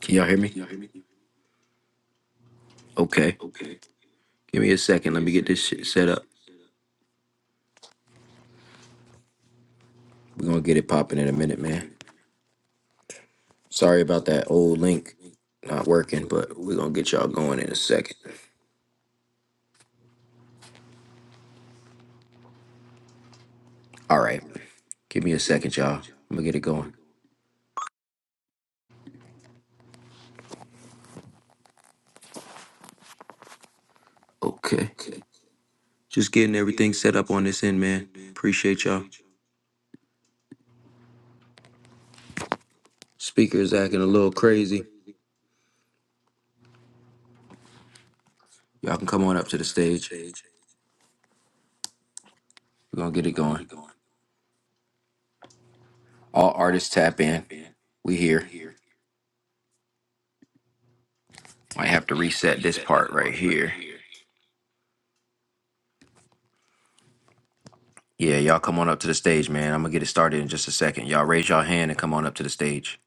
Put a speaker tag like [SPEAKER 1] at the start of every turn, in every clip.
[SPEAKER 1] Can y'all hear me? Okay. Give me a second. Let me get this shit set up. We're gonna get it popping in a minute, man. Sorry about that old link not working, but we're gonna get y'all going in a second. All right. Give me a second, y'all. I'm gonna get it going. Okay. Just getting everything set up on this end, man. Appreciate y'all. Speakers acting a little crazy. Y'all can come on up to the stage. We're gonna get it going. All artists tap in. We here. Might have to reset this part right here. Yeah, y'all come on up to the stage, man. I'm gonna get it started in just a second. Y'all raise y'all hand and come on up to the stage.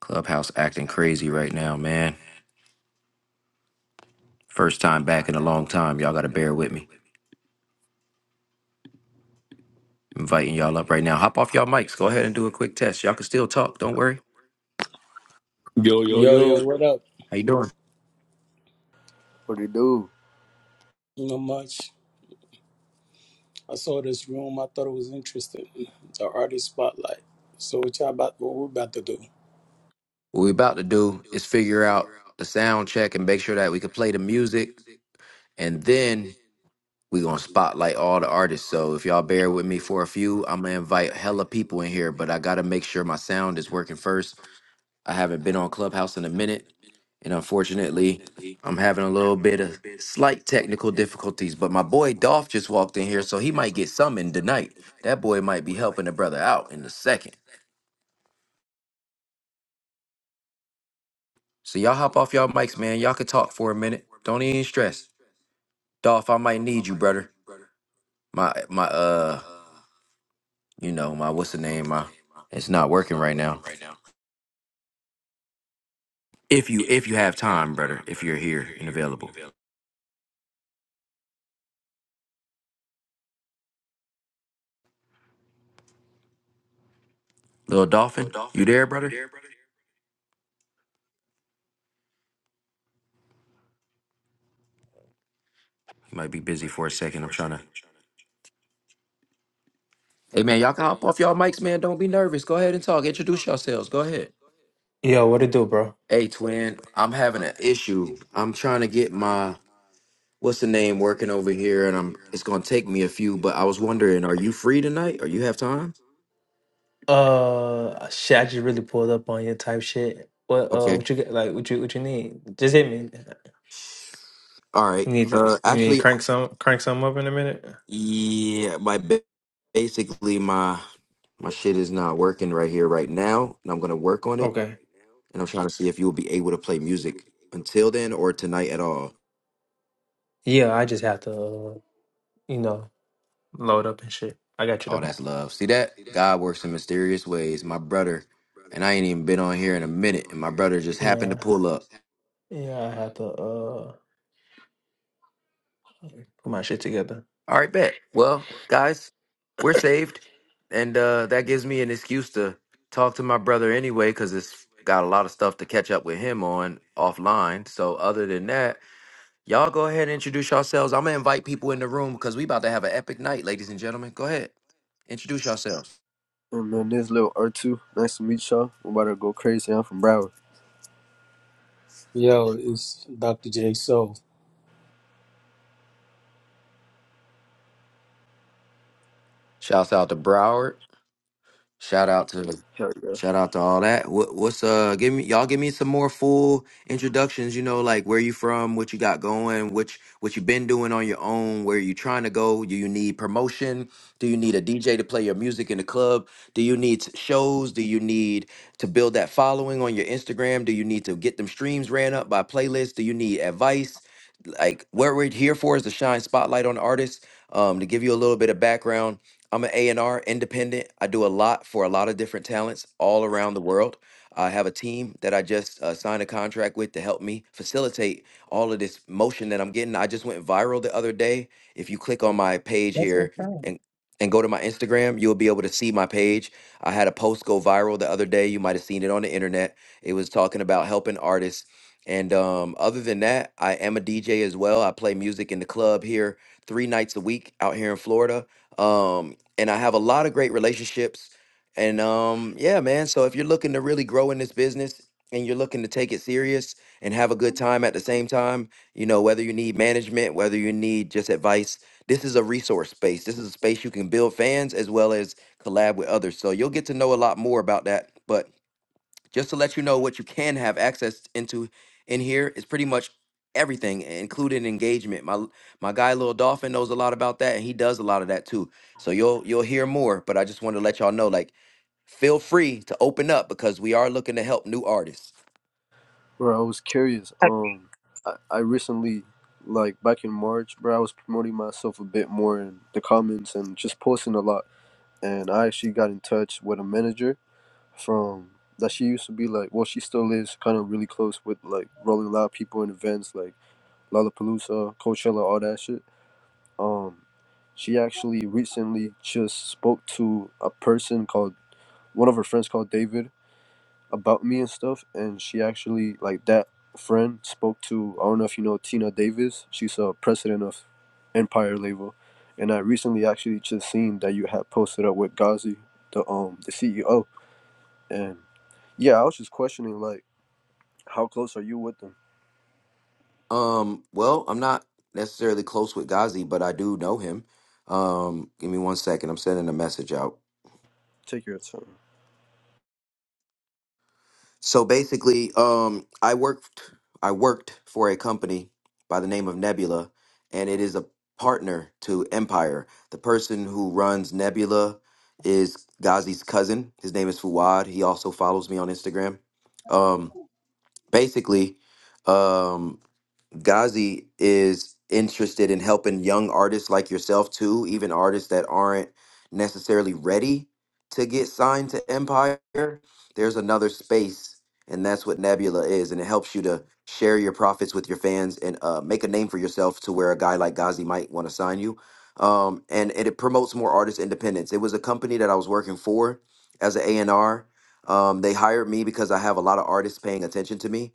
[SPEAKER 1] Clubhouse acting crazy right now, man. First time back in a long time. Y'all gotta bear with me. Inviting y'all up right now. Hop off y'all mics. Go ahead and do a quick test. Y'all can still talk. Don't worry.
[SPEAKER 2] Yo, yo,
[SPEAKER 3] Yo, yo,
[SPEAKER 2] yo.
[SPEAKER 3] what up?
[SPEAKER 1] How you doing?
[SPEAKER 4] What it do?
[SPEAKER 3] Not much. I saw this room. I thought it was interesting. The artist spotlight. So what y'all about? What we about to do?
[SPEAKER 1] What we about to do is figure out the sound check and make sure that we can play the music. And then we gonna spotlight all the artists. So if y'all bear with me for a few, I'm gonna invite hella people in here, but I gotta make sure my sound is working first I haven't been on Clubhouse in a minute, and unfortunately, I'm having a little bit of slight technical difficulties. But my boy Dolph just walked in here, so he might get summoned tonight. That boy might be helping the brother out in a second. So y'all hop off y'all mics, man. Y'all can talk for a minute. Don't even stress. Dolph, I might need you, brother. My my uh, you know my what's the name? My it's not working right now. If you if you have time, brother, if you're here and available, little dolphin, you there, brother? You might be busy for a second. I'm trying to. Hey, man, y'all can hop off y'all mics, man. Don't be nervous. Go ahead and talk. Introduce yourselves. Go ahead.
[SPEAKER 5] Yo, what it do, bro?
[SPEAKER 1] Hey, twin, I'm having an issue. I'm trying to get my what's the name working over here, and I'm it's gonna take me a few. But I was wondering, are you free tonight? Or you have time?
[SPEAKER 5] Uh, shit, I just really pulled up on your type shit. What uh,
[SPEAKER 1] Okay.
[SPEAKER 5] what you get? Like, what you what you need? Just hit me.
[SPEAKER 1] All
[SPEAKER 5] You
[SPEAKER 1] right.
[SPEAKER 5] need to, you
[SPEAKER 1] Uh,
[SPEAKER 5] need to
[SPEAKER 1] actually,
[SPEAKER 5] crank some crank some up in a minute.
[SPEAKER 1] yeah, my ba- basically my my shit is not working right here right now, and I'm gonna work on it.
[SPEAKER 5] Okay.
[SPEAKER 1] And I'm trying to see if you will be able to play music until then or tonight at all.
[SPEAKER 5] Yeah, I just have to, uh, you know, load up and shit. I got you
[SPEAKER 1] Oh,
[SPEAKER 5] though.
[SPEAKER 1] that's love. See that? God works in mysterious ways. My brother, and I ain't even been on here in a minute, and my brother just happened to
[SPEAKER 5] Yeah,
[SPEAKER 1] pull up.
[SPEAKER 5] yeah, I have to uh put my shit together.
[SPEAKER 1] All right, bet. Well, guys, we're saved. And uh, that gives me an excuse to talk to my brother anyway, because it's got a lot of stuff to catch up with him on offline. So other than that, y'all go ahead and introduce yourselves. I'm gonna invite people in the room because we about to have an epic night, ladies and gentlemen. Go ahead. Introduce yourselves.
[SPEAKER 4] Oh, man, this little R2. Nice to meet y'all. I'm about to go crazy. I'm from Broward.
[SPEAKER 3] Yo, it's Dr. J.
[SPEAKER 1] Shouts out to Broward. Shout out to
[SPEAKER 4] Hell yeah.
[SPEAKER 1] shout out to all that. What, what's uh? Give me y'all. Give me some more full introductions. You know, like where you from, what you got going, which what you been doing on your own, where you trying to go. Do you need promotion? Do you need a DJ to play your music in the club? Do you need s- shows? Do you need to build that following on your Instagram? Do you need to get them streams ran up by playlists? Do you need advice? Like what we're here for is to shine spotlight on artists. Um, to give you a little bit of background. I'm an A&R independent. I do a lot for a lot of different talents all around the world. I have a team that I just uh, signed a contract with to help me facilitate all of this motion that I'm getting. I just went viral the other day. If you click on my page
[SPEAKER 6] That's what's
[SPEAKER 1] here
[SPEAKER 6] up. Okay,
[SPEAKER 1] and and go to my Instagram, you'll be able to see my page. I had a post go viral the other day. You might have seen it on the internet. It was talking about helping artists. And um, other than that, I am a DJ as well. I play music in the club here three nights a week out here in Florida. Um, and I have a lot of great relationships. And um, yeah, man. So if you're looking to really grow in this business and you're looking to take it serious and have a good time at the same time, you know, whether you need management, whether you need just advice, this is a resource space. This is a space you can build fans as well as collab with others. So you'll get to know a lot more about that. But just to let you know what you can have access into in here is pretty much everything including engagement my my guy Lil dolphin knows a lot about that and he does a lot of that too so you'll you'll hear more but i just wanted to let y'all know like feel free to open up because we are looking to help new artists
[SPEAKER 4] Bro, I was curious.
[SPEAKER 6] all
[SPEAKER 4] Um, I, I recently, like back in March, bro, I was promoting myself a bit more in the comments and just posting a lot. And I actually got in touch with a manager from that she used to be like, well, she still is kind of really close with like Rolling Loud people in events like Lollapalooza, Coachella, all that shit. Um, she actually recently just spoke to a person called one of her friends called David about me and stuff, and she actually like that friend spoke to I don't know if you know Tina Davis. She's a president of Empire Label, and I recently actually just seen that you had posted up with Ghazi, the um the CEO, and yeah, I was just questioning like how close are you with them?
[SPEAKER 1] um well i'm not necessarily close with gazi but i do know him um give me one second i'm sending a message out
[SPEAKER 4] Take your time.
[SPEAKER 1] So basically, um, I worked I worked for a company by the name of Nebula, and it is a partner to Empire. The person who runs Nebula is Ghazi's cousin. His name is Fuad. He also follows me on Instagram. Um, basically, um, Ghazi is interested in helping young artists like yourself too, even artists that aren't necessarily ready to get signed to Empire. There's another space, and that's what Nebula is, and it helps you to share your profits with your fans and uh, make a name for yourself to where a guy like Ghazi might want to sign you. Um, and, and it promotes more artist independence. It was a company that I was working for as an A&R. Um, they hired me because I have a lot of artists paying attention to me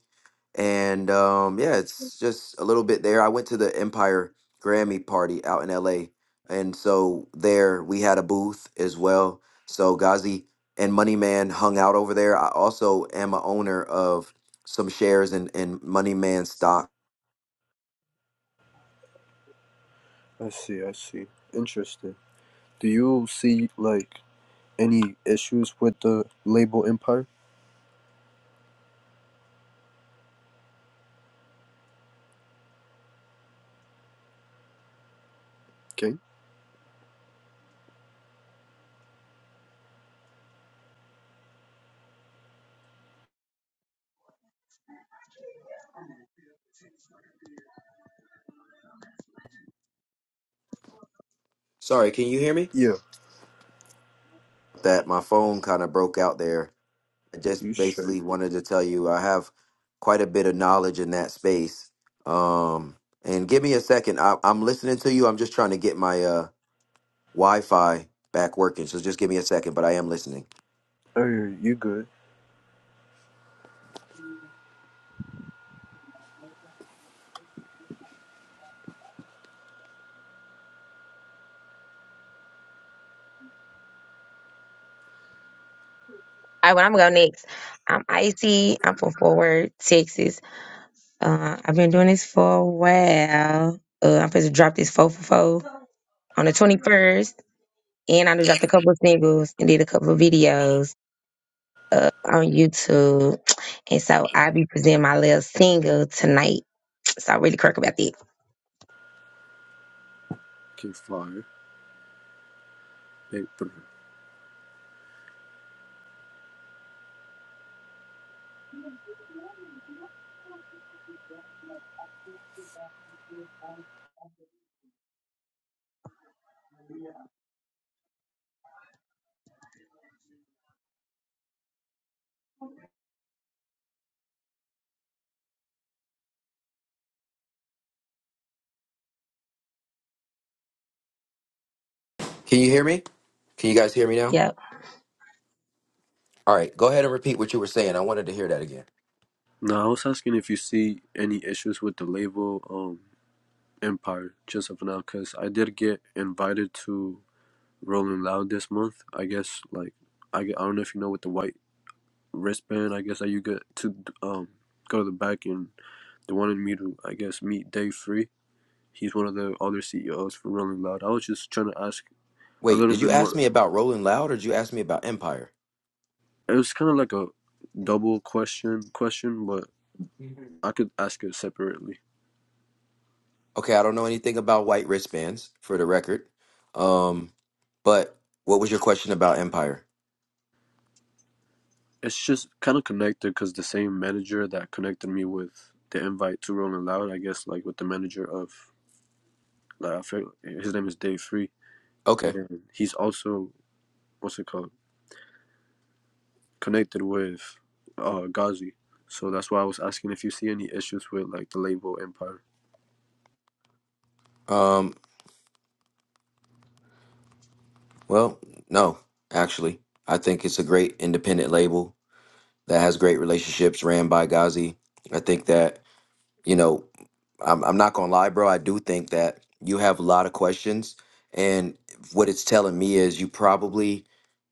[SPEAKER 1] and um, yeah, it's just a little bit there. I went to the Empire Grammy party out in LA, and so there we had a booth as well. So Ghazi and Money Man hung out over there. I also am a owner of some shares in, in Money Man stock.
[SPEAKER 4] I see. I see. Interesting. Do you see like any issues with the label Empire? Okay.
[SPEAKER 1] Sorry, can you hear me?
[SPEAKER 4] Yeah.
[SPEAKER 1] That my phone kind of broke out there. I
[SPEAKER 4] You
[SPEAKER 1] just
[SPEAKER 4] straight.
[SPEAKER 1] basically wanted to tell you I have quite a bit of knowledge in that space. Um, and give me a second. I, I'm listening to you. I'm just trying to get my uh Wi-Fi back working. So just give me a second, but I am listening.
[SPEAKER 4] Oh, yeah, you good?
[SPEAKER 6] right, well, I'm gonna go next. I'm Icy. I'm from Fort Worth, Texas. Uh, I've been doing this for a while. Uh, I'm supposed to drop this four for four on the 21st, and I done dropped a couple of singles and did a couple of videos uh, on YouTube. And so I'll be presenting my little single tonight. So I really kirk about that.
[SPEAKER 4] Okay, fine. Paper.
[SPEAKER 1] Can you hear me? Can you guys hear me now?
[SPEAKER 6] Yeah.
[SPEAKER 1] All right, go ahead and repeat what you were saying. I wanted to hear that again.
[SPEAKER 4] Now I was asking if you see any issues with the label um Empire just of now, cause I did get invited to Rolling Loud this month. I guess like I, get, I don't know if you know with the white wristband. I guess that you get to um go to the back and they wanted me to I guess meet Dave Free. He's one of the other CEOs for Rolling Loud. I was just trying to ask a
[SPEAKER 1] Wait,
[SPEAKER 4] little
[SPEAKER 1] did
[SPEAKER 4] bit
[SPEAKER 1] you ask
[SPEAKER 4] more.
[SPEAKER 1] me about Rolling Loud or did you ask me about Empire?
[SPEAKER 4] It was kind of like a double question question, but
[SPEAKER 7] Mhm.
[SPEAKER 4] I could ask it separately.
[SPEAKER 1] Okay, I don't know anything about white wristbands for the record. Um, but what was your question about Empire?
[SPEAKER 4] It's just kind of connected because the same manager that connected me with the invite to Rolling Loud, I guess, like with the manager of, like, I feel, his name is Dave Free,
[SPEAKER 1] Okay.
[SPEAKER 4] and he's also what's it called connected with uh, Ghazi. So that's why I was asking if you see any issues with like the label Empire.
[SPEAKER 1] Um, well, no, actually. I think it's a great independent label that has great relationships ran by Ghazi. I think that, you know, I'm, I'm not gonna lie, bro. I do think that you have a lot of questions, and what it's telling me is you probably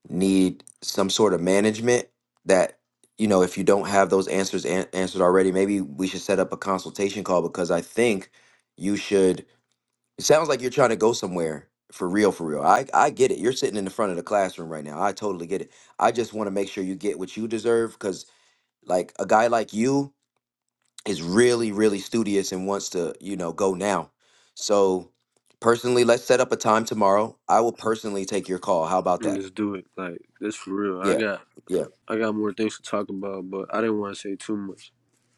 [SPEAKER 1] need some sort of management that you know if you don't have those answers an- answered already, maybe we should set up a consultation call because I think you should. It sounds like you're trying to go somewhere for real, for real. I I get it. You're sitting in the front of the classroom right now. I totally get it. I just want to make sure you get what you deserve because like a guy like you is really really studious and wants to you know go now so personally let's set up a time tomorrow i will personally take your call how about that
[SPEAKER 4] Let's do it. Like this for real. I
[SPEAKER 1] yeah
[SPEAKER 4] got
[SPEAKER 1] yeah
[SPEAKER 4] I got more things to talk about, but I didn't want to say too much.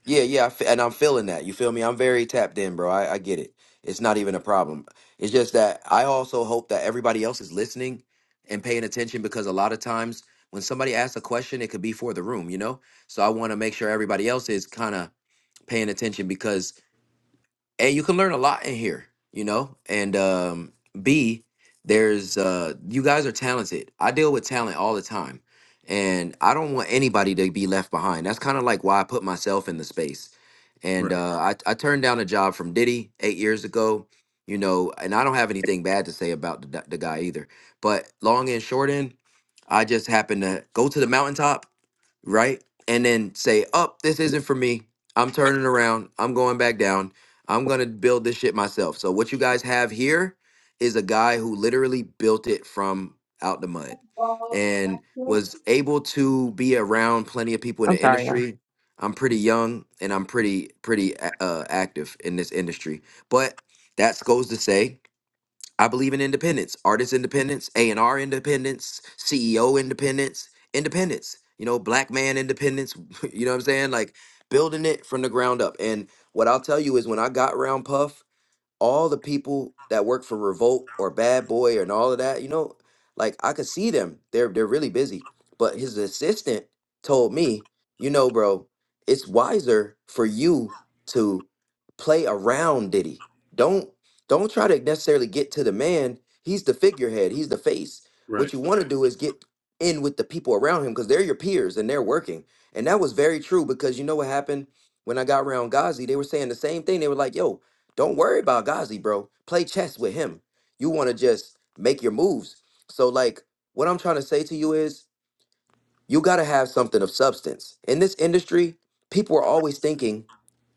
[SPEAKER 1] yeah yeah I fe- and i'm feeling that you feel me i'm very tapped in bro I, I get it it's not even a problem it's just that i also hope that everybody else is listening and paying attention because a lot of times when somebody asks a question it could be for the room you know so i want to make sure everybody else is kind of paying attention because. A, you can learn a lot in here, you know? And um B, there's uh you guys are talented. I deal with talent all the time. And I don't want anybody to be left behind. That's kind of like why I put myself in the space. And
[SPEAKER 4] Right.
[SPEAKER 1] uh I, I turned down a job from Diddy eight years ago, you know, and I don't have anything bad to say about the, the guy either. But long and short end, I just happened to go to the mountaintop right? And then say, "Up, this isn't for me. I'm turning around. I'm going back down. I'm gonna build this shit myself." So what you guys have here is a guy who literally built it from out the mud and was able to be around plenty of people in
[SPEAKER 6] I'm
[SPEAKER 1] the
[SPEAKER 6] sorry, y'all.
[SPEAKER 1] industry. I'm pretty young and I'm pretty pretty a- uh, active in this industry, but that goes to say I believe in independence, artist independence, A&R independence, CEO independence, independence, you know, black man independence, you know what I'm saying? Like building it from the ground up. And what I'll tell you is when I got around Puff, all the people that work for Revolt or Bad Boy and all of that, you know, like I could see them. They're they're really busy. But his assistant told me, you know, bro, it's wiser for you to play around Diddy. Don't don't try to necessarily get to the man. He's the figurehead. He's the face.
[SPEAKER 4] Right.
[SPEAKER 1] What you want to do is get in with the people around him because they're your peers and they're working. And that was very true because you know what happened when I got around Ghazi? They were saying the same thing. They were like, yo, don't worry about Ghazi, bro. Play chess with him. You want to just make your moves. So, like, what I'm trying to say to you is you got to have something of substance. In this industry, people are always thinking,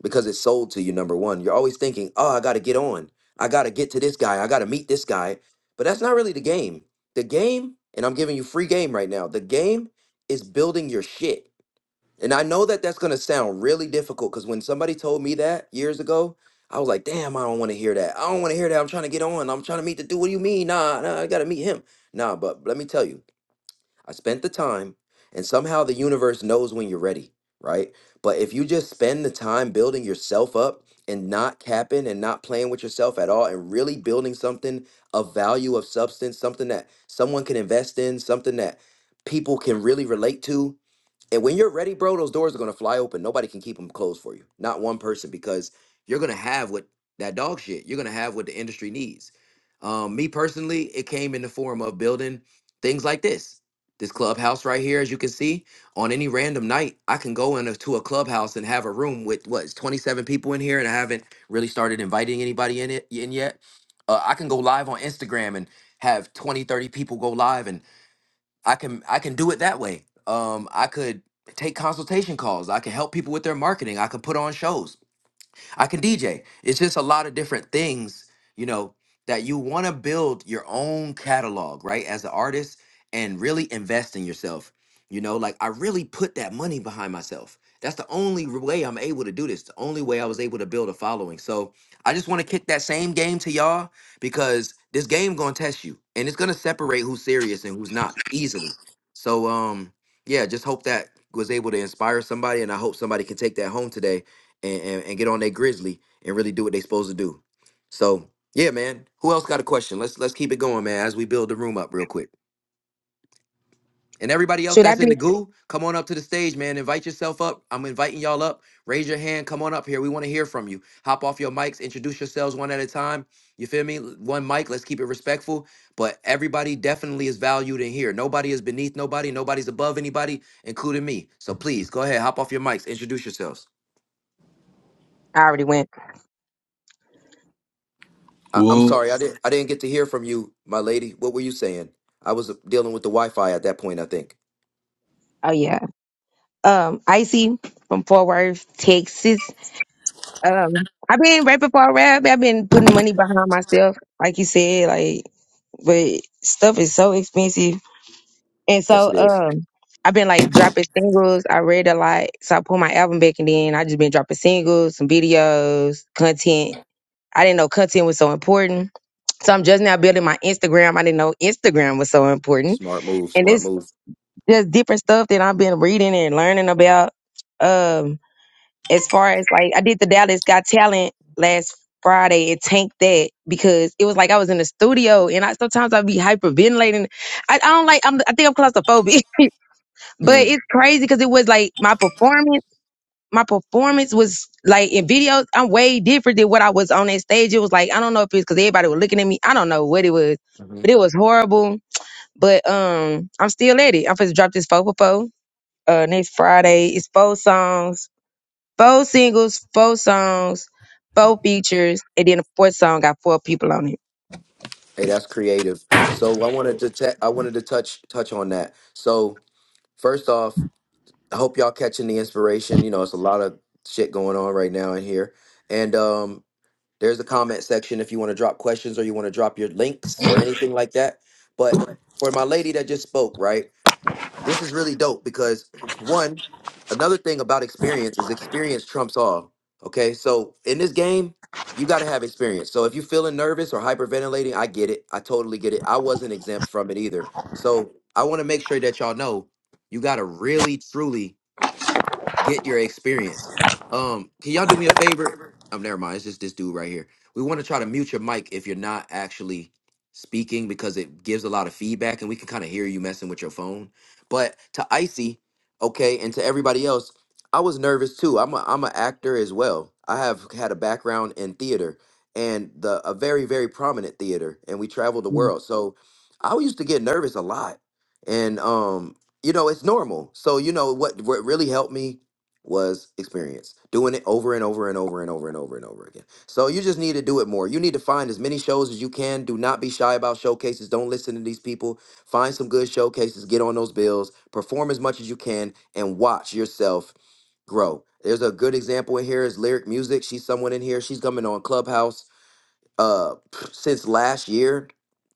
[SPEAKER 1] because it's sold to you, number one, you're always thinking, oh, I got to get on. I got to get to this guy. I got to meet this guy. But that's not really the game. The game, and I'm giving you free game right now, the game is building your shit. And I know that that's going to sound really difficult because when somebody told me that years ago, I was like, damn, I don't want to hear that. I don't want to hear that. I'm trying to get on. I'm trying to meet the dude. What do you mean? Nah, nah, I got to meet him. Nah, but let me tell you, I spent the time and somehow the universe knows when you're ready, right? But if you just spend the time building yourself up and not capping and not playing with yourself at all and really building something of value, of substance, something that someone can invest in, something that people can really relate to, and when you're ready, bro, those doors are gonna fly open. Nobody can keep them closed for you. Not one person, because you're gonna have what that dog shit. You're gonna have what the industry needs. Um, me personally, it came in the form of building things like this. This clubhouse right here, as you can see, on any random night, I can go into a clubhouse and have a room with what is 27 people in here, and I haven't really started inviting anybody in it in yet. Uh, I can go live on Instagram and have 20, 30 people go live, and. I can I can do it that way. Um, I could take consultation calls. I can help people with their marketing. I could put on shows. I can DJ. It's just a lot of different things, you know, that you want to build your own catalog, right? As an artist and really invest in yourself. You know, like I really put that money behind myself. That's the only r- way I'm able to do this. The only way I was able to build a following. So I just want to kick that same game to y'all because this game gonna test you and it's gonna separate who's serious and who's not easily. So um yeah, just hope that was able to inspire somebody and I hope somebody can take that home today and, and, and get on their grizzly and really do what they supposed to do. So yeah, man. Who else got a question? Let's let's keep it going, man, as we build the room up real quick. And everybody else
[SPEAKER 6] Should I
[SPEAKER 1] that's in
[SPEAKER 6] be?
[SPEAKER 1] the goo, come on up to the stage, man. Invite yourself up. I'm inviting y'all up. Raise your hand. Come on up here. We want to hear from you. Hop off your mics. Introduce yourselves one at a time. You feel me? One mic. Let's keep it respectful. But everybody definitely is valued in here. Nobody is beneath nobody. Nobody's above anybody, including me. So please go ahead. Hop off your mics. Introduce yourselves.
[SPEAKER 6] I already went.
[SPEAKER 1] I, I'm
[SPEAKER 8] Whoop,
[SPEAKER 1] sorry, I didn't I didn't get to hear from you, my lady. What were you saying? I was dealing with the Wi-Fi at that point. I think.
[SPEAKER 6] Oh yeah. Um, Icy from Fort Worth, Texas. Um, I've been rapping for a rap. I've been putting money behind myself, like you said, like. but stuff is so expensive. And
[SPEAKER 1] Yes,
[SPEAKER 6] so
[SPEAKER 1] it is.
[SPEAKER 6] um I've been like dropping singles. I read a lot. So I put my album back and then I just been dropping singles, some videos, content. I didn't know content was so important. So I'm just now building my Instagram. I didn't know Instagram was so important.
[SPEAKER 1] Smart move.
[SPEAKER 6] And
[SPEAKER 1] Smart
[SPEAKER 6] it's
[SPEAKER 1] move.
[SPEAKER 6] just different stuff that I've been reading and learning about. Um as far as like I did the Dallas Got Talent last Friday and tanked that because it was like I was in the studio and I sometimes I'd be hyperventilating. I, I don't like I'm I think I'm claustrophobic. but
[SPEAKER 1] Mm.
[SPEAKER 6] it's crazy because it was like my performance my performance was like in videos I'm way different than what I was on that stage. It was like I don't know if it's because everybody was looking at me. I don't know what it was.
[SPEAKER 1] hmm
[SPEAKER 6] But it was horrible. But um I'm still at it. I'm supposed to drop this four for four. Uh next Friday. It's four songs Four singles, four songs, four features, and then the fourth song got four people on it.
[SPEAKER 1] Hey, that's creative. So I wanted to te- I wanted to touch touch on that. So first off, I hope y'all catching the inspiration. You know, it's a lot of shit going on right now in here, and um, there's a comment section if you want to drop questions or you want to drop your links or anything like that. But for my lady that just spoke, right? This is really dope because one, another thing about experience is experience trumps all. Okay, so in this game, you got to have experience. So if you're feeling nervous or hyperventilating, I get it. I totally get it. I wasn't exempt from it either. So I want to make sure that y'all know you got to really, truly get your experience. Um, can y'all do me a favor? Um, never mind. It's just this dude right here. We want to try to mute your mic if you're not actually speaking because it gives a lot of feedback and we can kind of hear you messing with your phone. But to Icy, okay, and to everybody else, I was nervous too. I'm a, I'm an actor as well. I have had a background in theater and the a very very prominent theater, and we traveled the
[SPEAKER 6] Mm,
[SPEAKER 1] world. So I used to get nervous a lot, and um, you know it's normal. So you know what what really helped me was experience doing it over and over and over and over and over and over again so you just need to do it more you need to find as many shows as you can do not be shy about showcases don't listen to these people find some good showcases get on those bills perform as much as you can and watch yourself grow there's a good example in here is lyric music she's someone in here she's coming on clubhouse uh since last year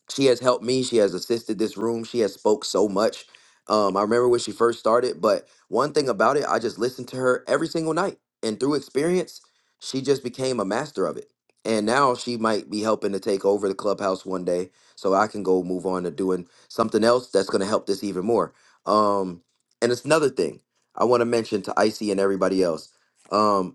[SPEAKER 1] she has helped me she has assisted this room she has spoke so much um i remember when she first started but one thing about it i just listened to her every single night and through experience she just became a master of it and now she might be helping to take over the clubhouse one day so i can go move on to doing something else that's going to help this even more um and it's another thing i want to mention to icy and everybody else Um,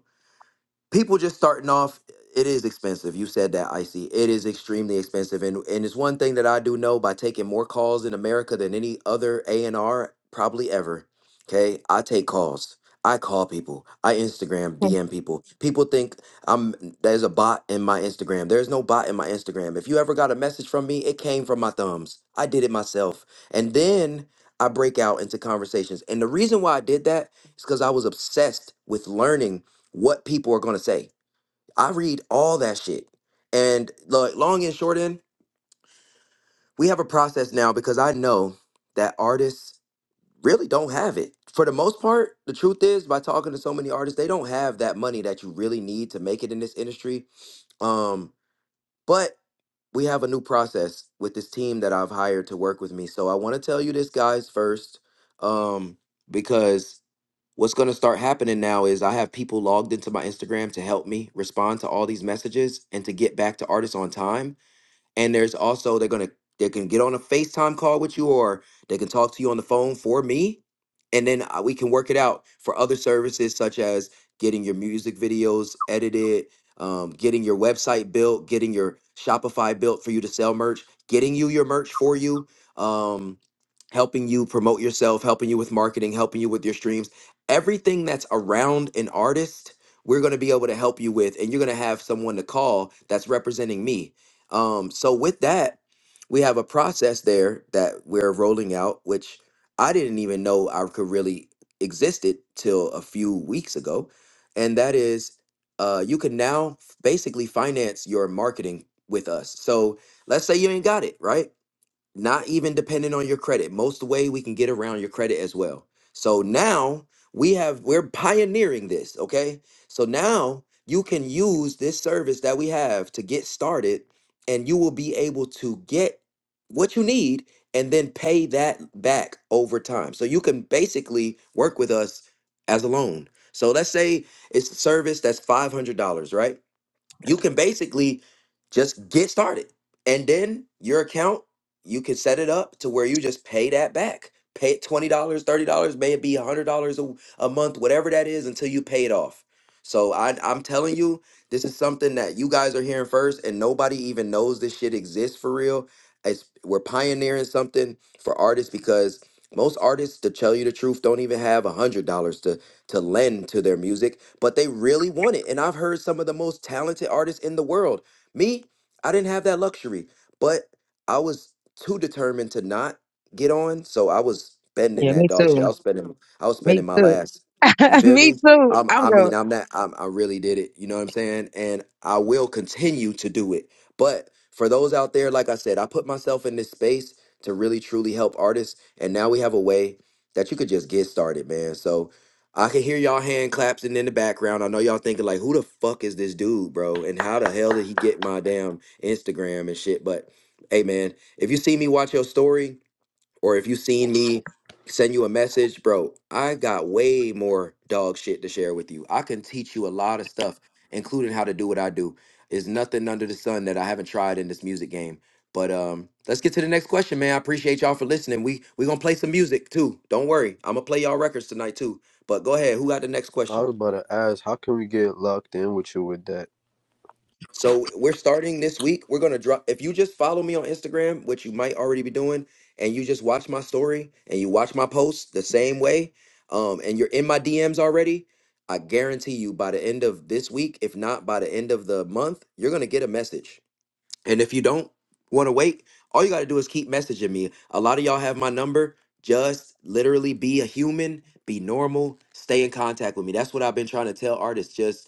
[SPEAKER 1] people just starting off it is expensive you said that icy it is extremely expensive and and it's one thing that i do know by taking more calls in america than any other a&r probably ever okay i take calls i call people i instagram dm people people think i'm there's a bot in my instagram there's no bot in my instagram if you ever got a message from me it came from my thumbs i did it myself and then i break out into conversations and the reason why i did that is because i was obsessed with learning what people are going to say. I read all that shit. And like long and short end, we have a process now because I know that artists really don't have it. For the most part, the truth is by talking to so many artists, they don't have that money that you really need to make it in this industry. Um, but we have a new process with this team that I've hired to work with me. So I want to tell you this guys first um because what's going to start happening now is I have people logged into my Instagram to help me respond to all these messages and to get back to artists on time and there's also they're gonna they can get on a FaceTime call with you, or they can talk to you on the phone for me, and then uh, we can work it out for other services such as getting your music videos edited, um, getting your website built, getting your Shopify built for you to sell merch, getting you your merch for you, um, helping you promote yourself, helping you with marketing, helping you with your streams, everything that's around an artist. We're going to be able to help you with, and you're going to have someone to call that's representing me um, so with that, we have a process there that we're rolling out, which I didn't even know I could really existed till a few weeks ago, and that is, uh, you can now f- basically finance your marketing with us. So let's say you ain't got it, right? not even dependent on your credit. Most way we can get around your credit as well. So now we have we're pioneering this, okay? So now you can use this service that we have to get started and you will be able to get what you need and then pay that back over time. So you can basically work with us as a loan. So let's say it's a service that's $500, right? you can basically just get started and then your account you can set it up to where you just pay that back pay it $20 dollars, $30 maybe $100 a, hundred dollars a a month whatever that is until you pay it off so I, i'm telling you this is something that you guys are hearing first and nobody even knows this shit exists for real it's, we're pioneering something for artists because most artists to tell you the truth don't even have $100 to lend to their music, but they really want it. And I've heard some of the most talented artists in the world. Me, I didn't have that luxury, but I was too determined to not get on, so I was spending
[SPEAKER 6] Yeah,
[SPEAKER 1] that
[SPEAKER 6] me
[SPEAKER 1] dog shit.
[SPEAKER 6] too.
[SPEAKER 1] I was spending, I was
[SPEAKER 6] Me
[SPEAKER 1] spending my
[SPEAKER 6] too.
[SPEAKER 1] last. You feel
[SPEAKER 6] me
[SPEAKER 1] me?
[SPEAKER 6] too.
[SPEAKER 1] Um,
[SPEAKER 6] I'm
[SPEAKER 1] I
[SPEAKER 6] going.
[SPEAKER 1] mean, I'm not. I'm, I really did it. You know what I'm saying? And I will continue to do it. But for those out there, like I said, I put myself in this space to really truly help artists, and now we have a way that you could just get started, man. So I can hear y'all hand claps in the background. I know y'all thinking like, who the fuck is this dude, bro? And how the hell did he get my damn Instagram and shit? But hey, man, if you see me watch your story, or if you seen me send you a message, bro, I got way more dog shit to share with you. I can teach you a lot of stuff, including how to do what I do. There's nothing under the sun that I haven't tried in this music game. But um, let's get to the next question, man. I appreciate y'all for listening. We we gonna play some music too. Don't worry, I'm gonna play y'all records tonight too. But go ahead, who got the next
[SPEAKER 4] I
[SPEAKER 1] question?
[SPEAKER 4] was about to ask, how can we get locked in with you with that?
[SPEAKER 1] So we're starting this week. We're gonna drop. If you just follow me on Instagram, which you might already be doing, and you just watch my story and you watch my posts the same way, um, and you're in my DMs already, I guarantee you by the end of this week, if not by the end of the month, you're gonna get a message. And if you don't want to wait, all you gotta do is keep messaging me. A lot of y'all have my number. Just literally be a human, be normal, stay in contact with me. That's what I've been trying to tell artists. Just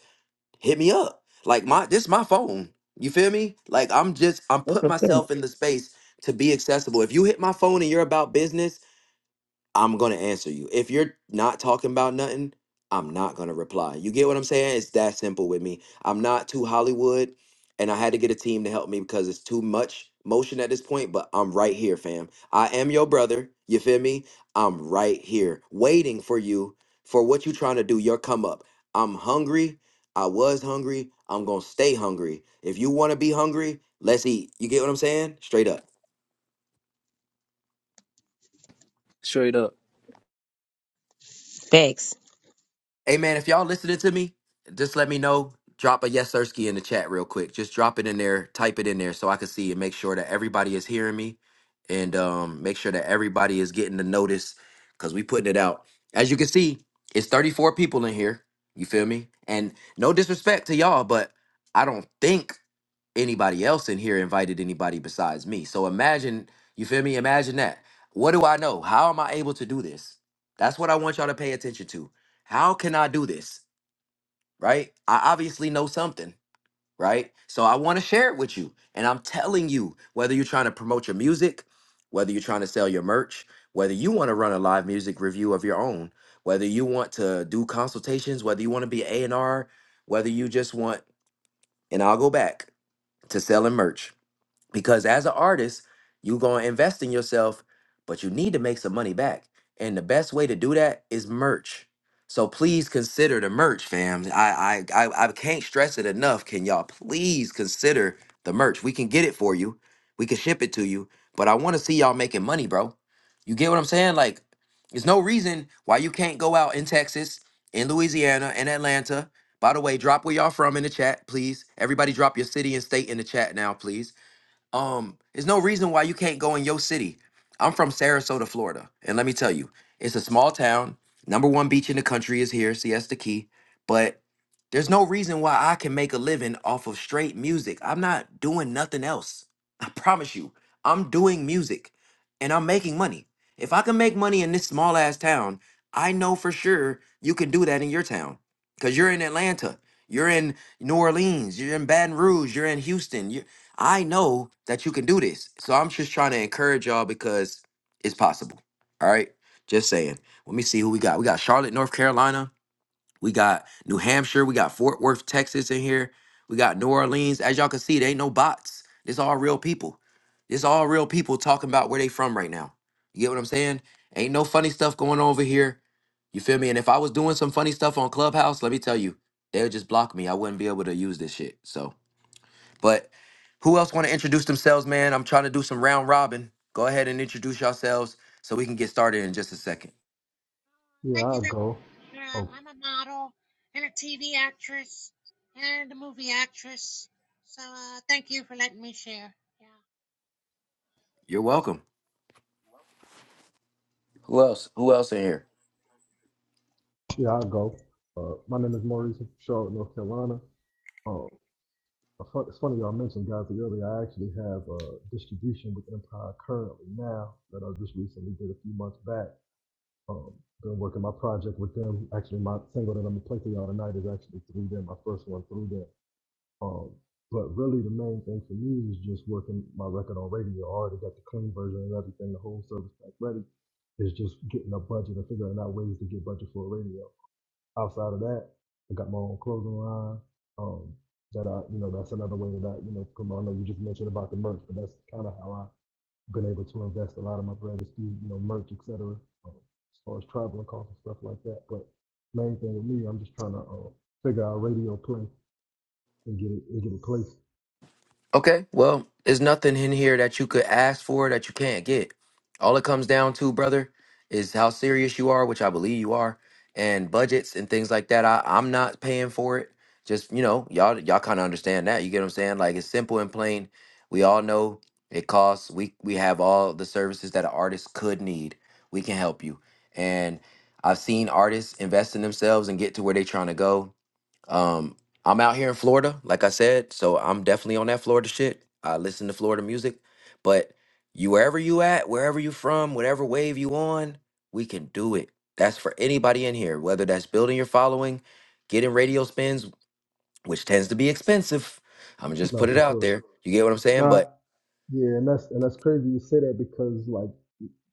[SPEAKER 1] hit me up. Like my this is my phone. You feel me? Like I'm just I'm
[SPEAKER 6] That's
[SPEAKER 1] put
[SPEAKER 6] a fact.
[SPEAKER 1] myself in the space to be accessible. If you hit my phone and you're about business, I'm gonna answer you. If you're not talking about nothing, I'm not gonna reply. You get what I'm saying? It's that simple with me. I'm not too Hollywood, and I had to get a team to help me because it's too much motion at this point. But I'm right here, fam. I am your brother. You feel me? I'm right here, waiting for you for what you trying to do. Your come up. I'm hungry. I was hungry. I'm gonna stay hungry. If you wanna be hungry, let's eat. You get what I'm saying? Straight up.
[SPEAKER 4] Straight up.
[SPEAKER 6] Facts.
[SPEAKER 1] Hey man, if y'all listening to me, just let me know. Drop a yes Sirski in the chat real quick. Just drop it in there, type it in there so I can see and make sure that everybody is hearing me and um make sure that everybody is getting the notice because we putting it out. As you can see, it's 34 people in here. You feel me? And no disrespect to y'all, but I don't think anybody else in here invited anybody besides me. So imagine, you feel me? Imagine that. What do I know? How am I able to do this? That's what I want y'all to pay attention to. How can I do this? Right? I obviously know something, right? So I want to share it with you. And I'm telling you, whether you're trying to promote your music, whether you're trying to sell your merch, whether you want to run a live music review of your own, whether you want to do consultations, whether you want to be A&R, whether you just want, and I'll go back to selling merch because as an artist you're going to invest in yourself but you need to make some money back and the best way to do that is merch so please consider the merch fam i i i, I can't stress it enough can y'all please consider the merch we can get it for you we can ship it to you but i want to see y'all making money bro you get what i'm saying like there's no reason why you can't go out in texas in louisiana in atlanta by the way drop where y'all from in the chat please everybody drop your city and state in the chat now please um, there's no reason why you can't go in your city. I'm from Sarasota, Florida, and let me tell you, it's a small town. Number one beach in the country is here, Siesta Key. But there's no reason why I can make a living off of straight music. I'm not doing nothing else. I promise you, I'm doing music, and I'm making money. If I can make money in this small ass town, I know for sure you can do that in your town, cause you're in Atlanta, you're in New Orleans, you're in Baton Rouge, you're in Houston. I know that you can do this. So I'm just trying to encourage y'all because it's possible. All right. Just saying. Let me see who we got. We got Charlotte, North Carolina. We got New Hampshire. We got Fort Worth, Texas in here. We got New Orleans. As y'all can see, they ain't no bots. This all real people. This all real people talking about where they from right now. You get what I'm saying? Ain't no funny stuff going on over here. You feel me? And if I was doing some funny stuff on Clubhouse, let me tell you, they would just block me. I wouldn't be able to use this shit. So but who else want to introduce themselves, man? I'm trying to do some round robin. Go ahead and introduce yourselves so we can get started in just a second.
[SPEAKER 9] Yeah,
[SPEAKER 10] Thank you.
[SPEAKER 9] I'll
[SPEAKER 10] That,
[SPEAKER 9] go.
[SPEAKER 10] uh,
[SPEAKER 9] Oh,
[SPEAKER 10] I'm a model and a TV actress and a movie actress. So uh, thank you for letting me share. Yeah.
[SPEAKER 1] You're welcome. Who else? Who else in here?
[SPEAKER 9] yeah, I'll go. Uh, my name is Maurice from Charlotte, North Carolina. Uh, it's fun- it's funny y'all mentioned Gazi earlier. I actually have a distribution with Empire currently now that I just recently did a few months back. Um, been working my project with them. Actually, my single that I'm gonna play for y'all tonight is actually through them. My first one through them. Um, but really, the main thing for me is just working my record on radio. I already got the clean version and everything, the whole service pack ready. It's just getting a budget and figuring out ways to get budget for a radio. Outside of that, I got my own clothing line. Um, that I, you know, that's another way that I, you know, come on, I know you just mentioned about the merch, but that's kind of how I've been able to invest a lot of my bread is through, you know, merch, et cetera, um, as far as traveling costs and stuff like that. But main thing with me, I'm just trying to uh, figure out radio play and get it and get it placed
[SPEAKER 1] Okay, well, there's nothing in here that you could ask for that you can't get. All it comes down to, brother, is how serious you are, which I believe you are, and budgets and things like that. I, I'm not paying for it. Just you know, y'all y'all kind of understand that. You get what I'm saying? Like it's simple and plain. We all know it costs. We we have all the services that an artist could need. We can help you. And I've seen artists invest in themselves and get to where they're trying to go um, I'm out here in Florida, like I said, so I'm definitely on that Florida shit. I listen to Florida music, but you wherever you at, wherever you from, whatever wave you on, we can do it. That's for anybody in here, whether that's building your following, getting radio spins, which tends to be expensive. I'm just
[SPEAKER 9] No,
[SPEAKER 1] put it
[SPEAKER 9] for
[SPEAKER 1] out
[SPEAKER 9] sure.
[SPEAKER 1] there. You get what I'm saying? But
[SPEAKER 9] Now, yeah, and that's and that's crazy you say that because like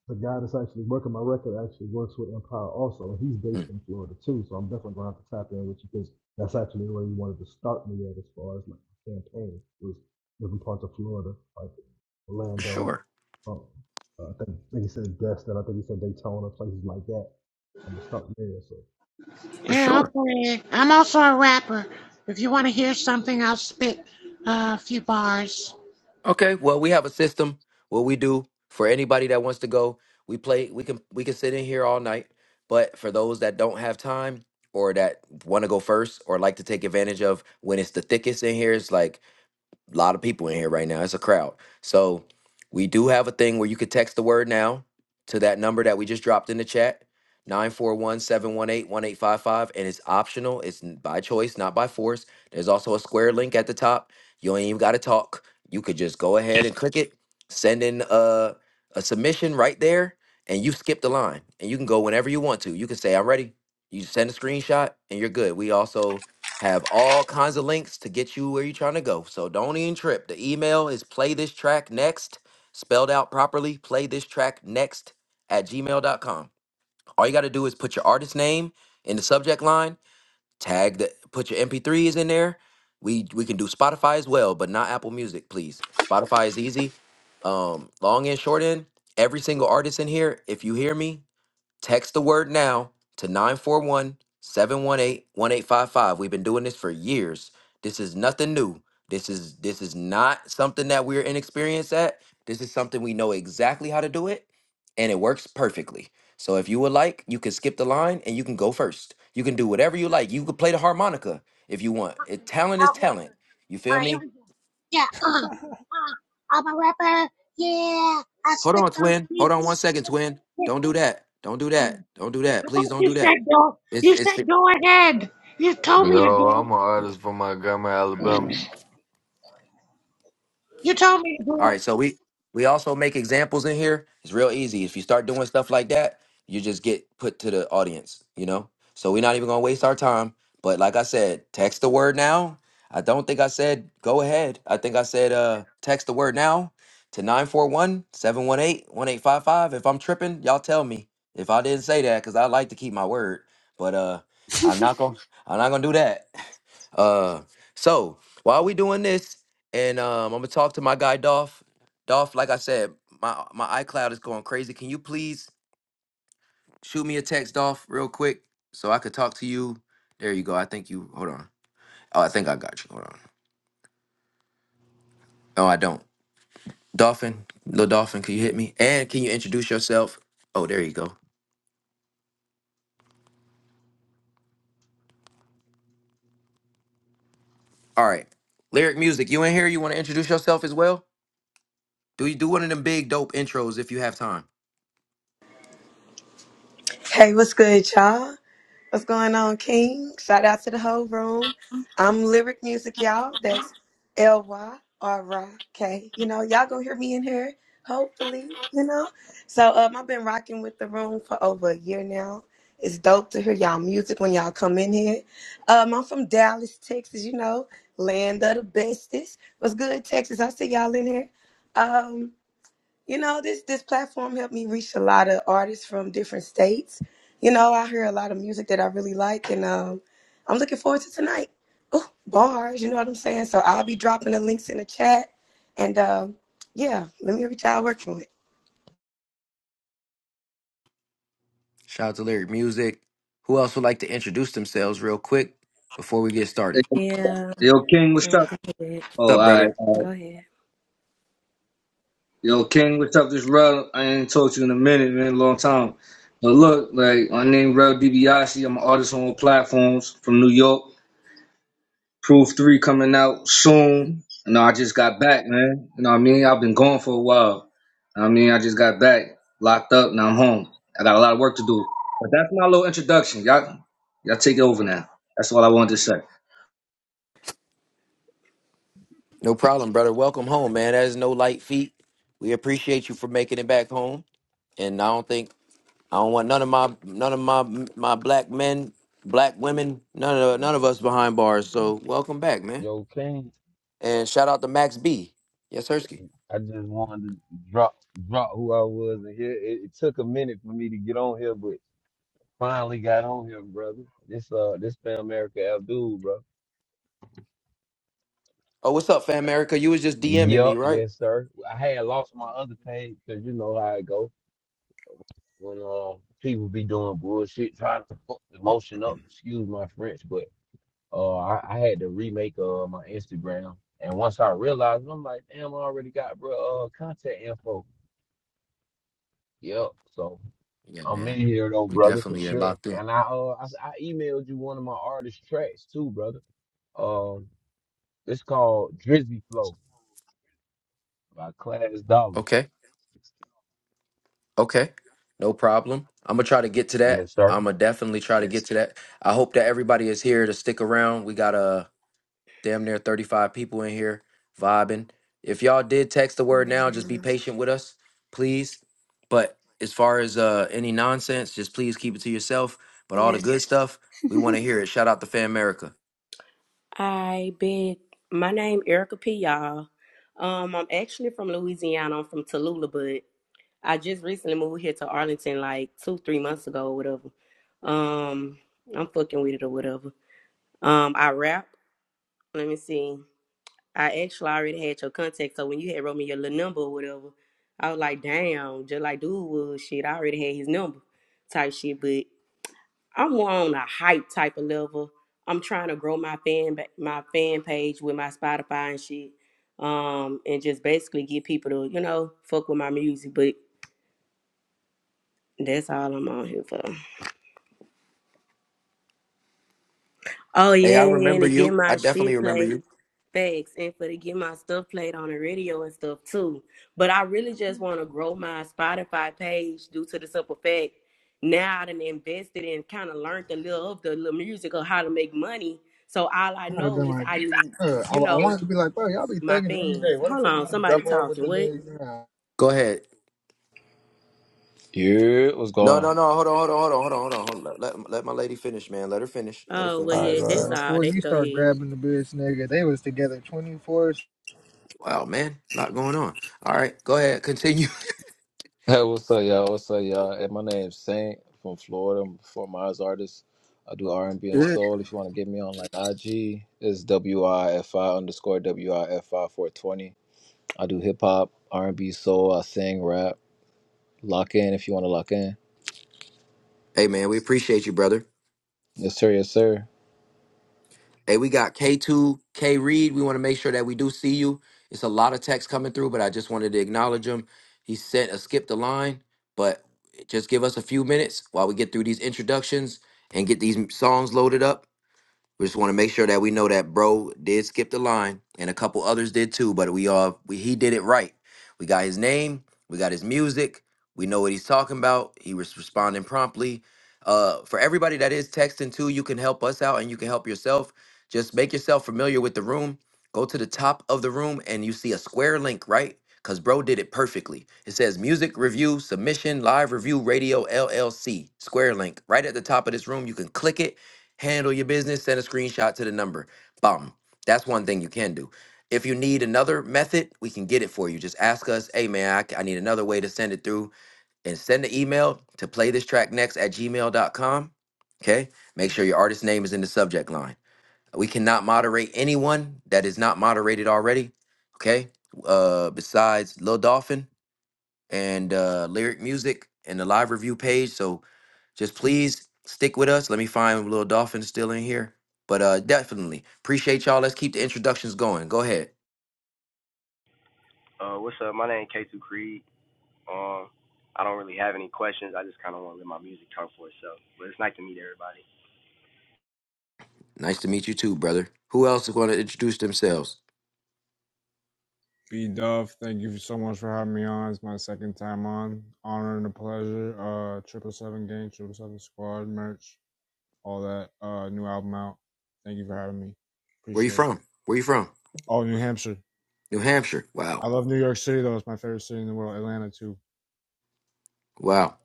[SPEAKER 9] the guy that's actually working my record actually works with Empire also, and he's based
[SPEAKER 1] mm,
[SPEAKER 9] in Florida too. So I'm definitely gonna have to tap in with you because that's actually where you wanted to start me at as far as like my campaign was different parts of Florida, like
[SPEAKER 1] for
[SPEAKER 9] Orlando.
[SPEAKER 1] sure,
[SPEAKER 9] Um, uh, I think I think he said Destin, I think he said Daytona, places like that. I'm gonna start there. So
[SPEAKER 1] for
[SPEAKER 10] Yeah, I'll
[SPEAKER 1] sure.
[SPEAKER 10] play. I'm also a rapper. If you want to hear something, I'll spit uh, a few bars.
[SPEAKER 1] Okay, well, we have a system. What we do for anybody that wants to go, we play. We can we can sit in here all night. But for those that don't have time or that want to go first or like to take advantage of when it's the thickest in here, it's like a lot of people in here right now. It's a crowd. So we do have a thing where you could text the word now to that number that we just dropped in the chat. nine four one seven one eight one eight five five. and it's optional. It's n- by choice, not by force. There's also a square link at the top. You ain't even got to talk. You could just go ahead and click it, send in a, a submission right there, and you skip the line. And you can go whenever you want to. You can say, I'm ready. You send a screenshot and you're good. We also have all kinds of links to get you where you're trying to go. So don't even trip. The email is play this track next, spelled out properly, play this track next at gmail.com. All you got to do is put your artist name in the subject line, tag the put your MP3s in there. We we can do Spotify as well, but not Apple Music, please. Spotify is easy. Um, long and short end, every single artist in here, if you hear me, Text the word now to nine four one seven one eight one eight five five. We've been doing this for years. This is nothing new. This is this is not something that we're inexperienced at. This is something we know exactly how to do it and it works perfectly. So if you would like, you can skip the line and you can go first. You can do whatever you like. You could play the harmonica if you want. It, talent is
[SPEAKER 10] I'll go
[SPEAKER 1] talent.
[SPEAKER 10] first.
[SPEAKER 1] You
[SPEAKER 10] All
[SPEAKER 1] feel
[SPEAKER 10] right, here
[SPEAKER 1] me?
[SPEAKER 10] we go. Yeah. Uh, uh, I'm a rapper. Yeah. I
[SPEAKER 1] Hold
[SPEAKER 10] spit
[SPEAKER 1] on,
[SPEAKER 10] those
[SPEAKER 1] twin. Hold on one
[SPEAKER 10] beats.
[SPEAKER 1] second, twin. Don't do that. Don't do that.
[SPEAKER 10] Oh,
[SPEAKER 1] Don't do that.
[SPEAKER 10] I thought
[SPEAKER 1] Please don't
[SPEAKER 10] you
[SPEAKER 1] do that.
[SPEAKER 10] said go.
[SPEAKER 1] It's
[SPEAKER 10] You
[SPEAKER 1] it's.
[SPEAKER 10] said go ahead. You told me to
[SPEAKER 11] Yo, I'm
[SPEAKER 10] go.
[SPEAKER 11] an artist from Montgomery, Alabama.
[SPEAKER 10] You told me.
[SPEAKER 1] All right, so we we also make examples in here. It's real easy. If you start doing stuff like that, you just get put to the audience, you know? So we're not even going to waste our time, but like I said, text the word now. I don't think I said go ahead. I think I said uh text the word now to nine four one seven one eight one eight five five. If I'm tripping, y'all tell me. If I didn't say that cuz I like to keep my word, but uh I'm not going to I'm not going to do that. Uh so, while we doing this, and um, I'm gonna talk to my guy Dolph. Dolph, like I said, my my iCloud is going crazy. Can you please shoot me a text, Dolph, real quick, so I could talk to you? There you go. I think you. Hold on. Oh, I think I got you. Hold on. No, I don't. Dolphin, little Dolphin, can you hit me? And can you introduce yourself? Oh, there you go. All right. Lyric music, you in here? You want to introduce yourself as well? Do you do one of them big dope intros if you have time?
[SPEAKER 12] Hey, what's good, y'all? What's going on, King? Shout out to the whole room. I'm Lyric Music, y'all. That's L Y R Y K. You know, y'all gonna hear me in here, hopefully, you know. So um I've been rocking with the room for over a year now. It's dope to hear y'all music when y'all come in here. Um, I'm from Dallas, Texas, you know, land of the bestest. What's good, Texas? I see y'all in here. Um, you know, this this platform helped me reach a lot of artists from different states. You know, I hear a lot of music that I really like, and um, I'm looking forward to tonight. Oh, bars, you know what I'm saying? So I'll be dropping the links in the chat, and um, yeah, let me reach out, work for it.
[SPEAKER 1] Shout out to Lyric Music. Who else would like to introduce themselves real quick before we get started?
[SPEAKER 13] Hey,
[SPEAKER 14] Yeah.
[SPEAKER 13] Yo, King, what's
[SPEAKER 14] No,
[SPEAKER 13] up?
[SPEAKER 14] go ahead.
[SPEAKER 1] What's
[SPEAKER 13] Oh, all
[SPEAKER 1] up, brother?
[SPEAKER 13] right. all
[SPEAKER 14] Go
[SPEAKER 13] right.
[SPEAKER 14] ahead.
[SPEAKER 13] Yo, King, what's up? This Rel, I ain't talked to you in a minute, man, long time. But look, like, my name Rel DiBiase. I'm an artist on all platforms from New York. Proof 3 coming out soon. You know, I just got back, man. You know what I mean? I've been gone for a while. I mean, I just got back, locked up, now I'm home. I got a lot of work to do. But that's my little introduction. Y'all, y'all take it over now. That's all I wanted to say.
[SPEAKER 1] No problem, brother. Welcome home, man. That is no light feat. We appreciate you for making it back home. And I don't think I don't want none of my none of my my black men, black women, none of none of us behind bars. So welcome back, man.
[SPEAKER 15] Yo, King,
[SPEAKER 1] And shout out to Max B. Yes, Hersky.
[SPEAKER 15] I just wanted to drop drop who I was in here. It, it took a minute for me to get on here, but finally got on here, brother. This uh this Spam America Abdul, bro.
[SPEAKER 1] Oh, what's up, fam? America? You was just DMing me,
[SPEAKER 15] Yup,
[SPEAKER 1] right?
[SPEAKER 15] yes, sir. I had lost my other page because you know how it go when uh people be doing bullshit, trying to fuck the motion up. Excuse my French, but uh I, I had to remake uh my Instagram. And once I realized, I'm like, damn, I already got bro uh contact info. Yep. So
[SPEAKER 1] Yeah,
[SPEAKER 15] I'm
[SPEAKER 1] man.
[SPEAKER 15] in here though,
[SPEAKER 1] We
[SPEAKER 15] brother, for
[SPEAKER 1] definitely are
[SPEAKER 15] sure.
[SPEAKER 1] locked in.
[SPEAKER 15] And I uh I, I emailed you one of my artist tracks too, brother. Um, it's called Drizzy Flow by Class Dollar.
[SPEAKER 1] Okay. Okay. No problem. I'm gonna try to get to that.
[SPEAKER 15] Yes, sir.
[SPEAKER 1] I'm gonna definitely try to get to that. I hope that everybody is here to stick around. We got a damn near 35 people in here vibing. If y'all did text the word now, just be
[SPEAKER 14] Yeah.
[SPEAKER 1] patient with us, please. But as far as uh any nonsense, just please keep it to yourself. But all
[SPEAKER 14] yeah.
[SPEAKER 1] the good stuff, we want to hear it. Shout out to Fan America.
[SPEAKER 14] I big. My name Erica P. Y'all. Um, I'm actually from Louisiana. I'm from Tallulah, but I just recently moved here to Arlington, like two, three months ago, or whatever. Um, I'm fucking with it or whatever. Um, I rap. Let me see. I actually already had your contact, so when you had wrote me your little number or whatever, I was like, damn, just like dude was shit. I already had his number, type shit, but. I'm more on a hype type of level. I'm trying to grow my fan ba- my fan page with my Spotify and shit, um, and just basically get people to you know fuck with my music. But that's all I'm on here for. Oh
[SPEAKER 1] Hey,
[SPEAKER 14] yeah,
[SPEAKER 1] I
[SPEAKER 14] and
[SPEAKER 1] remember
[SPEAKER 14] to get
[SPEAKER 1] you.
[SPEAKER 14] my
[SPEAKER 1] I definitely
[SPEAKER 14] shit
[SPEAKER 1] remember
[SPEAKER 14] played.
[SPEAKER 1] you.
[SPEAKER 14] Facts and for to get my stuff played on the radio and stuff too. But I really just want to grow my Spotify page due to the simple fact now I done invested and kind of learned a little of the little music of how to make money. So all I
[SPEAKER 16] I'd have
[SPEAKER 14] know
[SPEAKER 16] been
[SPEAKER 14] is
[SPEAKER 16] like,
[SPEAKER 14] I need,
[SPEAKER 16] "Bro, I,
[SPEAKER 14] you
[SPEAKER 16] I
[SPEAKER 14] know,
[SPEAKER 16] wanted to be like, bro, y'all be
[SPEAKER 14] my
[SPEAKER 16] thugging every
[SPEAKER 14] fans.
[SPEAKER 16] day. What the
[SPEAKER 14] Hold
[SPEAKER 16] fuck you
[SPEAKER 14] on,
[SPEAKER 16] gonna
[SPEAKER 14] somebody
[SPEAKER 16] double up with
[SPEAKER 14] talking.
[SPEAKER 16] the
[SPEAKER 14] What?
[SPEAKER 16] niggas now?
[SPEAKER 1] Go ahead.
[SPEAKER 17] Yeah, what's
[SPEAKER 1] No,
[SPEAKER 17] going? on?
[SPEAKER 1] no, no. Hold on, hold on, hold on, hold on, hold on. Hold on. Let, let let my lady finish, man. Let her finish. Let her
[SPEAKER 14] Oh well,
[SPEAKER 1] finish.
[SPEAKER 17] All right,
[SPEAKER 14] yeah,
[SPEAKER 17] go
[SPEAKER 16] Nigga,
[SPEAKER 17] ahead.
[SPEAKER 14] that's all.
[SPEAKER 16] Before
[SPEAKER 14] They
[SPEAKER 16] you
[SPEAKER 14] can go
[SPEAKER 16] start
[SPEAKER 14] ahead.
[SPEAKER 16] grabbing the bitch, nigga, they was together 24
[SPEAKER 1] Wow, man, a lot going on. All right, go ahead. Continue.
[SPEAKER 17] Hey, what's up, y'all? What's up, y'all? Hey, my name's Saint from Florida. I'm a performing arts artist. I do R and B and
[SPEAKER 16] shit.
[SPEAKER 17] soul. If you want to get me on like IG, it's W I F I underscore W I F I four twenty. I do hip hop, R and B, soul. I sing, rap. Lock in if you want to lock in.
[SPEAKER 1] Hey, man, we appreciate you, brother.
[SPEAKER 17] Yes, sir. Yes, sir.
[SPEAKER 1] Hey, we got K2, K Reed. We want to make sure that we do see you. It's a lot of text coming through, but I just wanted to acknowledge him. He sent a skip the line, but just give us a few minutes while we get through these introductions and get these songs loaded up. We just want to make sure that we know that bro did skip the line, and a couple others did too. But we all we, he did it right. We got his name, we got his music, we know what he's talking about. He was responding promptly. Uh, for everybody that is texting too, you can help us out and you can help yourself. Just make yourself familiar with the room. Go to the top of the room and you see a square link, right? Cause bro did it perfectly. It says music review submission live review radio LLC square link right at the top of this room. You can click it handle your business, send a screenshot to the number. Bum. That's one thing you can do. If you need another method, we can get it for you. Just ask us, hey man, I, c- I need another way to send it through and send an email to play this track next at gmail.com. Okay. Make sure your artist name is in the subject line. We cannot moderate anyone that is not moderated already. Okay. Uh, besides Lil Dolphin, and uh, lyric music and the live review page. So just please stick with us. Let me find Lil Dolphin still in here. But uh, definitely appreciate y'all. Let's keep the introductions going. Go ahead.
[SPEAKER 18] Uh, what's up? My name K2 Creed. Um, I don't really have any questions. I just kind of want to let my music talk for itself. But it's nice to meet everybody.
[SPEAKER 1] Nice to meet you too, brother. Who else is going to introduce themselves?
[SPEAKER 19] B Dove, thank you so much for having me on. It's my second time on. Honor and a pleasure. Uh, Triple Seven Gang, Triple Seven Squad, merch, all that. Uh, new album out. Thank you for having me.
[SPEAKER 1] Where you
[SPEAKER 19] Appreciate it.
[SPEAKER 1] from? Where you from?
[SPEAKER 19] Oh, New Hampshire.
[SPEAKER 1] New Hampshire.
[SPEAKER 19] I
[SPEAKER 1] Wow.
[SPEAKER 19] love New York City though. It's my favorite city in the world. Atlanta too.
[SPEAKER 1] Wow.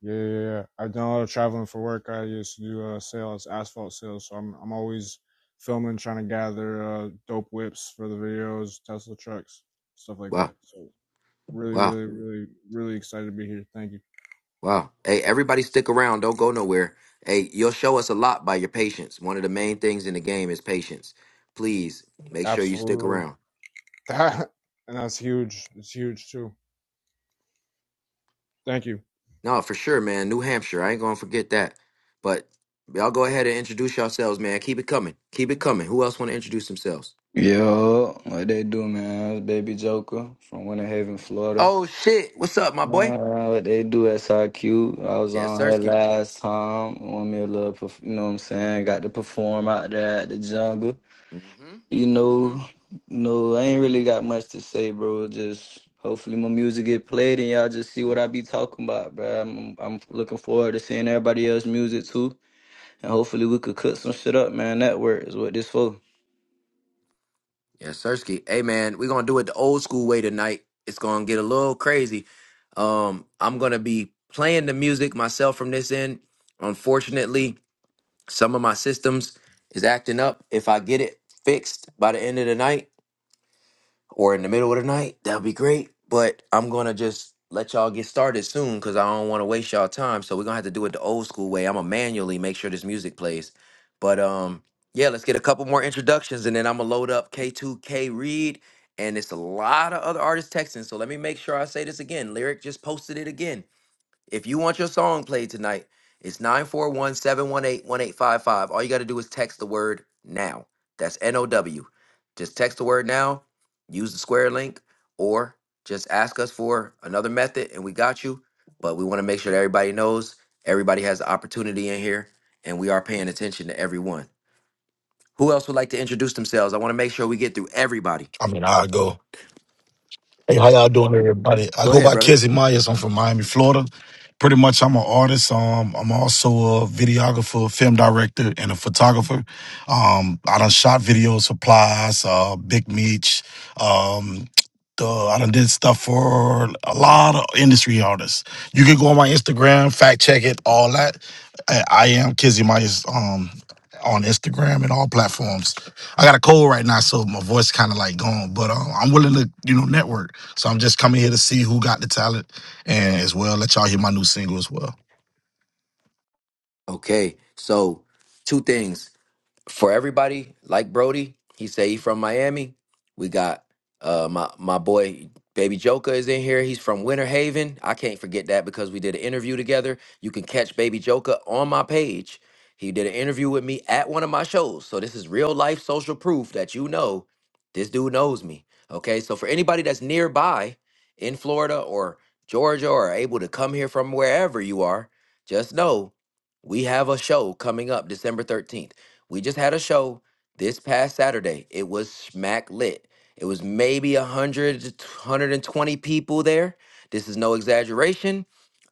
[SPEAKER 19] Yeah, yeah, yeah. I've done a lot of traveling for work. I used to do uh, sales, asphalt sales. So I'm, I'm always filming, trying to gather uh, dope whips for the videos, Tesla trucks, stuff like
[SPEAKER 1] Wow.
[SPEAKER 19] that. So really,
[SPEAKER 1] Wow.
[SPEAKER 19] really, really, really excited to be here. Thank you.
[SPEAKER 1] Wow. Hey, everybody stick around. Don't go nowhere. Hey, you'll show us a lot by your patience. One of the main things in the game is patience. Please make sure you stick
[SPEAKER 19] Absolutely.
[SPEAKER 1] around.
[SPEAKER 19] That and that's huge. It's huge too. Thank you.
[SPEAKER 1] No, for sure, man. New Hampshire. I ain't gonna forget that. But y'all go ahead and introduce yourselves, man. Keep it coming. Keep it coming. Who else wanna introduce themselves?
[SPEAKER 20] Yo, what they do, man? It's Baby Joker from Winter Haven, Florida.
[SPEAKER 1] Oh shit. What's up,
[SPEAKER 20] Uh,
[SPEAKER 1] my boy?
[SPEAKER 20] what they do, S I Q. I was
[SPEAKER 1] Yeah,
[SPEAKER 20] on here
[SPEAKER 1] Sirski.
[SPEAKER 20] last time. Want me a little, perf- you know what I'm saying? Got to perform out there at the jungle.
[SPEAKER 1] Mm-hmm.
[SPEAKER 20] You
[SPEAKER 1] Mm-hmm.
[SPEAKER 20] know, no, I ain't really got much to say, bro. Just hopefully my music get played and y'all just see what I be talking about, bro. I'm, I'm looking forward to seeing everybody else's music too, and hopefully we could cook some shit up, man. Network is what this for.
[SPEAKER 1] Yeah, Sirski. Hey man, we're gonna do it the old school way tonight. It's gonna get a little crazy. Um, I'm gonna be playing the music myself from this end. Unfortunately, some of my systems is acting up. If I get it fixed by the end of the night, or in the middle of the night, that would be great. But I'm gonna just let y'all get started soon because I don't want to waste y'all time. So we're gonna have to do it the old school way. I'm gonna manually make sure this music plays. But um, yeah, let's get a couple more introductions and then I'm gonna load up K2K Reed. And it's a lot of other artists texting. So let me make sure I say this again. Lyric just posted it again. If you want your song played tonight, it's 941 718 1855. All you got to do is text the word now. That's N O W. Just text the word now, use the square link, or just ask us for another method and we got you. But we want to make sure that everybody knows everybody has the opportunity in here and we are paying attention to everyone. Who else would like to introduce themselves? I want to make sure we get through everybody.
[SPEAKER 21] I mean, I go. Hey, how y'all doing, everybody? I
[SPEAKER 1] Go
[SPEAKER 21] go
[SPEAKER 1] ahead,
[SPEAKER 21] by
[SPEAKER 1] brother.
[SPEAKER 21] Kizzy Myers. I'm from Miami, Florida. Pretty much, I'm an artist. Um, I'm also a videographer, film director, and a photographer. Um, I done shot videos for Plies, uh, Big Meech. Um, the, I done did stuff for a lot of industry artists. You can go on my Instagram, fact check it, all that. I, I am Kizzy Myers um, on Instagram and all platforms. I got a cold right now, so my voice kind of like gone. But um, I'm willing to, you know, network. So I'm just coming here to see who got the talent, and as well let y'all hear my new single as well.
[SPEAKER 1] Okay, so two things. for everybody, like Brody, he say he from Miami. We got uh my my boy Baby Joker is in here. He's from Winter Haven. I can't forget that because we did an interview together. You can catch Baby Joker on my page. He did an interview with me at one of my shows. So this is real life social proof that you know this dude knows me. Okay? So for anybody that's nearby in Florida or Georgia or able to come here from wherever you are, just know we have a show coming up December 13th. We just had a show this past Saturday. It was smack lit. It was maybe a hundred, hundred and twenty people there. This is no exaggeration.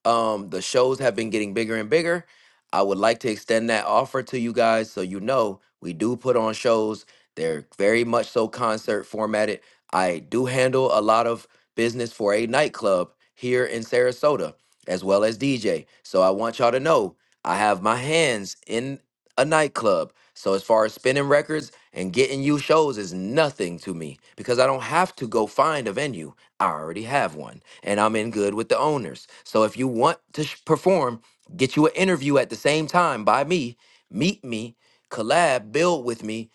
[SPEAKER 1] Um, the shows have been getting bigger and bigger. I would like to extend that offer to you guys so you know we do put on shows. They're very much so concert formatted. I do handle a lot of business for a nightclub here in Sarasota as well as DJ. So I want y'all to know I have my hands in a nightclub. So as far as spinning records and getting you shows is nothing to me because I don't have to go find a venue. I already have one and I'm in good with the owners. So if you want to sh- perform, get you an interview at the same time by me, meet me, collab, build with me.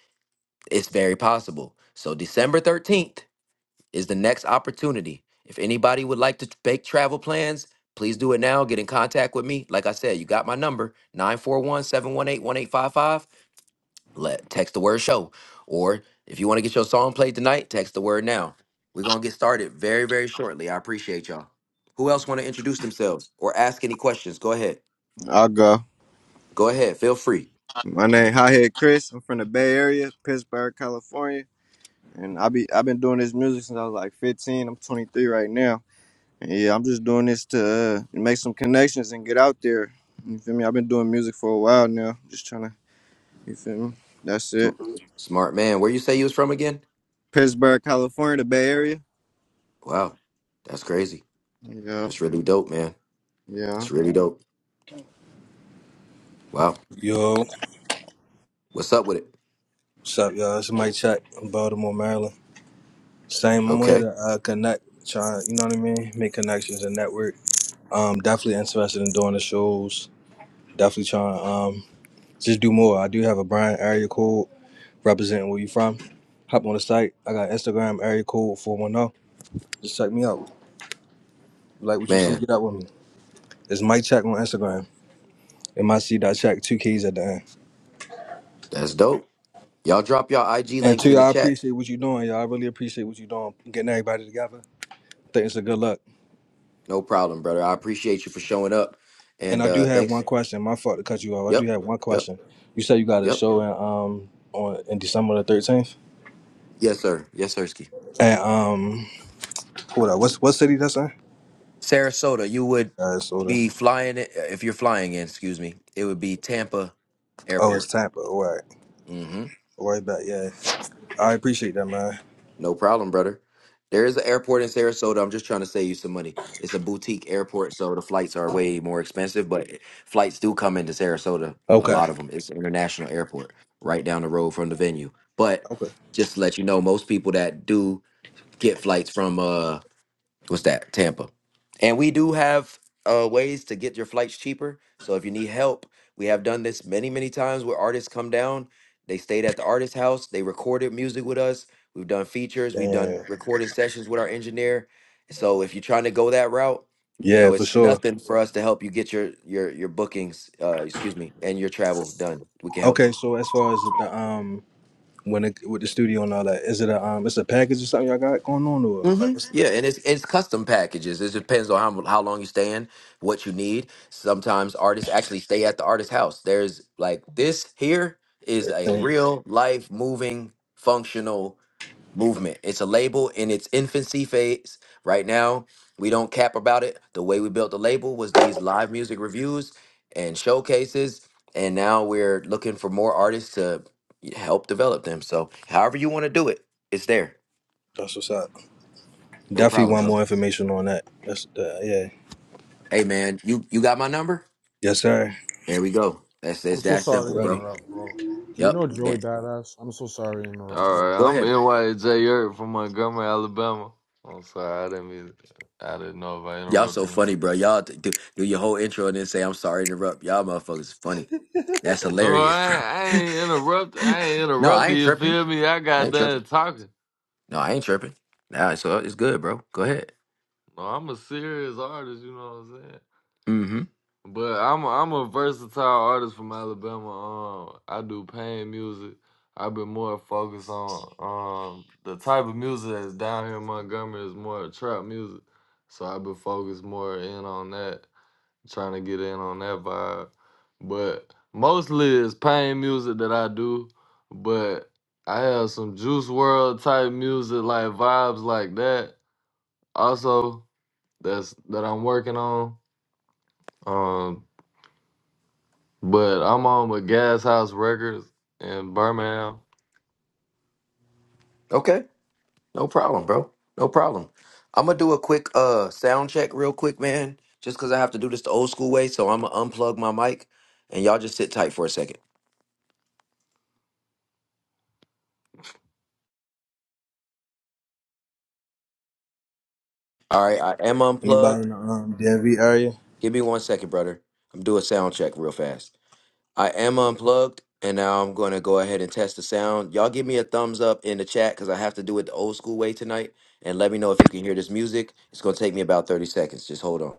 [SPEAKER 1] It's very possible. So December 13th is the next opportunity. If anybody would like to t- make travel plans, please do it now. Get in contact with me. Like I said, you got my number 941 718 1855 let text the word show or if you want to get your song played tonight text the word now we're gonna get started very very shortly i appreciate y'all who else want to introduce themselves or ask any questions go ahead
[SPEAKER 16] I'll go.
[SPEAKER 1] go ahead feel free
[SPEAKER 16] My name Hothead Chris. I'm from the Bay Area, Pittsburgh, California. And I be I've been doing this music since I was like 15. I'm 23 right now. And yeah, I'm just doing this to uh, make some connections and get out there. You feel me? I've been doing music for a while now. Just trying to, you feel me? That's it.
[SPEAKER 1] Sm- smart man where you say you was from again
[SPEAKER 16] Pittsburgh, California, the Bay Area.
[SPEAKER 1] wow that's crazy
[SPEAKER 16] Yeah.
[SPEAKER 1] that's really dope man
[SPEAKER 16] Yeah.
[SPEAKER 1] that's really dope Wow.
[SPEAKER 8] yo,
[SPEAKER 1] What's up with it?
[SPEAKER 8] what's up, y'all? It's Mike Chuck in Baltimore, Maryland. Same, I'm here
[SPEAKER 1] Okay,
[SPEAKER 8] to uh, connect, try, you know what I mean? Make connections and network. Um, definitely interested in doing the shows. Definitely trying to um, just do more. I do have a brand area code representing where you from. Hop on the site. I got Instagram area code 410. Just check me out. Like what you see,
[SPEAKER 1] man,
[SPEAKER 8] get out with me. It's Mike Check on Instagram. m i c dot check, two k's at the end.
[SPEAKER 1] that's dope. Y'all drop y'all IG
[SPEAKER 8] And
[SPEAKER 1] links
[SPEAKER 8] two,
[SPEAKER 1] in the
[SPEAKER 8] I
[SPEAKER 1] chat.
[SPEAKER 8] appreciate what you're doing, y'all. I really appreciate what you're doing, getting everybody together. Think it's a good look.
[SPEAKER 1] No problem, brother. I appreciate you for showing up.
[SPEAKER 8] And
[SPEAKER 1] And
[SPEAKER 8] I do
[SPEAKER 1] uh
[SPEAKER 8] have one
[SPEAKER 1] thanks.
[SPEAKER 8] question. My fault to cut you off. I do
[SPEAKER 1] Yep,
[SPEAKER 8] have one
[SPEAKER 1] yep,
[SPEAKER 8] question. You said you got a
[SPEAKER 1] yep.
[SPEAKER 8] show in um on in December the thirteenth.
[SPEAKER 1] Yes, sir. Yes, sir. Ski
[SPEAKER 8] And um hold on, what's what city that's in?
[SPEAKER 1] Sarasota, you would
[SPEAKER 8] Sarasota.
[SPEAKER 1] be flying it if you're flying in. Excuse me. It would be Tampa
[SPEAKER 8] Oh, it's
[SPEAKER 1] Airport.
[SPEAKER 8] Tampa. All right. Right back, yeah. I appreciate that man.
[SPEAKER 1] No problem, brother. There is an airport in Sarasota. I'm just trying to save you some money. It's a boutique airport, so the flights are way more expensive, but flights do come into Sarasota. A
[SPEAKER 8] Okay.
[SPEAKER 1] lot of them. It's an international airport right down the road from the venue. But
[SPEAKER 8] Okay.
[SPEAKER 1] just to let you know, most people that do get flights from uh What's that? Tampa. And we do have uh, ways to get your flights cheaper. So if you need help, we have done this many, many times where artists come down. They stayed at the artist house. They recorded music with us. We've done features. We've done
[SPEAKER 8] Damn.
[SPEAKER 1] recording sessions with our engineer. So if you're trying to go that route, you
[SPEAKER 8] Yeah,
[SPEAKER 1] know
[SPEAKER 8] for
[SPEAKER 1] it's
[SPEAKER 8] sure.
[SPEAKER 1] nothing for us to help you get your your your bookings, uh, excuse me, and your travel done. We can help you.
[SPEAKER 8] Okay, so as far as the um when it with the studio and all that, is it a um it's a package or something y'all got going on or like
[SPEAKER 1] hmm
[SPEAKER 8] what's
[SPEAKER 1] Yeah, and it's it's custom packages. It depends on how how long you stay in, what you need. Sometimes artists actually stay at the artist's house. There's like this here is
[SPEAKER 8] that
[SPEAKER 1] a
[SPEAKER 8] thing?
[SPEAKER 1] real life moving functional movement. It's a label in its infancy phase right now. We don't cap about it. The way we built the label was these live music reviews and showcases, and now we're looking for more artists to help develop them. So, however you want to do it, it's there.
[SPEAKER 8] That's what's up.
[SPEAKER 1] No
[SPEAKER 8] Definitely
[SPEAKER 1] problem,
[SPEAKER 8] want more information on that. That's uh, yeah.
[SPEAKER 1] Hey man, you you got my number?
[SPEAKER 8] Yes, sir.
[SPEAKER 1] There we go. That's
[SPEAKER 19] I'm
[SPEAKER 1] that's
[SPEAKER 19] so
[SPEAKER 1] that
[SPEAKER 19] sorry to
[SPEAKER 1] simple,
[SPEAKER 8] Alrighty.
[SPEAKER 1] bro.
[SPEAKER 19] interrupt, bro. Do you
[SPEAKER 1] Yep.
[SPEAKER 19] know Joey
[SPEAKER 1] Yeah.
[SPEAKER 19] Badass? I'm so sorry to interrupt,
[SPEAKER 11] All
[SPEAKER 19] bro.
[SPEAKER 11] right,
[SPEAKER 1] Go
[SPEAKER 11] I'm
[SPEAKER 1] ahead.
[SPEAKER 11] NYJ Yurt from Montgomery, Alabama. I'm sorry, I didn't mean. I didn't know if I
[SPEAKER 1] Y'all so
[SPEAKER 11] interrupted.
[SPEAKER 1] funny,
[SPEAKER 11] you.
[SPEAKER 1] bro. Y'all t- do, do your whole intro and then say I'm sorry to interrupt. Y'all motherfuckers funny. That's
[SPEAKER 11] No,
[SPEAKER 1] hilarious,
[SPEAKER 11] I,
[SPEAKER 1] bro.
[SPEAKER 11] ain't- I ain't interrupt. I ain't
[SPEAKER 1] no, I
[SPEAKER 11] interrupted.
[SPEAKER 1] ain't
[SPEAKER 11] You
[SPEAKER 1] tripping.
[SPEAKER 11] feel me? I
[SPEAKER 1] I
[SPEAKER 11] got
[SPEAKER 1] ain't
[SPEAKER 11] done
[SPEAKER 1] tripping.
[SPEAKER 11] talking.
[SPEAKER 1] No, I ain't tripping. Nah, so it's good, bro. Go ahead.
[SPEAKER 11] No, I'm a serious artist. You know what I'm saying?
[SPEAKER 1] Mm-hmm.
[SPEAKER 11] But I'm a, I'm a versatile artist from Alabama. Um, I do pain music. I've been more focused on um the type of music that's down here in Montgomery is more trap music. So I've been focused more in on that, trying to get in on that vibe. But mostly it's pain music that I do. But I have some Juice World type music like vibes like that. Also, that's that I'm working on. Um. But I'm on with Gas House Records in Birmingham.
[SPEAKER 1] Okay. No problem, bro. No problem. I'm gonna do a quick uh sound check real quick, man. Just cause I have to do this the old school way, so I'm gonna unplug my mic and y'all just sit tight for a second. All right, I am
[SPEAKER 8] Anybody
[SPEAKER 1] unplugged.
[SPEAKER 8] in the um, DMV area?
[SPEAKER 1] Give me one second, brother. I'm doing sound check real fast. I am unplugged, and now I'm going to go ahead and test the sound. Y'all give me a thumbs up in the chat because I have to do it the old school way tonight. And let me know if you can hear this music. It's going to take me about 30 seconds. Just hold on.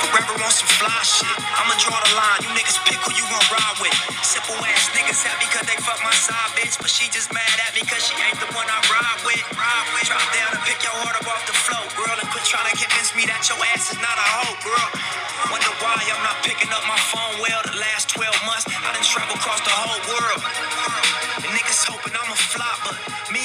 [SPEAKER 1] Forever on some fly shit. I'ma draw the line. You niggas pick who you gon' ride with. Simple ass niggas happy cause they fuck my side bitch. But she just mad at me cause she ain't the one I ride with. Ride with. Drop down and pick your heart up off the floor, girl. And quit trying to convince me that your ass is not a hoe, girl. Wonder why I'm not picking up my phone well the last 12 months. I done traveled across the whole world. And niggas hoping I'm a flop, but me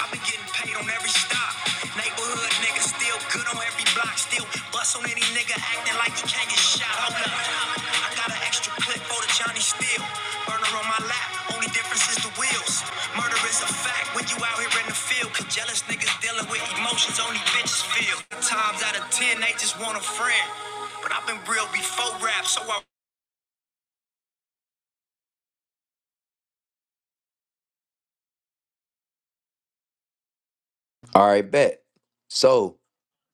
[SPEAKER 1] I've been getting paid on every stop. Neighborhood nigga still good on every block. Still bust on any nigga acting like he can't get shot. Hold up. I got an extra clip for the Johnny Steel. Burner on my lap, only difference is the wheels. Murder is a fact when you out here in the field. Cause jealous niggas dealing with emotions only bitches feel. Times out of ten, they just want a friend. But I've been real before rap, so I. All right, bet. So.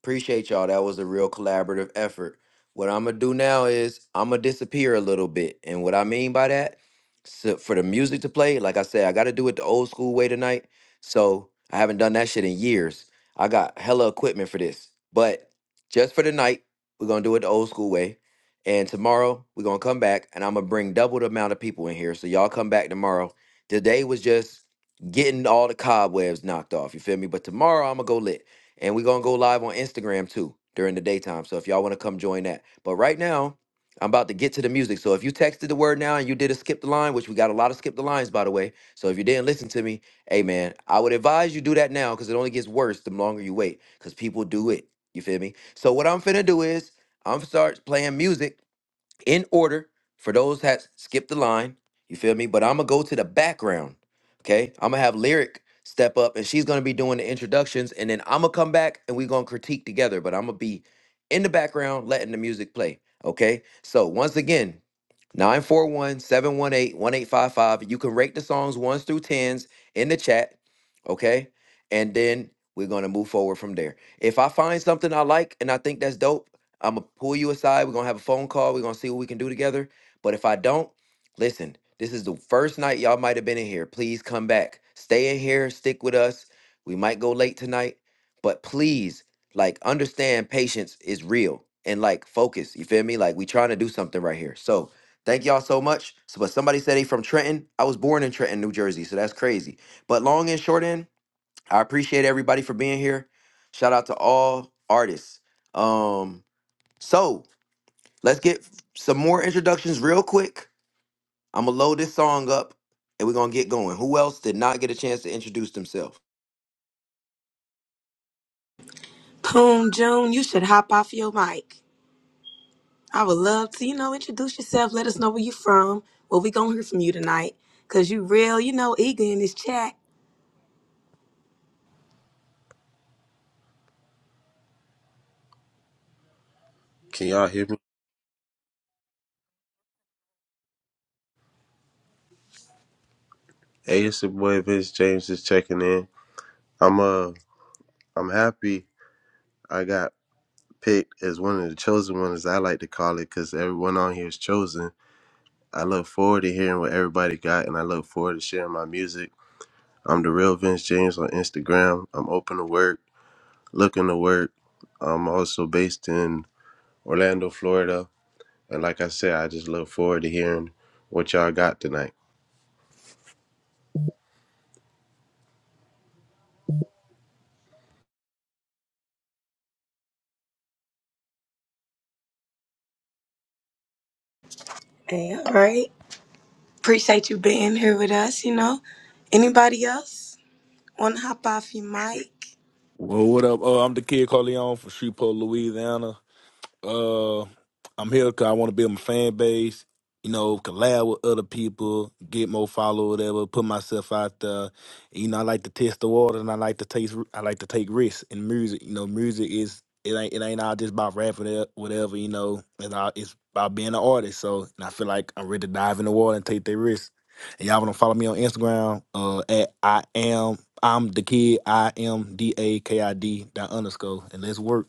[SPEAKER 1] Appreciate y'all. That was a real collaborative effort. What I'm gonna do now is I'm gonna disappear a little bit, and what I mean by that, so for the music to play, like I said, I got to do it the old school way tonight. So I haven't done that shit in years. I got hella equipment for this, but just for the night, we're gonna do it the old school way. And tomorrow we're gonna come back, and I'm gonna bring double the amount of people in here. So y'all come back tomorrow. Today was just getting all the cobwebs knocked off. You feel me? But tomorrow I'm gonna go lit. And we're gonna go live on Instagram too during the daytime. So if y'all wanna come join that. But right now, I'm about to get to the music. So if you texted the word now and you did a skip the line, which we got a lot of skip the lines by the way. So if you didn't listen to me, hey man, I would advise you do that now because it only gets worse the longer you wait. Cause people do it. You feel me? So what I'm finna do is I'm start playing music in order for those that skip the line. You feel me? But I'm gonna go to the background. Okay, I'm gonna have lyric step up, and she's gonna be doing the introductions, and then I'm gonna come back and we gonna critique together. But I'm gonna be in the background letting the music play. Okay, so once again. nine four one seven one eight one eight five five. You can rate the songs ones through tens in the chat. Okay. And then we're gonna move forward from there. If I find something I like and I think that's dope, I'm gonna pull you aside. We're gonna have a phone call. We're gonna see what we can do together. But if I don't, listen, this is the first night y'all might have been in here. Please come back. Stay in here, stick with us. We might go late tonight, but please, like, understand patience is real and like focus. You feel me? Like, we trying to do something right here. So thank y'all so much. So, but somebody said they from Trenton. I was born in Trenton, New Jersey, so that's crazy. But long and short end, I appreciate everybody for being here. Shout out to all artists. Um, so let's get some more introductions real quick. I'm gonna load this song up and we're gonna get going. Who else did not get a chance to introduce themselves?
[SPEAKER 12] Poon June, you should hop off your mic. I would love to, you know, introduce yourself. Let us know where you from. What we gonna hear from you tonight? Cause you real, you know, eager in this chat.
[SPEAKER 22] Can y'all hear me? Hey, it's your boy Vince James just checking in. I'm uh I'm happy I got picked as one of the chosen ones I like to call it because everyone on here is chosen. I look forward to hearing what everybody got and I look forward to sharing my music. I'm the real Vince James on Instagram. I'm open to work, looking to work. I'm also based in Orlando, Florida. And like I said, I just look forward to hearing what y'all got tonight.
[SPEAKER 12] Hey, all right. Appreciate you being here with us, you know. Anybody else want to hop off your mic?
[SPEAKER 2] Well, what up? Oh, I'm the kid Corleone from Shreveport, Louisiana. Uh, I'm here because I want to build my fan base. You know, collab with other people, get more followers, whatever. Put myself out there. You know, I like to test the water, and I like to taste. I like to take risks in music. You know, music is it ain't it ain't all just about rapping or whatever. You know, it's all, it's about being an artist. So, and I feel like I'm ready to dive in the water and take that risk. And y'all wanna follow me on Instagram? Uh, at I am I'm the kid. I am D A K I D dot underscore, and let's work.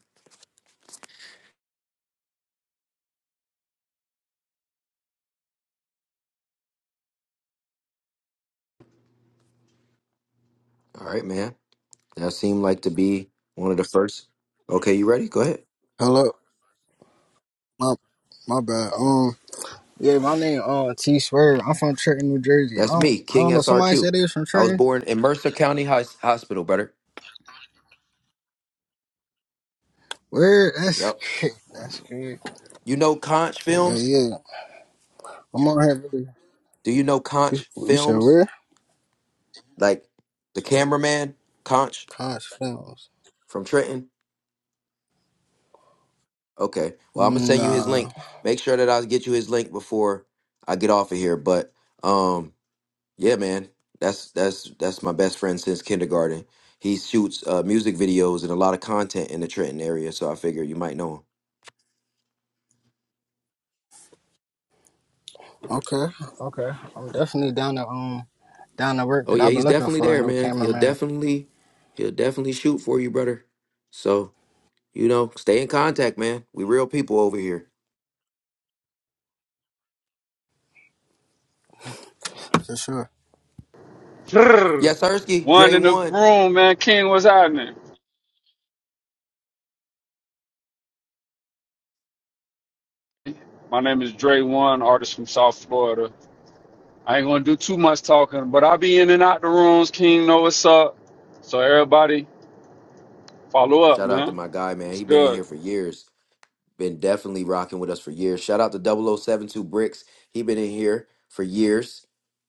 [SPEAKER 1] All right, man. That seemed like to be one of the first. Okay, you ready? Go ahead.
[SPEAKER 23] Hello, my my bad. Um, yeah, my name uh T Swerve. I'm from Trenton, New Jersey. I
[SPEAKER 1] That's me,
[SPEAKER 23] don't I
[SPEAKER 1] King
[SPEAKER 23] don't know. Somebody
[SPEAKER 1] SRQ.
[SPEAKER 23] said they was from
[SPEAKER 1] I was
[SPEAKER 23] Trenton.
[SPEAKER 1] born in Mercer County Hos- Hospital, brother.
[SPEAKER 23] Where? That's
[SPEAKER 1] Yep.
[SPEAKER 23] that's good.
[SPEAKER 1] You know Conch
[SPEAKER 23] But
[SPEAKER 1] Films?
[SPEAKER 23] yeah, I'm on here. Really.
[SPEAKER 1] Do you know
[SPEAKER 23] You,
[SPEAKER 1] Conch
[SPEAKER 23] you said
[SPEAKER 1] Films?
[SPEAKER 23] where?
[SPEAKER 1] Like the cameraman, Conch
[SPEAKER 23] College Films.
[SPEAKER 1] from Trenton? Okay. Well, I'm gonna send you his
[SPEAKER 23] Nah.
[SPEAKER 1] link. Make sure that I get you his link before I get off of here. But um, yeah, man, that's that's that's my best friend since kindergarten. He shoots uh, music videos and a lot of content in the Trenton area, so I figure you might know him.
[SPEAKER 23] Okay. Okay. I'm definitely down to um down to work
[SPEAKER 1] Oh
[SPEAKER 23] because
[SPEAKER 1] yeah,
[SPEAKER 23] I've been
[SPEAKER 1] he's
[SPEAKER 23] looking
[SPEAKER 1] definitely
[SPEAKER 23] for a
[SPEAKER 1] there,
[SPEAKER 23] new
[SPEAKER 1] man. He'll
[SPEAKER 23] cameraman
[SPEAKER 1] definitely he'll definitely shoot for you, brother. So you know, stay in contact, man. We real people over here.
[SPEAKER 23] for sure.
[SPEAKER 24] Brrr.
[SPEAKER 1] Yes, Hersky,
[SPEAKER 24] One
[SPEAKER 1] Dre
[SPEAKER 24] in the
[SPEAKER 1] one.
[SPEAKER 24] room, man. King what's happening. My name is Dre One, artist from South Florida. I ain't gonna do too much talking, but I'll be in and out the rooms. King know what's up. So everybody, follow up,
[SPEAKER 1] Shout out to
[SPEAKER 24] man.
[SPEAKER 1] my guy, man.
[SPEAKER 24] It's
[SPEAKER 1] He been in
[SPEAKER 24] good.
[SPEAKER 1] here for years. been definitely rocking with us for years. Shout out to Double O Seven Two Bricks. He been in here for years.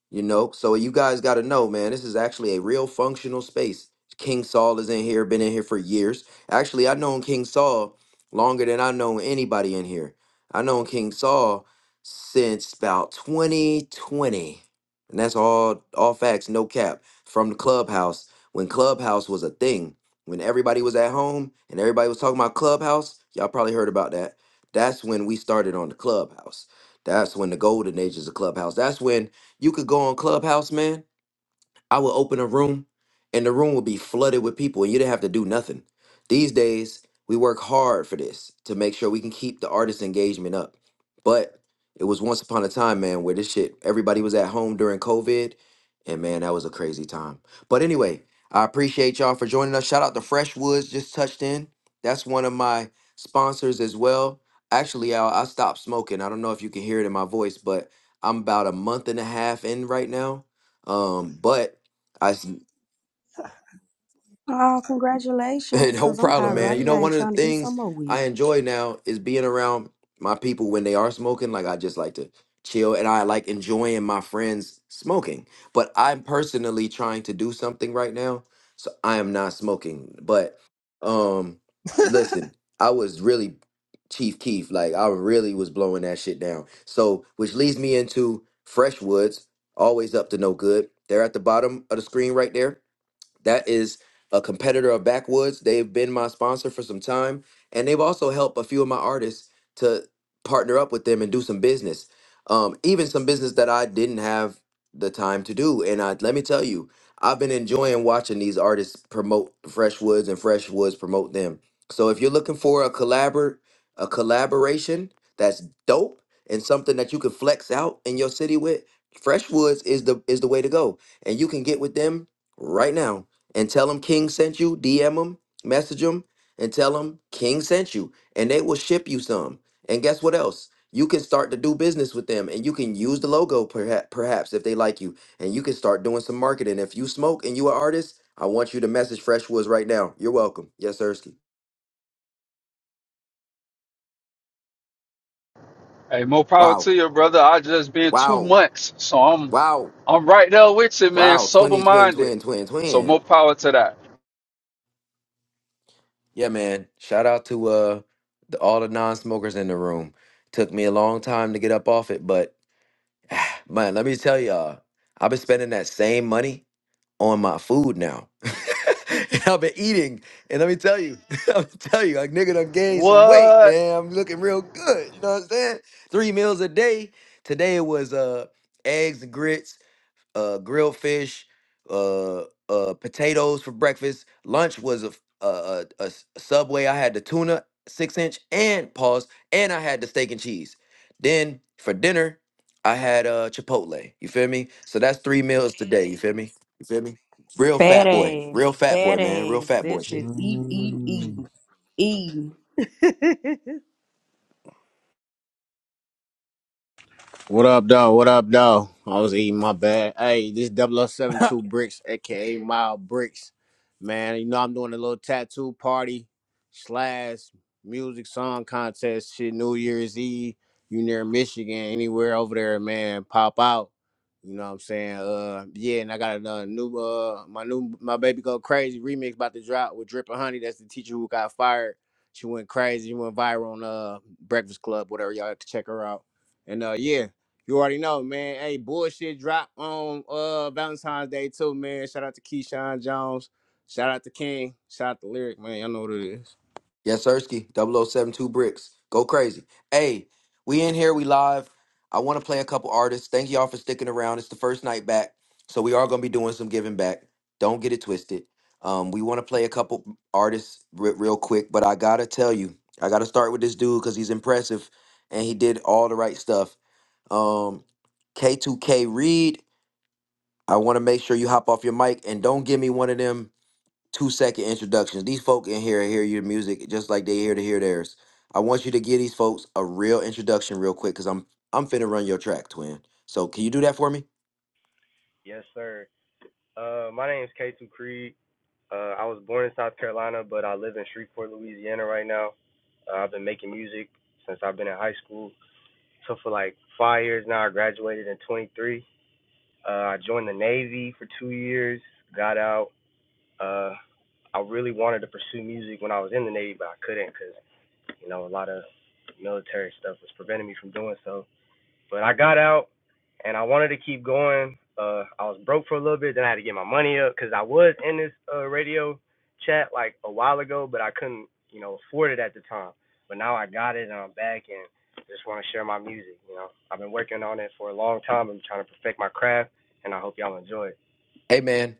[SPEAKER 1] You know, so you guys got to know, man, this is actually a real functional space. King Saul is in here, been in here for years. Actually, I've known King Saul longer than I've known anybody in here. I've known King Saul since about 2020. And that's all all facts, no cap, from the clubhouse when clubhouse was a thing. When everybody was at home and everybody was talking about clubhouse, y'all probably heard about that. That's when we started on the clubhouse. That's when the golden ages of clubhouse. That's when you could go on Clubhouse, man, I would open a room and the room would be flooded with people and you didn't have to do nothing. These days, we work hard for this to make sure we can keep the artist engagement up. But it was once upon a time, man, where this shit, everybody was at home during COVID. And man, that was a crazy time. But anyway, I appreciate y'all for joining us. Shout out to Fresh Woods, just touched in. That's one of my sponsors as well. Actually, i I stopped smoking. I don't know if you can hear it in my voice, but I'm about a month and a half in right now. Um, but I s-
[SPEAKER 14] Oh, congratulations,
[SPEAKER 1] no
[SPEAKER 14] because I'm high
[SPEAKER 1] problem,
[SPEAKER 19] Oh
[SPEAKER 1] man.
[SPEAKER 14] right
[SPEAKER 19] yeah.
[SPEAKER 1] You know,
[SPEAKER 14] now and
[SPEAKER 1] one of the
[SPEAKER 14] trying to get some
[SPEAKER 1] things
[SPEAKER 14] more
[SPEAKER 1] I
[SPEAKER 14] weed.
[SPEAKER 1] enjoy now is being around my people when they are smoking. Like I just like to chill and I like enjoying my friends smoking. But I'm personally trying to do something right now. So I am not smoking. But um listen, I was really Chief Keef. Like I really was blowing that shit down. So which leads me into Freshwoods, always up to no good. They're at the bottom of the screen right there That is a competitor of Backwoods. They've been my sponsor for some time, and they've also helped a few of my artists to partner up with them and do some business, um, even some business that I didn't have the time to do. And I, let me tell you, I've been enjoying watching these artists promote Fresh Woods and Fresh Woods promote them. So if you're looking for a collabor a collaboration that's dope and something that you can flex out in your city with, Fresh Woods is the is the way to go, and you can get with them right now and tell them King sent you, DM them, message them, and tell them King sent you, and they will ship you some. And guess what else? You can start to do business with them, and you can use the logo perhaps, perhaps if they like you, and you can start doing some marketing. If you smoke and you are artist, I want you to message Fresh Woods right now. You're welcome. Yes, Ersky.
[SPEAKER 24] Hey, more power to
[SPEAKER 1] Wow,
[SPEAKER 24] you, brother. I just been two
[SPEAKER 1] wow,
[SPEAKER 24] months, so I'm
[SPEAKER 1] wow,
[SPEAKER 24] I'm right there with you, man.
[SPEAKER 1] wow.
[SPEAKER 24] Sober
[SPEAKER 1] Twenty twin
[SPEAKER 24] minded.
[SPEAKER 1] twin twin
[SPEAKER 24] So more
[SPEAKER 1] twin.
[SPEAKER 24] power to that.
[SPEAKER 1] Yeah, man. Shout out to uh the, all the non-smokers in the room. Took me a long time to get up off it, but Man, let me tell y'all, I've been spending that same money on my food now. and I've been eating, and let me tell you, I'll tell you, like nigga done gained some weight,
[SPEAKER 24] What?
[SPEAKER 1] man. I'm looking real good. You know what I'm saying? Three meals a day. Today it was uh eggs and grits, uh, grilled fish, uh, uh, potatoes for breakfast. Lunch was a, f- a, a- a s- a Subway. I had the tuna six inch and pause, and I had the steak and cheese. Then for dinner, I had uh, Chipotle. You feel me? So that's three meals today. You feel me? You feel me? Real
[SPEAKER 14] Fat
[SPEAKER 1] fat boy,
[SPEAKER 14] ass,
[SPEAKER 1] real fat
[SPEAKER 14] fat
[SPEAKER 1] boy, man, real
[SPEAKER 14] ass.
[SPEAKER 1] fat boy
[SPEAKER 14] This
[SPEAKER 1] shit.
[SPEAKER 14] shit eat, eat, eat,
[SPEAKER 19] Mm.
[SPEAKER 14] eat.
[SPEAKER 25] What up, though? What up, though? I was eating my bad. Hey, this 0072 Bricks, aka Mild Bricks. Man, you know I'm doing a little tattoo party slash music song contest shit New Year's Eve. You near Michigan, anywhere over there, man, pop out. You know what I'm saying? Uh yeah, and I got another new uh my new my baby go crazy remix about to drop with Drippin' Honey. That's the teacher who got fired. She went crazy, she went viral on uh Breakfast Club, whatever. Y'all have to check her out. And uh yeah. You already know, man. Hey, bullshit drop on uh Valentine's Day too, man. Shout out to Keyshawn Jones. Shout out to King. Shout out to Lyric, man. Y'all know what it is.
[SPEAKER 1] Yes, Ersky, Double O Seven Two Bricks. Go crazy. Hey, we in here, we live. I want to play a couple artists. Thank y'all for sticking around. It's the first night back, so we are going to be doing some giving back. Don't get it twisted. Um, we want to play a couple artists re- real quick, but I got to tell you, I got to start with this dude because he's impressive and he did all the right stuff. Um, K2K Reed, I want to make sure you hop off your mic and don't give me one of them two second introductions. These folk in here hear your music just like they here to hear theirs. I want you to give these folks a real introduction real quick because I'm I'm finna run your track, twin. So can you do that for me?
[SPEAKER 18] Yes, sir. Uh, my name is K2 Creed. Uh, I was born in South Carolina, but I live in Shreveport, Louisiana right now. Uh, I've been making music since I've been in high school. So for like five years now, I graduated in 23. Uh, I joined the Navy for two years, got out. Uh, I really wanted to pursue music when I was in the Navy, but I couldn't because You know, a lot of military stuff was preventing me from doing so. But I got out and I wanted to keep going. Uh, I was broke for a little bit, then I had to get my money up because I was in this uh, radio chat like a while ago, but I couldn't, you know, afford it at the time. But now I got it and I'm back and just want to share my music. You know, I've been working on it for a long time. I'm trying to perfect my craft, and I hope y'all enjoy it.
[SPEAKER 1] Hey man,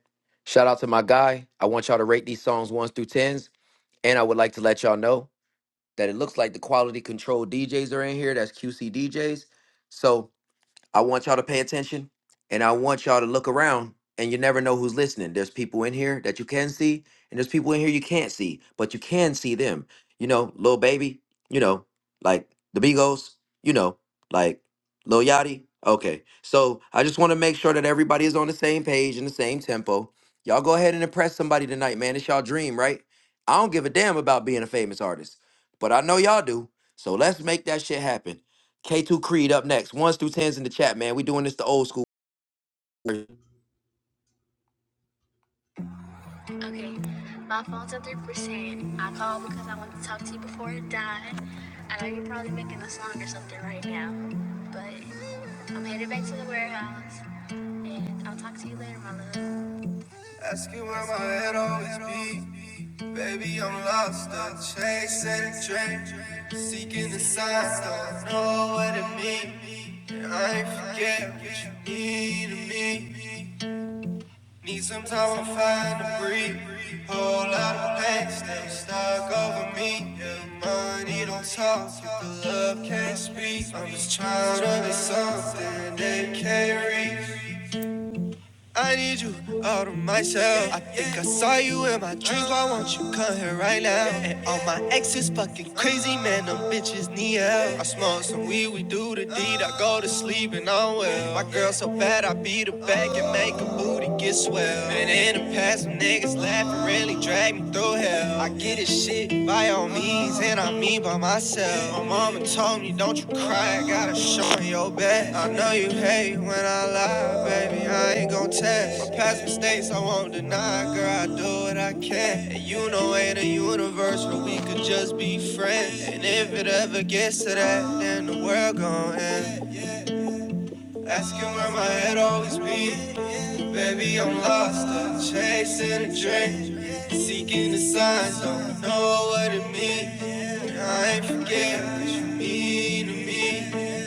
[SPEAKER 1] shout out to my guy. I want y'all to rate these songs ones through tens, and I would like to let y'all know that it looks like the quality control DJs are in here. That's QC DJs. So I want y'all to pay attention and I want y'all to look around and you never know who's listening. There's people in here that you can see and there's people in here you can't see, but you can see them. You know, Lil Baby, you know, like the Beagles, you know, like Lil Yachty. Okay. So I just want to make sure that everybody is on the same page and the same tempo. Y'all go ahead and impress somebody tonight, man. It's y'all dream, right? I don't give a damn about being a famous artist, but I know y'all do. So let's make that shit happen. K2 Creed up next. Ones through tens in the chat, man. We doing this the old school. version. Ask you where my head always be. Baby, I'm lost, I'm chasing a dream. Seeking the signs, don't know what it means. I ain't forget what you mean to me. Need some time to find to breathe. Whole lot of pain still stuck over me. Yeah, money don't talk if the love can't speak. I'm just trying to be something they can't reach. I need you out of myself. I think I saw you in my dreams. Why won't you come here right now? And all my exes fucking crazy, man. Them bitches need help. I smoke some weed, we do the deed. I go to sleep and I'm well. My girl so bad, I beat her back and make her booty get swell. And in the past, some niggas laugh and really drag me through hell. I get this shit it by all means, and I mean by myself. My mama told me, don't you cry, I gotta show in your bed. I know you hate when I lie, baby, I ain't gon' test. My past mistakes I won't deny, girl, I do what I can. And you know ain't a universe where we could just be friends. And if it ever gets to that, then the world gon' end. Asking where my head always be. Baby, I'm lost. I'm chasing a dream. Seeking the signs, don't know what it means. I ain't forget what you mean to me.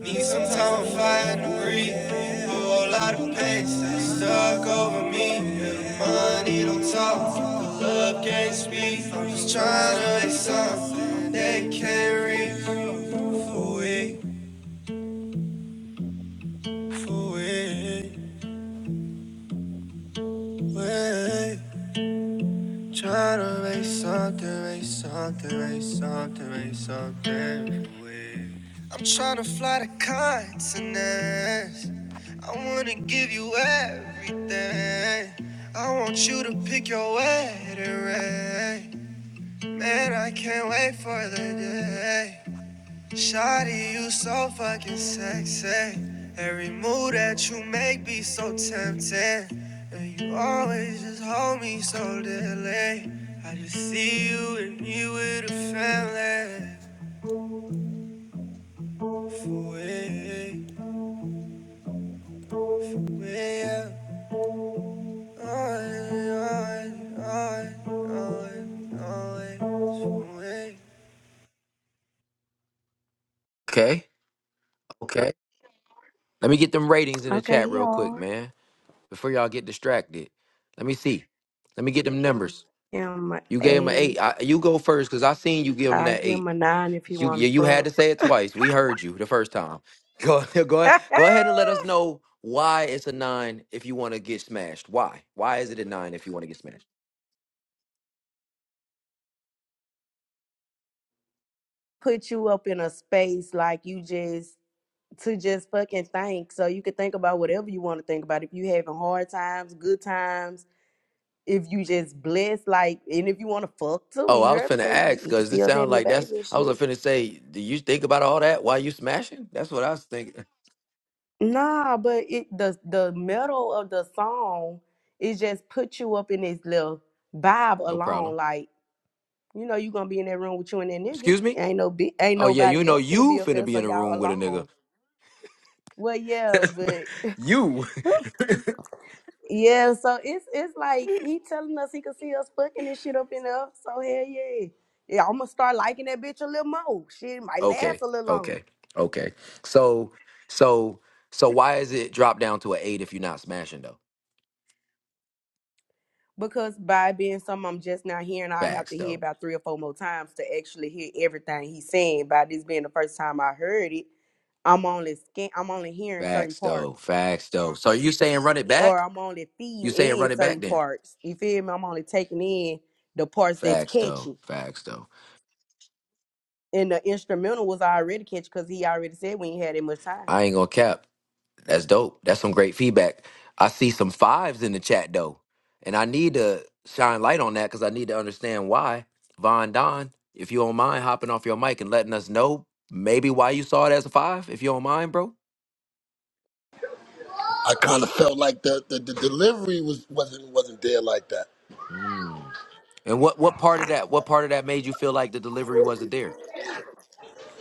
[SPEAKER 1] Need some time, I'm fighting to breathe. A whole lot of pain still stuck over me. Yeah, money don't talk, the love can't speak. I'm just trying to make something they can't reach. For it, for it. Wait, try to raise something, raise something, raise something, raise something. Wait, I'm trying to fly to continents. I wanna give you everything. I want you to pick your wedding ring. Man, I can't wait for the day. Shawty, you so fucking sexy. Every move that you make be so tempting. And you always just hold me so dearly. I just see you and me with a family. For way, way up. On, on, on, on, on. Okay, okay. Let me get them ratings in the
[SPEAKER 14] Okay,
[SPEAKER 1] chat
[SPEAKER 14] he
[SPEAKER 1] real quick,
[SPEAKER 14] hard.
[SPEAKER 1] man. Before y'all get distracted. Let me see. Let me get them numbers.
[SPEAKER 14] Give him a
[SPEAKER 1] You gave him an
[SPEAKER 14] eight.
[SPEAKER 1] eight. I, you go first because I seen you give him
[SPEAKER 14] I
[SPEAKER 1] that
[SPEAKER 14] give him
[SPEAKER 1] eight.
[SPEAKER 14] a nine if he
[SPEAKER 1] You
[SPEAKER 14] want
[SPEAKER 1] you you had
[SPEAKER 14] to
[SPEAKER 1] to say it twice. We heard you the first time. Go go ahead,
[SPEAKER 14] fuck.
[SPEAKER 1] go ahead and let us know why it's a nine if you want to get smashed. Why why is it a nine if you want to get smashed?
[SPEAKER 14] Put you up in a space like you just to just fucking think, so you could think about whatever you want to think about. If you having hard times, good times, if you just blessed, like, and if you want to fuck too,
[SPEAKER 1] Oh,
[SPEAKER 14] you
[SPEAKER 1] I was
[SPEAKER 14] heard him
[SPEAKER 1] finna
[SPEAKER 14] say he,
[SPEAKER 1] ask
[SPEAKER 14] he could
[SPEAKER 1] because
[SPEAKER 14] see
[SPEAKER 1] this
[SPEAKER 14] us
[SPEAKER 1] sounds
[SPEAKER 14] having a
[SPEAKER 1] like
[SPEAKER 14] baby
[SPEAKER 1] that's.
[SPEAKER 14] and
[SPEAKER 1] I was
[SPEAKER 14] shit.
[SPEAKER 1] finna say, do you think about all that while you smashing? That's what I was thinking.
[SPEAKER 14] Nah, but it the the middle of the song it just put you up in this little vibe
[SPEAKER 1] No problem.
[SPEAKER 14] alone, like. You know you gonna be in that room with you and that nigga.
[SPEAKER 1] Excuse me.
[SPEAKER 14] Ain't no be, ain't
[SPEAKER 1] Oh yeah, you
[SPEAKER 14] nobody
[SPEAKER 1] know
[SPEAKER 14] else gonna be
[SPEAKER 1] you
[SPEAKER 14] up
[SPEAKER 1] finna
[SPEAKER 14] there,
[SPEAKER 1] be
[SPEAKER 14] so
[SPEAKER 1] in a
[SPEAKER 14] y'all
[SPEAKER 1] room with a
[SPEAKER 14] alone. Well, yeah,
[SPEAKER 1] nigga.
[SPEAKER 14] but
[SPEAKER 1] you.
[SPEAKER 14] yeah, so it's it's like he telling us he could see us fucking this shit up in there. So hell yeah, yeah, I'm gonna start liking that bitch a little more. Shit might
[SPEAKER 1] Okay.
[SPEAKER 14] last a little longer
[SPEAKER 1] Okay. Okay. So so so why is it drop down to an eight if you're not smashing though?
[SPEAKER 14] because by being something I'm just now hearing, I have
[SPEAKER 1] Facts
[SPEAKER 14] to hear
[SPEAKER 1] though.
[SPEAKER 14] about three or four more times to actually hear everything he's saying. By this being the first time I heard it, I'm only scan- I'm only hearing certain
[SPEAKER 1] Facts though.
[SPEAKER 14] parts.
[SPEAKER 1] Facts though. So you saying run it
[SPEAKER 14] or
[SPEAKER 1] back?
[SPEAKER 14] I'm only
[SPEAKER 1] You
[SPEAKER 14] feeding
[SPEAKER 1] saying
[SPEAKER 14] in
[SPEAKER 1] run it
[SPEAKER 14] certain
[SPEAKER 1] back then?
[SPEAKER 14] parts. You feel me? I'm only taking in the parts that's
[SPEAKER 1] Facts though.
[SPEAKER 14] catchy.
[SPEAKER 1] Facts though.
[SPEAKER 14] And the instrumental was already catchy because he already said we ain't had that much time.
[SPEAKER 1] I ain't gonna cap. That's dope. That's some great feedback. I see some fives in the chat though. And I need to shine light on that because I need to understand why. Von Don, if you don't mind hopping off your mic and letting us know maybe why you saw it as a five, if you don't mind, bro.
[SPEAKER 26] I kind of felt like the, the, the delivery was wasn't wasn't there like that.
[SPEAKER 1] And what what part of that? What part of that made you feel like the delivery wasn't there?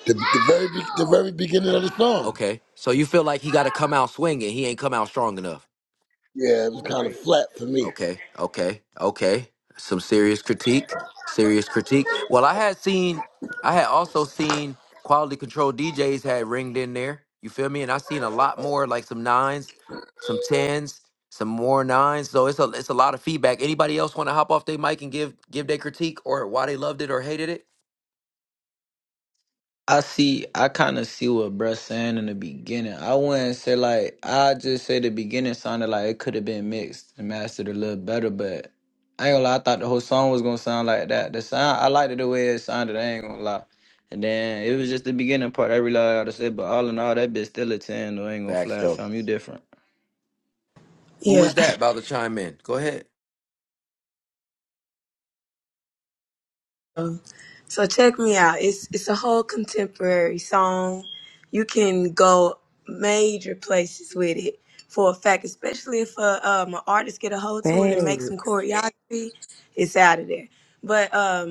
[SPEAKER 26] The, the very be, the very beginning of the song,
[SPEAKER 1] Okay, so you feel like he got to come out swinging. He ain't come out strong enough.
[SPEAKER 26] yeah, it was kind of
[SPEAKER 14] Right.
[SPEAKER 26] flat for me.
[SPEAKER 1] Okay, okay, okay. Some serious critique. Serious critique. Well, I had seen. I had also seen quality control DJs had ringed in there. You feel me? And I seen a lot more like some nines, some tens, some more nines. So it's a it's a lot of feedback. Anybody else want to hop off their mic and give give their critique or why they loved it or hated it?
[SPEAKER 20] I see, I kind of see what bruh saying in the beginning. I wouldn't say like, I just say the beginning sounded like it could have been mixed and mastered a little better, but I ain't gonna lie, I thought the whole song was gonna sound like that. The sound, I liked it the way it sounded, I ain't gonna lie. And then it was just the beginning part I realized how to say, but all in all, that bitch still a 10, though, I ain't gonna
[SPEAKER 1] Facts
[SPEAKER 20] fly,
[SPEAKER 1] though.
[SPEAKER 20] fam, you different.
[SPEAKER 1] Who
[SPEAKER 12] Yeah.
[SPEAKER 1] was that about to chime in? Go ahead.
[SPEAKER 12] Um, So check me out. It's it's a whole contemporary song. You can go major places with it for a fact, especially if uh, um, an artist get a hold to it and make some
[SPEAKER 14] Thanks.
[SPEAKER 12] choreography. It's out of there. But um,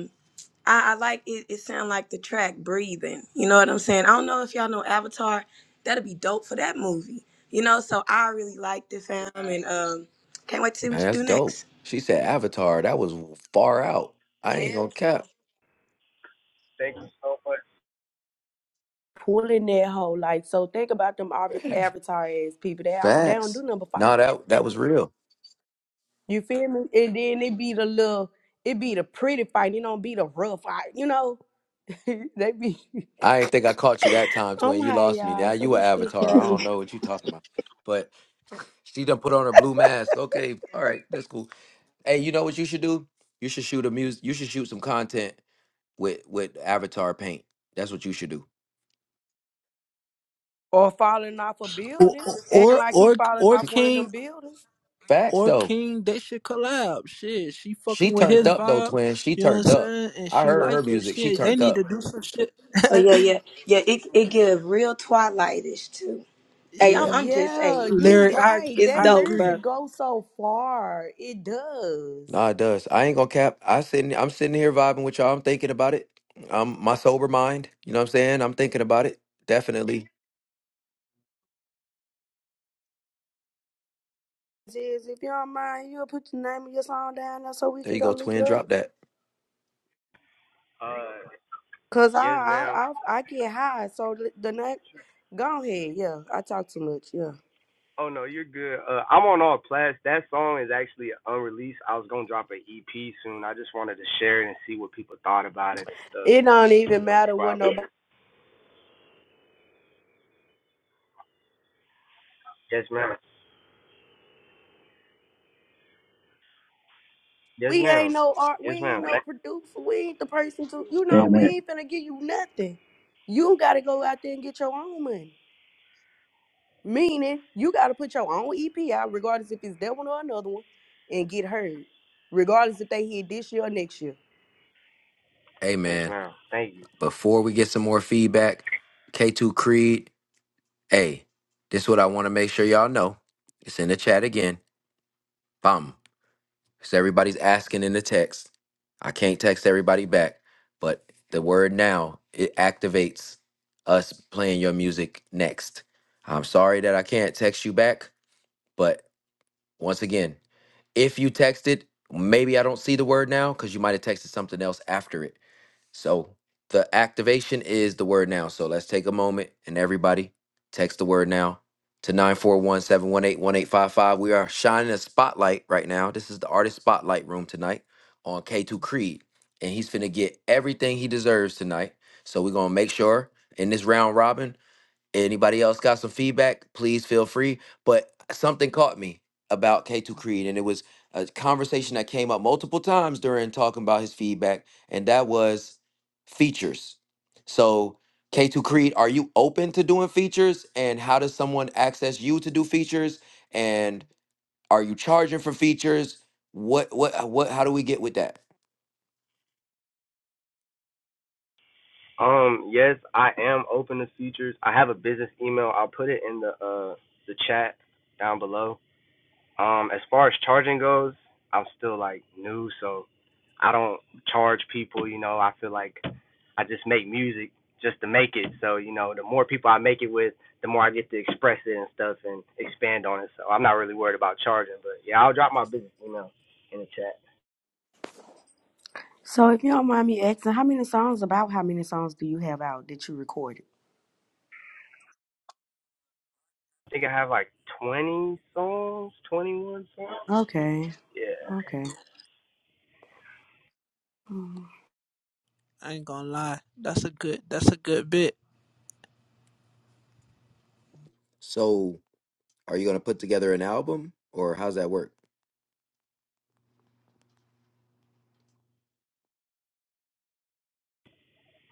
[SPEAKER 12] I, I like it. It sound like the track "Breathing." You know what I'm saying? I don't know if y'all know Avatar. That'd be dope for that movie. You know, so I really liked it, fam, and um, can't wait to see
[SPEAKER 1] Man,
[SPEAKER 12] what you
[SPEAKER 1] that's
[SPEAKER 12] do
[SPEAKER 1] dope.
[SPEAKER 12] next.
[SPEAKER 1] She said Avatar. That was far out. I ain't gonna cap.
[SPEAKER 18] Thank you so much.
[SPEAKER 14] Pulling that whole like so. Think about them av- avatar ass people. They out, they don't do
[SPEAKER 1] Facts.
[SPEAKER 14] nothing but fight.
[SPEAKER 1] No, that that was real.
[SPEAKER 14] You feel me? And then it be the little, it be the pretty fight. It don't be the rough fight. You know, they be.
[SPEAKER 1] I ain't think I caught you that time,
[SPEAKER 14] I'm
[SPEAKER 1] twin. You
[SPEAKER 14] high,
[SPEAKER 1] lost me.
[SPEAKER 14] y'all.
[SPEAKER 1] Now
[SPEAKER 14] So
[SPEAKER 1] you a
[SPEAKER 14] this shit
[SPEAKER 1] Avatar. I
[SPEAKER 14] funny.
[SPEAKER 1] don't know what you talking about. But she done put on her blue mask. Okay, all right, that's cool. Hey, you know what you should do? You should shoot a music. You should shoot some content with with Avatar paint. That's what you should do.
[SPEAKER 14] Or falling off a
[SPEAKER 27] or
[SPEAKER 14] building, acting
[SPEAKER 27] or
[SPEAKER 14] like he
[SPEAKER 27] or
[SPEAKER 14] falling
[SPEAKER 27] or
[SPEAKER 14] off one of them
[SPEAKER 27] King
[SPEAKER 14] buildings.
[SPEAKER 1] Facts
[SPEAKER 27] or
[SPEAKER 1] though.
[SPEAKER 27] King, they should collab. Shit, she
[SPEAKER 1] She
[SPEAKER 27] fucking with
[SPEAKER 1] turned
[SPEAKER 27] his
[SPEAKER 1] up though,
[SPEAKER 27] vibe.
[SPEAKER 1] twin. She
[SPEAKER 27] You know what
[SPEAKER 1] turned
[SPEAKER 27] I'm
[SPEAKER 1] up.
[SPEAKER 27] saying? And
[SPEAKER 1] I
[SPEAKER 27] she
[SPEAKER 1] heard her
[SPEAKER 27] like it.
[SPEAKER 1] music. She
[SPEAKER 27] Shit, they
[SPEAKER 1] turned
[SPEAKER 27] need
[SPEAKER 1] up.
[SPEAKER 27] to do some shit.
[SPEAKER 12] Oh yeah, yeah, yeah. It it give real Twilightish too. Hey, I'm,
[SPEAKER 27] yeah,
[SPEAKER 12] I'm just
[SPEAKER 14] Yeah,
[SPEAKER 12] hey, it's
[SPEAKER 14] you
[SPEAKER 27] Lyric,
[SPEAKER 12] it's
[SPEAKER 27] I
[SPEAKER 14] right.
[SPEAKER 12] it's
[SPEAKER 14] That
[SPEAKER 27] I
[SPEAKER 12] dope,
[SPEAKER 27] agree.
[SPEAKER 12] bro.
[SPEAKER 14] music goes so far. It does.
[SPEAKER 1] Nah, it does. I ain't gonna cap. I sitting I'm sitting here vibing with y'all. I'm thinking about it. Um my sober mind. You know what I'm saying? I'm thinking about it. Definitely.
[SPEAKER 14] Jizz, if you don't mind, you'll put the name of your song down there so we
[SPEAKER 1] There
[SPEAKER 14] can
[SPEAKER 1] you
[SPEAKER 14] go
[SPEAKER 1] go,
[SPEAKER 14] look it
[SPEAKER 1] twin.
[SPEAKER 14] up.
[SPEAKER 1] Drop that.
[SPEAKER 18] Uh,
[SPEAKER 14] Cause I
[SPEAKER 18] yes,
[SPEAKER 14] I
[SPEAKER 18] ma'am.
[SPEAKER 14] I, I get high, so the the name. Go ahead, yeah. I talk too much, yeah.
[SPEAKER 18] Oh no, you're good. Uh, I'm on all plats. That song is actually unreleased. I was gonna drop an EP soon. I just wanted to share it and see what people thought about it and
[SPEAKER 14] It
[SPEAKER 18] stuff.
[SPEAKER 14] don't even
[SPEAKER 18] You know,
[SPEAKER 14] matter
[SPEAKER 18] before I
[SPEAKER 14] what nobody.
[SPEAKER 18] yes, ma'am. Yes,
[SPEAKER 14] We ain't
[SPEAKER 18] ma'am.
[SPEAKER 14] no art.
[SPEAKER 18] Yes,
[SPEAKER 14] We
[SPEAKER 18] ma'am.
[SPEAKER 14] ain't no
[SPEAKER 18] Thank,
[SPEAKER 14] producer. We ain't the person to. You know, we
[SPEAKER 28] Amen.
[SPEAKER 14] ain't finna give you nothing. You gotta go out there and get your own money. Meaning you got to put your own EP out, regardless if it's that one or another one, and get heard, regardless if they hit this year or next year.
[SPEAKER 1] Hey
[SPEAKER 18] yes,
[SPEAKER 1] man,
[SPEAKER 18] ma'am. Thank you.
[SPEAKER 1] before we get some more feedback, K2 Creed, hey, this is what I wanna make sure y'all know. It's in the chat again. Bum. Because everybody's asking in the text. I can't text everybody back, but the word now, it activates us playing your music next. I'm sorry that I can't text you back But once again, if you texted, maybe I don't see the word now because you might have texted something else after it. So the activation is the word now. So let's take a moment and everybody text the word now to 941 718 1855. We are shining a spotlight right now. This is the artist spotlight room tonight on K2 Creed. And he's finna get everything he deserves tonight. So we're gonna make sure in this round robin Anybody else got some feedback? Please feel free. But something caught me about K2 Creed, and it was a conversation that came up multiple times during talking about his feedback, and that was features. So, K2 Creed, are you open to doing features? And how does someone access you to do features? And are you charging for features? What, what, what, how do we get with that?
[SPEAKER 18] Um, yes, I am open to features. I have a business email. I'll put it in the uh the chat down below. Um, as far as charging goes, I'm still like new, so I don't charge people. You know, I feel like I just make music just to make it. So you know, the more people I make it with, the more I get to express it and stuff and expand on it. So I'm not really worried about charging, but yeah, I'll drop my business email in the chat.
[SPEAKER 14] So if you don't mind me asking, how many songs about how many songs do you have out that you recorded?
[SPEAKER 18] I think I have like 20 songs, 21 songs.
[SPEAKER 14] Okay,
[SPEAKER 18] Yeah.
[SPEAKER 14] okay. Mm.
[SPEAKER 27] I ain't gonna lie. That's a good. That's a good bit.
[SPEAKER 1] So, are you going to put together an album, or how's that work?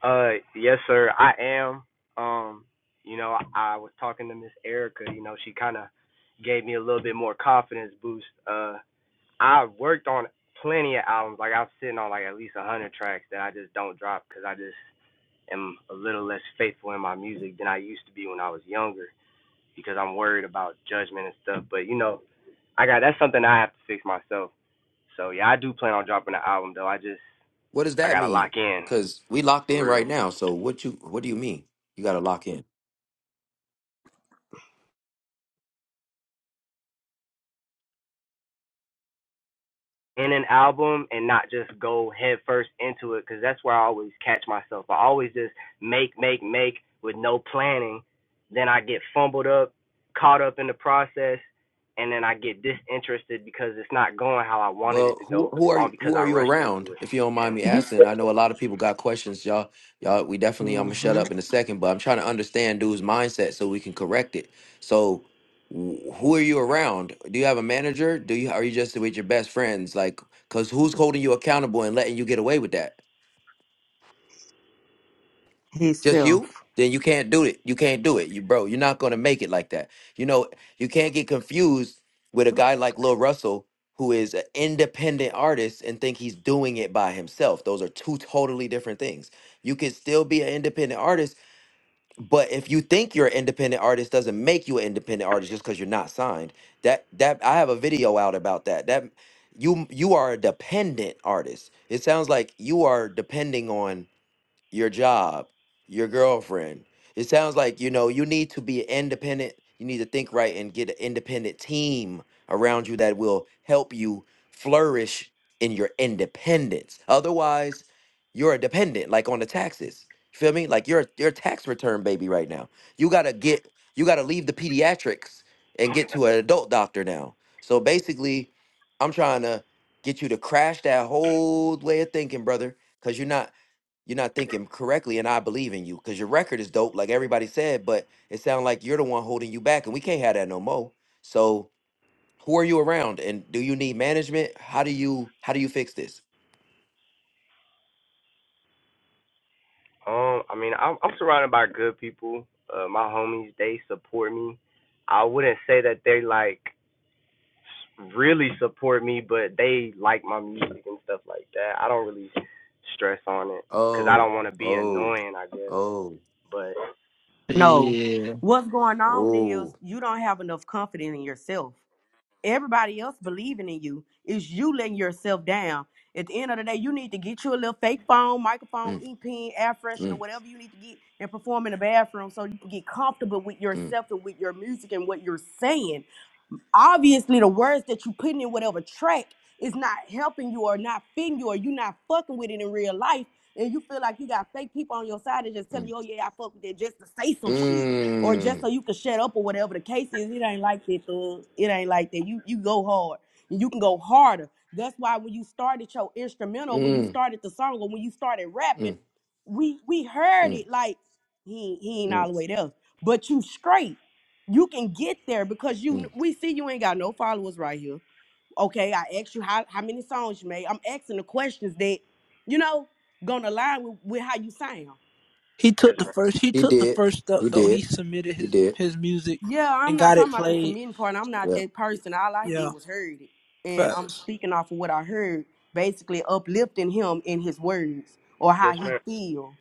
[SPEAKER 18] Uh, yes, sir. I am. Um, you know, I, I was talking to Miss Erica. You know, she kind of gave me a little bit more confidence boost. Uh, I worked on plenty of albums. Like I'm sitting on like at least a hundred tracks that I just don't drop because I just am a little less faithful in my music than I used to be when I was younger because I'm worried about judgment and stuff. But you know, I got that's something I have to fix myself. So yeah, I do plan on dropping an album though. I just
[SPEAKER 1] What does
[SPEAKER 18] I
[SPEAKER 1] that
[SPEAKER 18] gotta lock
[SPEAKER 1] mean?
[SPEAKER 18] in
[SPEAKER 1] Because we locked
[SPEAKER 18] for
[SPEAKER 1] in
[SPEAKER 18] real.
[SPEAKER 1] right now. So what you what do you mean? You got to lock in.
[SPEAKER 18] in an album and not just go head first into it because that's where I always catch myself. I always just make, make, make with no planning. Then I get fumbled up, caught up in the process, and then I get disinterested because it's not going how I wanted it to
[SPEAKER 1] Well, who
[SPEAKER 18] go,
[SPEAKER 1] who are
[SPEAKER 18] all
[SPEAKER 1] you,
[SPEAKER 18] because
[SPEAKER 1] who are
[SPEAKER 18] I
[SPEAKER 1] you
[SPEAKER 18] rushed
[SPEAKER 1] around?
[SPEAKER 18] into it.
[SPEAKER 1] If you don't
[SPEAKER 18] And
[SPEAKER 1] mind me
[SPEAKER 14] You
[SPEAKER 1] asking, I know a lot of people got questions, y'all. Y'all, we definitely. I'm gonna shut
[SPEAKER 14] hmm
[SPEAKER 1] up in a second, but I'm trying to understand dude's mindset so we can correct it. So, wh- who are you around? Do you have a manager? Do you are you just with your best friends? Like, cause who's holding you accountable and letting you get away with that? just you,
[SPEAKER 14] Himself.
[SPEAKER 1] then you can't do it. You can't do it. You bro, you're not gonna make it like that. You know, you can't get confused with a guy like Lil Russell, who is an independent artist and think he's doing it by himself. Those are two totally different things. You can still be an independent artist, but if you think you're an independent artist, doesn't make you an independent artist just because you're not signed. That that I have a video out about that. That you you are a dependent artist. It sounds like you are depending on your job, your girlfriend. It sounds like you know you need to be independent. You need to think right and get an independent team around you that will help you flourish in your independence. Otherwise, you're a dependent, like on the taxes. feel me? Like you're you're a tax return baby right now. You gotta get you gotta leave the pediatrics and get to an adult doctor now. So basically, I'm trying to get you to crash that whole way of thinking, brother, because you're not you're not thinking correctly and i believe in you because your record is dope like everybody said but it sounds like you're the one holding you back and we can't have that no more so who are you around and do you need management how do you how do you fix this
[SPEAKER 18] um, I mean, I'm, I'm surrounded by good people. Uh, my homies, they support me. I wouldn't say that they like really support me, but they like my music and stuff like that. I don't really stress on it because I
[SPEAKER 1] oh
[SPEAKER 18] don't want to be
[SPEAKER 1] oh
[SPEAKER 18] annoying, I guess.
[SPEAKER 1] oh
[SPEAKER 18] But
[SPEAKER 14] No.
[SPEAKER 20] Yeah.
[SPEAKER 14] What's going on is
[SPEAKER 1] oh
[SPEAKER 14] you don't have enough confidence in yourself. Everybody else believing in you. It's you letting yourself down. At the end of the day, you need to get you a little fake phone, microphone,
[SPEAKER 1] mm,
[SPEAKER 14] ink pen, air
[SPEAKER 1] mm.
[SPEAKER 14] freshener, whatever you need to get and perform in the bathroom so you can get comfortable with
[SPEAKER 1] mm,
[SPEAKER 14] yourself and with your music and what you're saying obviously the words that you putting in whatever track is not helping you or not fitting you or you not fucking with it in real life and you feel like you got fake people on your side that just tell
[SPEAKER 1] mm,
[SPEAKER 14] you, oh yeah, I fuck with it just to say some shit. Or just so
[SPEAKER 1] mm,
[SPEAKER 14] you can shut up or whatever the case is. It ain't like that, thug. It ain't like that. You you go hard. And you can go harder. That's why when you started your instrumental, when you
[SPEAKER 1] mm,
[SPEAKER 14] started the song, or when you started rapping,
[SPEAKER 1] mm,
[SPEAKER 14] we we heard
[SPEAKER 1] mm,
[SPEAKER 14] it like he he ain't all
[SPEAKER 1] mm,
[SPEAKER 14] the way there. But you straight you can get there because you
[SPEAKER 1] mm.
[SPEAKER 14] we see you ain't got no followers right here. Okay, I asked you how, how many songs you made. I'm asking the questions that, you know, gonna align with, with how you sound.
[SPEAKER 27] He
[SPEAKER 18] yes,
[SPEAKER 27] took the
[SPEAKER 18] ma-
[SPEAKER 27] first. He
[SPEAKER 1] He
[SPEAKER 27] took the
[SPEAKER 1] did.
[SPEAKER 27] first step
[SPEAKER 1] He
[SPEAKER 27] though. He
[SPEAKER 1] did.
[SPEAKER 27] submitted
[SPEAKER 1] He
[SPEAKER 27] his
[SPEAKER 1] did.
[SPEAKER 27] his music
[SPEAKER 14] Yeah, I'm
[SPEAKER 27] and
[SPEAKER 14] not
[SPEAKER 27] got it
[SPEAKER 14] talking about the
[SPEAKER 27] played.
[SPEAKER 14] submitting part. I'm not that
[SPEAKER 1] Yeah.
[SPEAKER 14] person. All I did
[SPEAKER 27] Yeah,
[SPEAKER 14] was heard it. And I'm
[SPEAKER 27] facts.
[SPEAKER 14] speaking off of what I heard, basically uplifting him in his words or
[SPEAKER 18] yes,
[SPEAKER 14] how he
[SPEAKER 18] ma'am.
[SPEAKER 14] feel.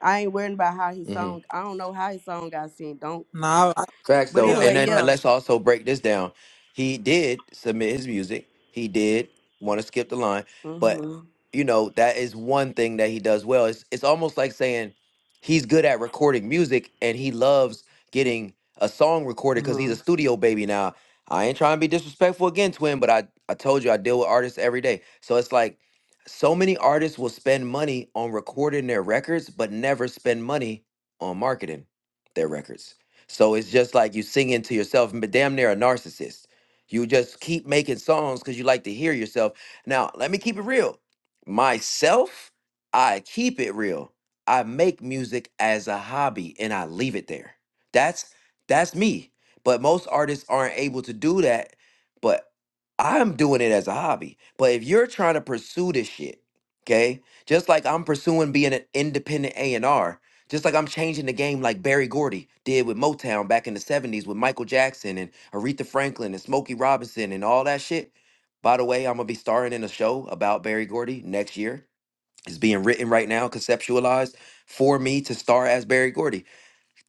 [SPEAKER 14] I ain't worrying about how his song I don't know how his song got sent, don't
[SPEAKER 27] Nah, I, I-
[SPEAKER 1] Facts
[SPEAKER 14] but
[SPEAKER 1] though,
[SPEAKER 27] yeah,
[SPEAKER 1] and
[SPEAKER 14] anyway,
[SPEAKER 1] then and
[SPEAKER 14] yeah.
[SPEAKER 1] let's
[SPEAKER 27] facts.
[SPEAKER 1] also break this down. He did submit his music. He did want to skip the line, but
[SPEAKER 14] hmm
[SPEAKER 1] you know that is one thing that he does well. It's it's almost like saying he's good at recording music and he loves getting a song recorded because he's
[SPEAKER 14] hmm
[SPEAKER 1] a studio baby now. I ain't trying to be disrespectful again, twin, but I I told you I deal with artists every day, so it's like so many artists will spend money on recording their records, but never spend money on marketing their records. So it's just like you singing to yourself, but damn near a narcissist. You just keep making songs because you like to hear yourself. Now, let me keep it real. Myself, I keep it real. I make music as a hobby and I leave it there. That's that's me. But most artists aren't able to do that. But I'm doing it as a hobby. But if you're trying to pursue this shit, okay, just like I'm pursuing being an independent A and R, just like I'm changing the game like Barry Gordy did with Motown back in the 70s with Michael Jackson and Aretha Franklin and Smokey Robinson and all that shit. By the way, I'm gonna be starring in a show about Barry Gordy next year. It's being written right now, conceptualized for me to star as Barry Gordy.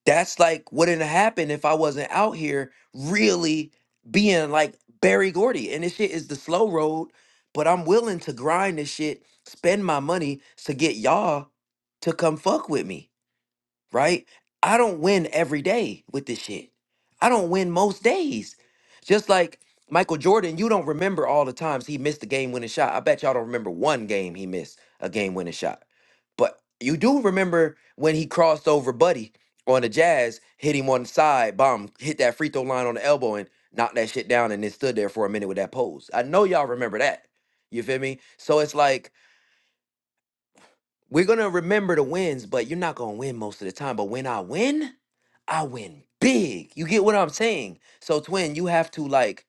[SPEAKER 1] That's like wouldn't happen if I wasn't out here really being like Barry Gordy. And this shit is the slow road, but I'm willing to grind this shit, spend my money to get y'all to come fuck with me right? I don't win every day with this shit. I don't win most days. Just like Michael Jordan, you don't remember all the times he missed a game winning shot. I bet y'all don't remember one game he missed a game winning shot. But you do remember when he crossed over Buddy on the Jazz, hit him on the side, bomb, hit that free throw line on the elbow and knocked that shit down and then stood there for a minute with that pose. I know y'all remember that. You feel me? So it's like we're gonna remember the wins, but you're not gonna win most of the time. But when I win, I win big. You get what I'm saying? So, twin, you have to like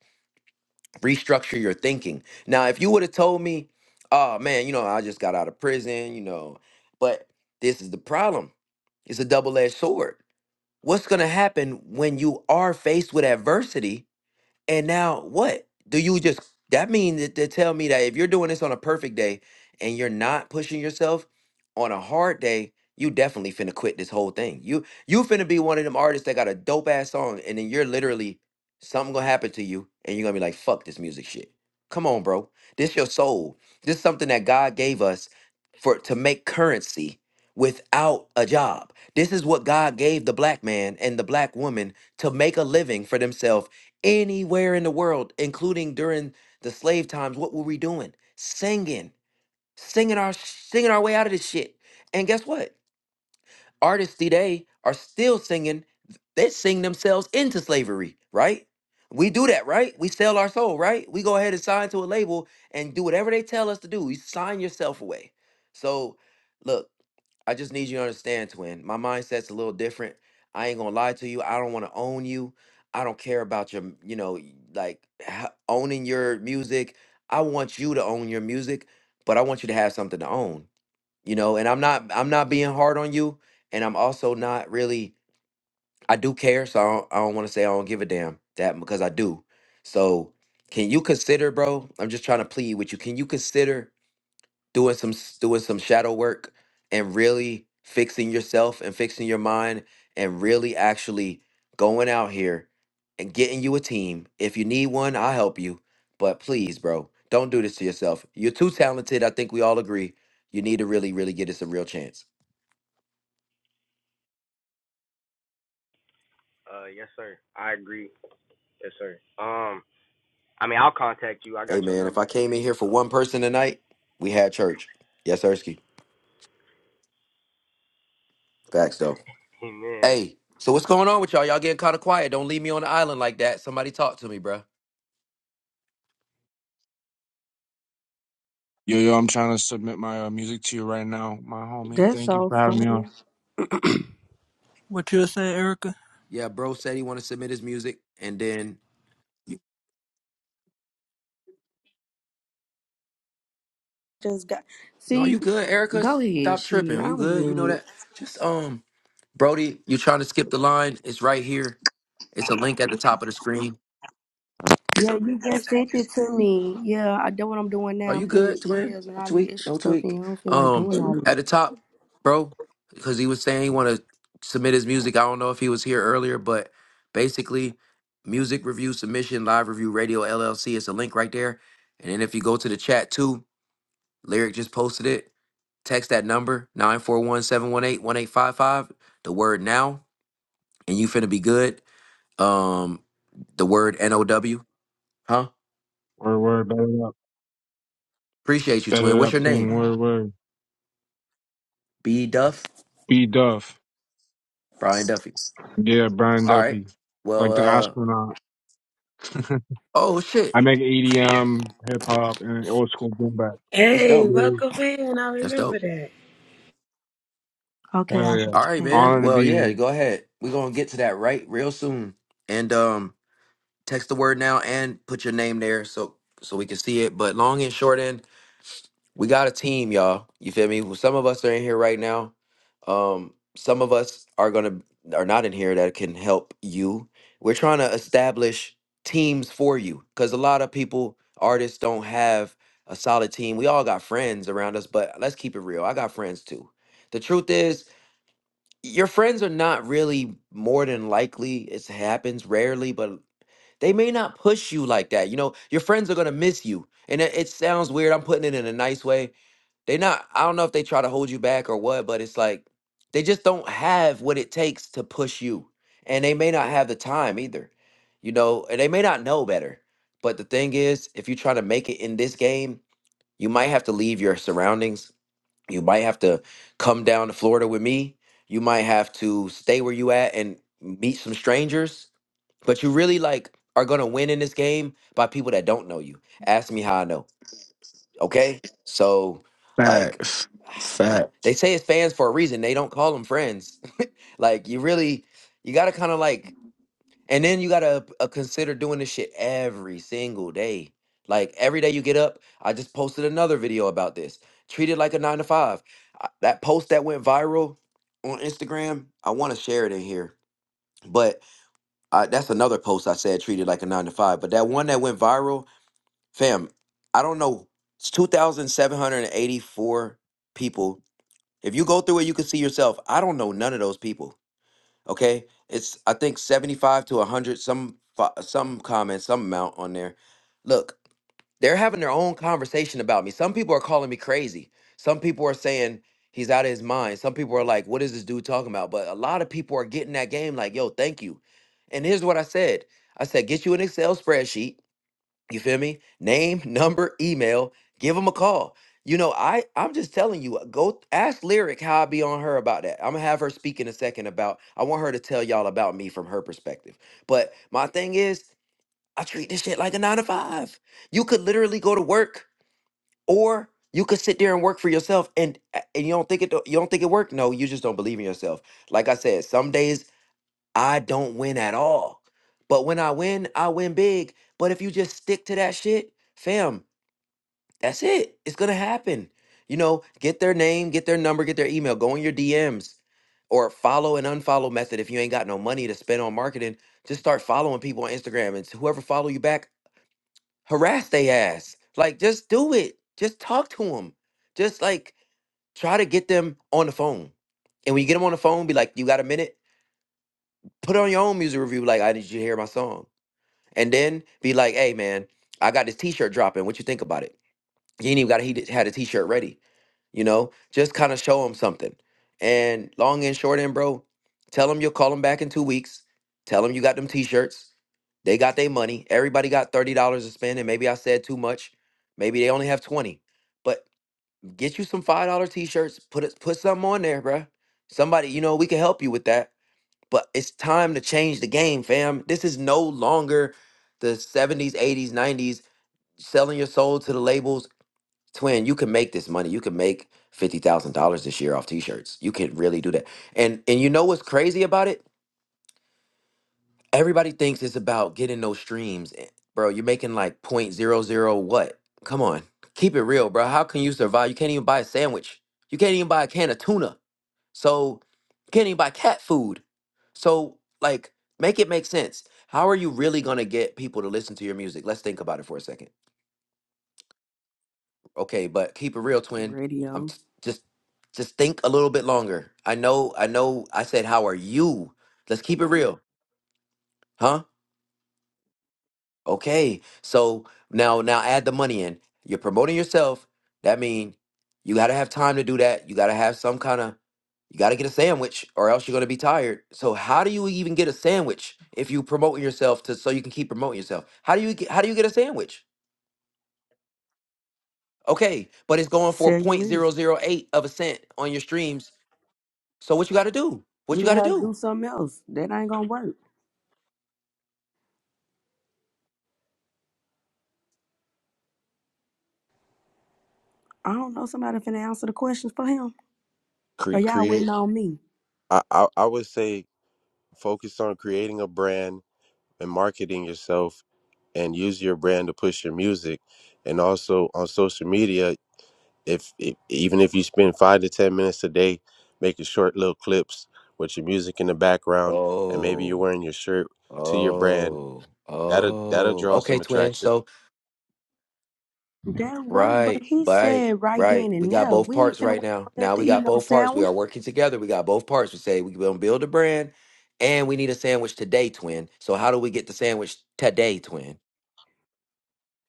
[SPEAKER 1] restructure your thinking. Now, if you would have told me, oh man, you know, I just got out of prison, you know, but this is the problem. It's a double-edged sword. What's gonna happen when you are faced with adversity? And now what? Do you just that mean that to tell me that if you're doing this on a perfect day and you're not pushing yourself on a hard day, you definitely finna quit this whole thing. You you finna be one of them artists that got a dope ass song and then you're literally something gonna happen to you and you're gonna be like, fuck this music shit. Come on, bro. This your soul. This something that God gave us for to make currency without a job. This is what God gave the black man and the black woman to make a living for themselves anywhere in the world, including during the slave times, what were we doing? Singing, singing our singing our way out of this shit. And guess what? Artists today are still singing, they sing themselves into slavery, right? We do that, right? We sell our soul, right? We go ahead and sign to a label and do whatever they tell us to do. You sign yourself away. So, look, I just need you to understand, twin. My mindset's a little different. I ain't gonna lie to you. I don't want to own you. I don't care about your, m- you know, y- like h- owning your music. I want you to own your music, but I want you to have something to own you know and i'm not i'm not being hard on you and i'm also not really i do care so i don't, I don't want to say i don't give a damn that because i do so can you consider bro i'm just trying to plead with you can you consider doing some s- doing some shadow work and really fixing yourself and fixing your mind and really actually going out here and getting you a team if you need one i'll help you but please bro don't do this to yourself you're too talented i think we all agree you need to really really get us a real chance
[SPEAKER 18] Uh, yes, sir. I agree. Yes, sir. Um, I mean, I'll contact you. I
[SPEAKER 1] Hey
[SPEAKER 18] got your
[SPEAKER 1] man, if I
[SPEAKER 18] number.
[SPEAKER 1] came in here for
[SPEAKER 18] So,
[SPEAKER 1] one person tonight, we had church. Yes, Ersky. Facts though.
[SPEAKER 18] amen.
[SPEAKER 1] Hey, so what's going on with y'all? Y'all getting kind of quiet. Don't leave me on the island like that. Somebody talk to me, bruh.
[SPEAKER 19] Yo, yo, I'm trying to submit my uh, music to you right now, my homie.
[SPEAKER 14] That's
[SPEAKER 19] Thank you
[SPEAKER 14] so
[SPEAKER 19] for
[SPEAKER 14] fun.
[SPEAKER 19] having me on.
[SPEAKER 27] What you were saying, Erica?
[SPEAKER 1] Yeah, bro said he want to submit his music, and then you,
[SPEAKER 14] just got.
[SPEAKER 1] no,
[SPEAKER 14] See,
[SPEAKER 1] you good, Erica?
[SPEAKER 14] go ahead.
[SPEAKER 1] Stop
[SPEAKER 14] Shit,
[SPEAKER 1] tripping. You
[SPEAKER 14] I'm
[SPEAKER 1] good? You know
[SPEAKER 14] good.
[SPEAKER 1] that? Just um, Brody, you trying to skip the line? It's right here. It's a link at the top of the screen.
[SPEAKER 14] Yeah, you just sent it to me. Yeah, I do what I'm doing
[SPEAKER 1] Are
[SPEAKER 14] now. I'm
[SPEAKER 1] you
[SPEAKER 14] putting the
[SPEAKER 1] good, twin?
[SPEAKER 14] emails and
[SPEAKER 1] No
[SPEAKER 14] all the
[SPEAKER 1] tweak,
[SPEAKER 14] extra
[SPEAKER 1] no
[SPEAKER 14] stuff
[SPEAKER 1] tweak.
[SPEAKER 14] in. I don't feel like
[SPEAKER 1] Um,
[SPEAKER 14] doing all of
[SPEAKER 1] at the
[SPEAKER 14] it.
[SPEAKER 1] top, bro, because he was saying he want to submit his music. I don't know if he was here earlier, but basically, music review submission, live review, radio LLC. It's a link right there. And then if you go to the chat too, lyric just posted it. Text that number nine four one seven one eight one eight five five. the word now, and you finna be good. Um, the word N O W, huh?
[SPEAKER 19] Word, word, bet it up.
[SPEAKER 1] Appreciate you,
[SPEAKER 19] Bet
[SPEAKER 1] twin.
[SPEAKER 19] it
[SPEAKER 1] What's
[SPEAKER 19] up,
[SPEAKER 1] your
[SPEAKER 19] King.
[SPEAKER 1] name?
[SPEAKER 19] Word, word.
[SPEAKER 1] B Duff,
[SPEAKER 19] B Duff.
[SPEAKER 1] Brian Duffy.
[SPEAKER 19] Yeah, Brian
[SPEAKER 1] All right.
[SPEAKER 19] Duffy.
[SPEAKER 1] Well,
[SPEAKER 19] Like the
[SPEAKER 1] uh
[SPEAKER 19] astronaut.
[SPEAKER 1] oh shit.
[SPEAKER 19] I make EDM, hip hop, and old school boom bap.
[SPEAKER 1] That's
[SPEAKER 12] Hey,
[SPEAKER 1] dope.
[SPEAKER 19] Yeah.
[SPEAKER 12] welcome in. I
[SPEAKER 1] That's
[SPEAKER 12] remember
[SPEAKER 1] dope.
[SPEAKER 12] that.
[SPEAKER 14] Okay,
[SPEAKER 19] Hell
[SPEAKER 14] I
[SPEAKER 19] yeah.
[SPEAKER 1] All
[SPEAKER 14] just
[SPEAKER 1] right,
[SPEAKER 14] hey,
[SPEAKER 1] man.
[SPEAKER 19] Honor to
[SPEAKER 1] Well,
[SPEAKER 19] be here.
[SPEAKER 1] yeah, go ahead. We're gonna get to that right real soon. And um text the word now and put your name there so so we can see it. But long and short end. we got a team, y'all. You feel me? Well, Some of us are in here right now. Um, some of us are gonna are not in here that can help you. We're trying to establish teams for you because a lot of people, artists, don't have a solid team. We all got friends around us, but let's keep it real. I got friends too. The truth is, your friends are not really more than likely. It happens rarely, but they may not push you like that. You know, your friends are gonna miss you, and it, it sounds weird. I'm putting it in a nice way they not i don't know if they try to hold you back or what but it's like they just don't have what it takes to push you and they may not have the time either you know and they may not know better but the thing is if you try to make it in this game you might have to leave your surroundings you might have to come down to florida with me you might have to stay where you at and meet some strangers but you really like are gonna win in this game by people that don't know you ask me how i know okay so like
[SPEAKER 20] Facts. Facts.
[SPEAKER 1] they say it's fans for a reason. They don't call them friends. like you really, you gotta kind of like, and then you gotta uh, consider doing this shit every single day. Like every day you get up, I just posted another video about this. Treat it like a nine to five. I- That post that went viral on Instagram, I want to share it in here. But uh, that's another post I said treated like a nine to five. But that one that went viral, fam, I don't know. It's 2,784 people if you go through it, you can see yourself. I don't know none of those people. Okay, it's I think seventy-five to hundred some fi- some comments, some amount on there. Look, they're having their own conversation about me. Some people are calling me crazy. Some people are saying he's out of his mind. Some people are like, "What is this dude talking about?" But a lot of people are getting that game like, "Yo, thank you." And here's what I said. I said, "Get you an Excel spreadsheet." You feel me? Name, number, email. Give them a call. You know, I I'm just telling you. uh, Go th- ask Lyric how I be on her about that. I'm gonna have her speak in a second about. I want her to tell y'all about me from her perspective. But my thing is, I treat this shit like a nine to five. You could literally go to work, or you could sit there and work for yourself. And and you don't think it you don't think it worked? No, you just don't believe in yourself. Like I said, some days I don't win at all. But when I win, I win big. But if you just stick to that shit, fam, that's it. It's gonna happen. You know, get their name, get their number, get their email, go in your DMs or follow and unfollow method. If you ain't got no money to spend on marketing, just start following people on Instagram and whoever follow you back, harass they ass. Like just do it. Just talk to them. Just like try to get them on the phone. And when you get them on the phone, be like, you got a minute? Put on your own music review, like, I need you to hear my song and then be like, "Hey, man, I got this T-shirt dropping. What you think about it?" He ain't even got he d- had a T-shirt ready, you know. Just kind of show him something. And long and short, end, bro, tell him you'll call him back in two weeks. Tell him you got them T-shirts. They got their money. Everybody got thirty dollars to spend, and maybe I said too much. Maybe they only have twenty. But get you some five dollar T-shirts. Put it, put something on there, bruh. Somebody, you know, we can help you with that but it's time to change the game, fam. This is no longer the 70s, 80s, 90s selling your soul to the labels. Twin, you can make this money. You can make $50,000 this year off t-shirts. You can really do that. And and you know what's crazy about it? Everybody thinks it's about getting those streams. Eh, Bro, you're making like point zero zero what? Come on. Keep it real, bro. How can you survive? You can't even buy a sandwich. You can't even buy a can of tuna. So can't even buy cat food. So like make it make sense. How are you really gonna get people to listen to your music? Let's think about it for a second. Okay, but keep it real, twin. I'm
[SPEAKER 14] radio.
[SPEAKER 1] t- just just think a little bit longer. I know, I know I said how are you? Let's keep it real. Huh? Okay. So now now add the money in. You're promoting yourself. That means you gotta have time to do that. You gotta have some kind of you gotta get a sandwich or else you're gonna be tired. So how do you even get a sandwich if you promoting yourself to so you can keep promoting yourself? How do you get how do you get a sandwich? Okay, but it's going for
[SPEAKER 14] Sell your
[SPEAKER 1] point zero
[SPEAKER 14] music.
[SPEAKER 1] zero eight of a cent on your streams. So what you gotta do? What
[SPEAKER 14] You
[SPEAKER 1] you gotta
[SPEAKER 14] gonna have to
[SPEAKER 1] do?
[SPEAKER 14] do something else. That ain't gonna work. I don't know. Somebody finna answer the questions for him. Or
[SPEAKER 22] Cre-
[SPEAKER 14] y'all
[SPEAKER 22] create
[SPEAKER 14] waiting on me?
[SPEAKER 22] I, I I would say focus on creating a brand and marketing yourself and use your brand to push your music and also on social media if, if even if you spend five to ten minutes a day making short little clips with your music in the background and maybe you're
[SPEAKER 1] Oh,
[SPEAKER 22] wearing your shirt to your brand
[SPEAKER 1] oh,
[SPEAKER 22] that'll that'll
[SPEAKER 1] oh.
[SPEAKER 22] draw
[SPEAKER 1] Okay,
[SPEAKER 22] some
[SPEAKER 1] twin.
[SPEAKER 22] attraction
[SPEAKER 1] So
[SPEAKER 14] That worked, but
[SPEAKER 1] Right,
[SPEAKER 14] he
[SPEAKER 1] right,
[SPEAKER 14] said right
[SPEAKER 1] right.
[SPEAKER 14] then
[SPEAKER 1] We
[SPEAKER 14] and
[SPEAKER 1] got
[SPEAKER 14] now.
[SPEAKER 1] both
[SPEAKER 14] We ain't
[SPEAKER 1] parts
[SPEAKER 14] finna wait
[SPEAKER 1] right now.
[SPEAKER 14] for that
[SPEAKER 1] Now
[SPEAKER 14] to
[SPEAKER 1] we
[SPEAKER 14] eat
[SPEAKER 1] got
[SPEAKER 14] no
[SPEAKER 1] both parts. We
[SPEAKER 14] sandwich.
[SPEAKER 1] are working together. We got both parts. We say we gonna build a brand, and we need a sandwich today, twin. So how do we get the sandwich today, twin?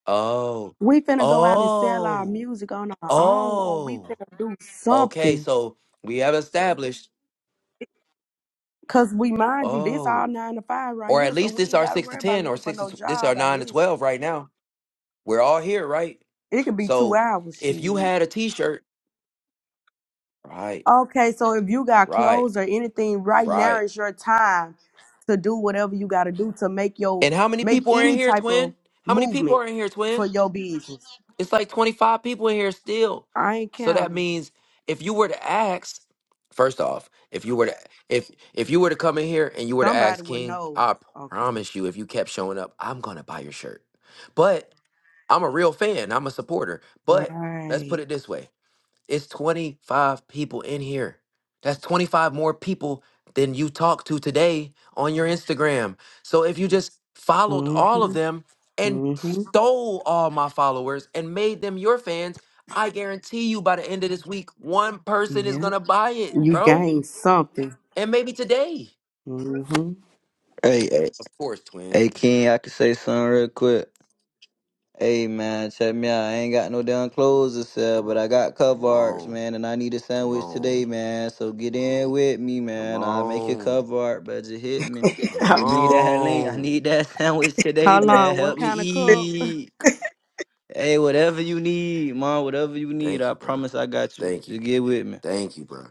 [SPEAKER 1] Oh,
[SPEAKER 14] We finna go out and sell our
[SPEAKER 1] oh,
[SPEAKER 14] music on our own, or we
[SPEAKER 1] oh.
[SPEAKER 14] finna do
[SPEAKER 1] Okay,
[SPEAKER 14] something.
[SPEAKER 1] so we have established.
[SPEAKER 14] Cause we mind you, this all
[SPEAKER 1] Oh,
[SPEAKER 14] nine to five right
[SPEAKER 1] or
[SPEAKER 14] here,
[SPEAKER 1] at
[SPEAKER 14] so
[SPEAKER 1] least
[SPEAKER 14] we
[SPEAKER 1] this
[SPEAKER 14] ain't
[SPEAKER 1] our
[SPEAKER 14] gotta
[SPEAKER 1] six to
[SPEAKER 14] worry about
[SPEAKER 1] ten, or
[SPEAKER 14] looking for
[SPEAKER 1] six to
[SPEAKER 14] no
[SPEAKER 1] tw- this our
[SPEAKER 14] job. I
[SPEAKER 1] nine to
[SPEAKER 14] guess
[SPEAKER 1] twelve right now. We're all here, right?
[SPEAKER 14] it could be two
[SPEAKER 1] So
[SPEAKER 14] hours.
[SPEAKER 1] if you
[SPEAKER 14] Shit.
[SPEAKER 1] had a T-shirt, right,
[SPEAKER 14] Okay, so if you got
[SPEAKER 1] right,
[SPEAKER 14] clothes or anything, right now
[SPEAKER 1] right.
[SPEAKER 14] is your time to do whatever you gotta do to make your
[SPEAKER 1] And how many
[SPEAKER 14] make
[SPEAKER 1] people are in
[SPEAKER 14] any
[SPEAKER 1] here,
[SPEAKER 14] type of
[SPEAKER 1] twin? How many people
[SPEAKER 14] movement
[SPEAKER 1] are in here,
[SPEAKER 14] for
[SPEAKER 1] twin?
[SPEAKER 14] your business.
[SPEAKER 1] It's like 25 people in here still.
[SPEAKER 14] I ain't
[SPEAKER 1] So that
[SPEAKER 14] counting.
[SPEAKER 1] means if you were to ask, first off, if you were to if if you were to come in here and you were to
[SPEAKER 14] Somebody
[SPEAKER 1] ask
[SPEAKER 14] will
[SPEAKER 1] King,
[SPEAKER 14] know.
[SPEAKER 1] I
[SPEAKER 14] Okay.
[SPEAKER 1] promise you, if you kept showing up, I'm gonna buy your shirt. But I'm a real fan, I'm a supporter. But let's put
[SPEAKER 14] Right.
[SPEAKER 1] it this way. It's 25 people in here. That's 25 more people than you talked to today on your Instagram. So if you just followed all of
[SPEAKER 14] Mhm.
[SPEAKER 1] them and
[SPEAKER 14] Mhm.
[SPEAKER 1] stole all my followers and made them your fans, I guarantee you by the end of this week, one person is
[SPEAKER 14] Yeah.
[SPEAKER 1] going to buy it,
[SPEAKER 14] You
[SPEAKER 1] bro.
[SPEAKER 14] gained something.
[SPEAKER 1] And maybe today.
[SPEAKER 14] Mm-hmm.
[SPEAKER 20] Hey, hey,
[SPEAKER 1] Of course, twin.
[SPEAKER 20] hey, King, I could say something real quick. Hey man, check me out. I ain't got no damn clothes to sell,
[SPEAKER 1] Come
[SPEAKER 20] but
[SPEAKER 1] on.
[SPEAKER 20] I got
[SPEAKER 1] Come
[SPEAKER 20] cover arts,
[SPEAKER 1] on.
[SPEAKER 20] man, and I need a
[SPEAKER 1] Come
[SPEAKER 20] sandwich today,
[SPEAKER 1] on.
[SPEAKER 20] man. So get in with me,
[SPEAKER 1] Come
[SPEAKER 20] man. I'll make your
[SPEAKER 1] on.
[SPEAKER 20] cover art, but just hit me.
[SPEAKER 1] Come
[SPEAKER 20] You need that link. I
[SPEAKER 1] on.
[SPEAKER 20] need that sandwich today,
[SPEAKER 14] How
[SPEAKER 20] man.
[SPEAKER 14] long? What
[SPEAKER 20] Help me
[SPEAKER 14] kind of cup?
[SPEAKER 20] eat. Hey, whatever you need, mom, whatever you need,
[SPEAKER 1] Thank
[SPEAKER 20] I
[SPEAKER 1] you, bro.
[SPEAKER 20] promise I got you.
[SPEAKER 1] Thank you.
[SPEAKER 20] Just get with me.
[SPEAKER 1] Thank you, bro.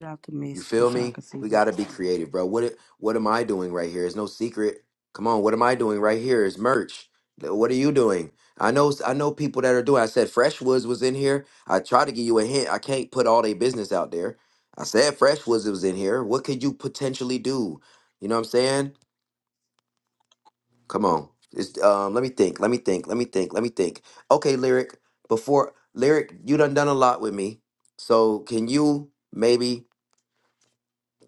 [SPEAKER 14] Drop the
[SPEAKER 1] You
[SPEAKER 14] messages
[SPEAKER 1] feel
[SPEAKER 14] so I
[SPEAKER 1] me?
[SPEAKER 14] can see
[SPEAKER 1] We
[SPEAKER 14] who
[SPEAKER 1] got to
[SPEAKER 14] this
[SPEAKER 1] be creative,
[SPEAKER 14] is.
[SPEAKER 1] bro. What it? what am I doing right here? It's no secret. Come on, what am I doing right here? It's merch. Th- What are you doing? I know I know people that are doing. I said Freshwoods was in here. I tried to give you a hint. I can't put all their business out there. I said Freshwoods was in here. What could you potentially do? You know what I'm saying? Come on. It's, um, let me think. Let me think. Let me think. Let me think. Okay, lyric. Before lyric, you done done a lot with me. So can you maybe?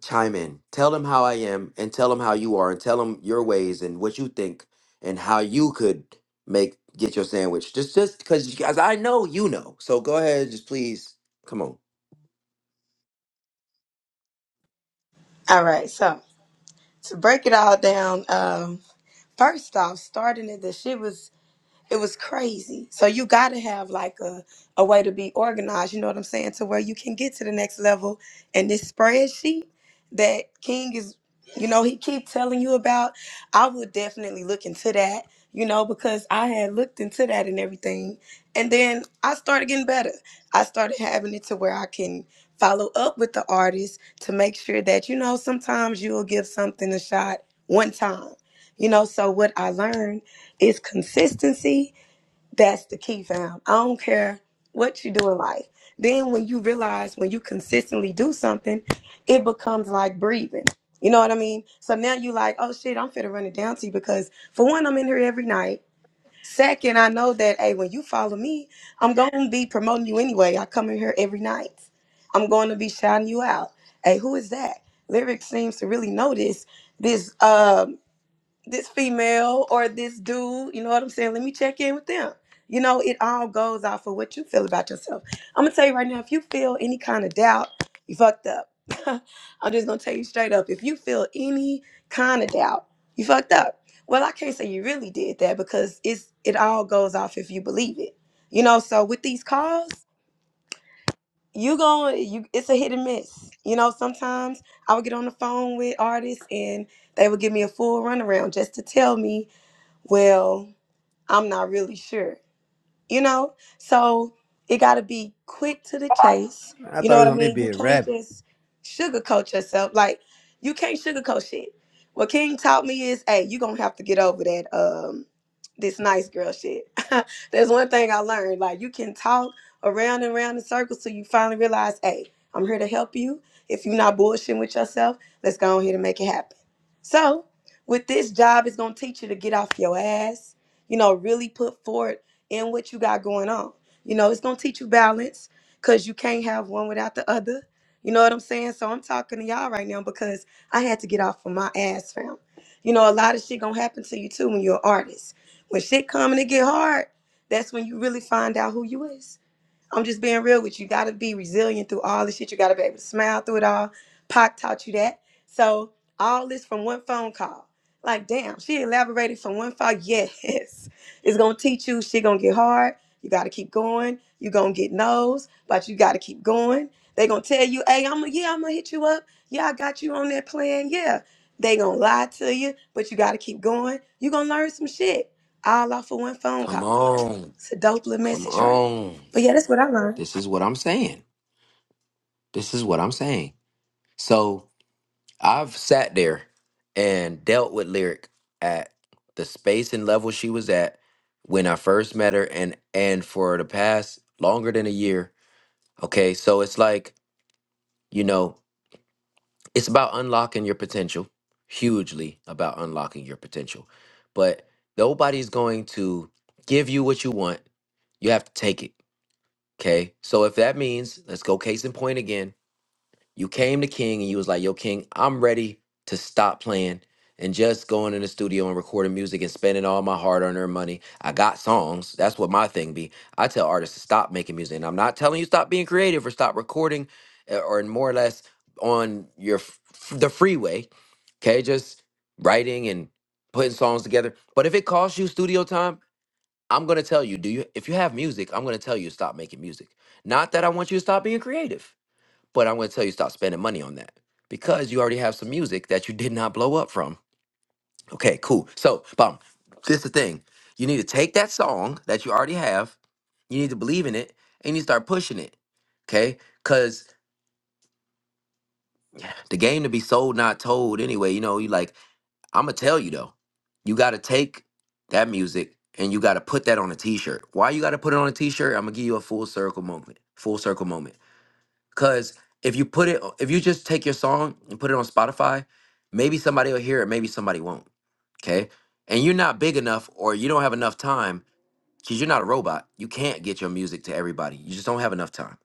[SPEAKER 1] chime in. Tell them how I am and tell them how you are and tell them your ways and what you think and how you could make get your sandwich. Just just cuz guys I know you know. So go ahead just please come on.
[SPEAKER 12] All right, so to break it all down, um, first off, starting it, the shit was. It was crazy. So you got to have like a, a way to be organized, you know what I'm saying, to where you can get to the next level. And this spreadsheet that King is, you know, he keep telling you about, I would definitely look into that, you know, because I had looked into that and everything. And then I started getting better. I started having it to where I can follow up with the artist to make sure that, you know, sometimes you'll give something a shot one time. You know, so what I learned it's consistency. That's the key, fam. I don't care what you do in life. Then when you realize when you consistently do something, it becomes like breathing. You know what I mean? So now you like, oh shit, I'm finna run it down to you because for one, I'm in here every night. Second, I know that hey, when you follow me, I'm gonna be promoting you anyway. I come in here every night. I'm going to be shouting you out. Hey, who is that? Lyric seems to really know this. This uh, this female or this dude, you know what I'm saying? Let me check in with them. You know, it all goes off of what you feel about yourself. I'm gonna tell you right now, if you feel any kind of doubt, you fucked up. I'm just gonna tell you straight up. If you feel any kind of doubt, you fucked up. Well, I can't say you really did that because it's it all goes off if you believe it. You know, so with these calls, you going you it's a hit and miss. You know, sometimes I would get on the phone with artists and they would give me a full runaround just to tell me well, I'm not really sure you know so it got to be quick to the chase
[SPEAKER 29] I
[SPEAKER 12] you know
[SPEAKER 29] thought it
[SPEAKER 12] what
[SPEAKER 29] was
[SPEAKER 12] i
[SPEAKER 29] only
[SPEAKER 12] mean you
[SPEAKER 29] be a
[SPEAKER 12] can't
[SPEAKER 29] rabbit.
[SPEAKER 12] just sugarcoat yourself like you can't sugarcoat shit what king taught me is hey you gonna have to get over that um this nice girl shit there's one thing i learned like you can talk around and around in circles till you finally realize hey i'm here to help you if you're not bullshitting with yourself let's go on here and make it happen so with this job it's gonna teach you to get off your ass you know really put forward in what you got going on. You know, it's gonna teach you balance because you can't have one without the other. You know what I'm saying? So I'm talking to y'all right now because I had to get off of my ass, fam. You know, a lot of shit gonna happen to you too when you're an artist. When shit come and it get hard, that's when you really find out who you is. I'm just being real with you. You gotta be resilient through all this shit. You gotta be able to smile through it all. Pac taught you that. So all this from one phone call. Like, damn, she elaborated from one phone. Yes. It's gonna teach you shit gonna get hard. You gotta keep going. you gonna get no's, but you gotta keep going. They gonna tell you, hey, I'm going to yeah, I'm gonna hit you up. Yeah, I got you on that plan. Yeah. They gonna lie to you, but you gotta keep going. you gonna learn some shit all off of one phone
[SPEAKER 1] Come
[SPEAKER 12] call.
[SPEAKER 1] on.
[SPEAKER 12] It's a dope little
[SPEAKER 1] Come
[SPEAKER 12] message, right?
[SPEAKER 1] on.
[SPEAKER 12] But yeah, that's what I learned.
[SPEAKER 1] This is what I'm saying. This is what I'm saying. So I've sat there and dealt with lyric at the space and level she was at when I first met her and and for the past longer than a year. Okay? So it's like You know, it's about unlocking your potential, hugely about unlocking your potential. But nobody's going to give you what you want. You have to take it. Okay. So if that means, let's go case in point again. You came to King and you was like, "Yo, King, I'm ready to stop playing and just going in the studio and recording music and spending all my hard-earned money. I got songs. That's what my thing be. I tell artists to stop making music, and I'm not telling you stop being creative or stop recording, uh, or more or less on your f- f- the freeway. Okay, just writing and putting songs together. But if it costs you studio time, I'm gonna tell you. Do you? If you have music, I'm gonna tell you stop making music. Not that I want you to stop being creative. But I'm going to tell you stop spending money on that because you already have some music that you did not blow up from. Okay, cool. So, bum, this is the thing. You need to take that song that you already have, you need to believe in it, and you need to start pushing it. Okay? Cause the game to be sold, not told anyway, you know, you like, I'ma tell you though, you gotta take that music and you gotta put that on a t-shirt. Why you gotta put it on a t-shirt? I'm gonna give you a full circle moment. Full circle moment Cause if you put it, if you just take your song and put it on Spotify, maybe somebody will hear it, maybe somebody won't. Okay. And you're not big enough or you don't have enough time because you're not a robot. You can't get your music to everybody. You just don't have enough time.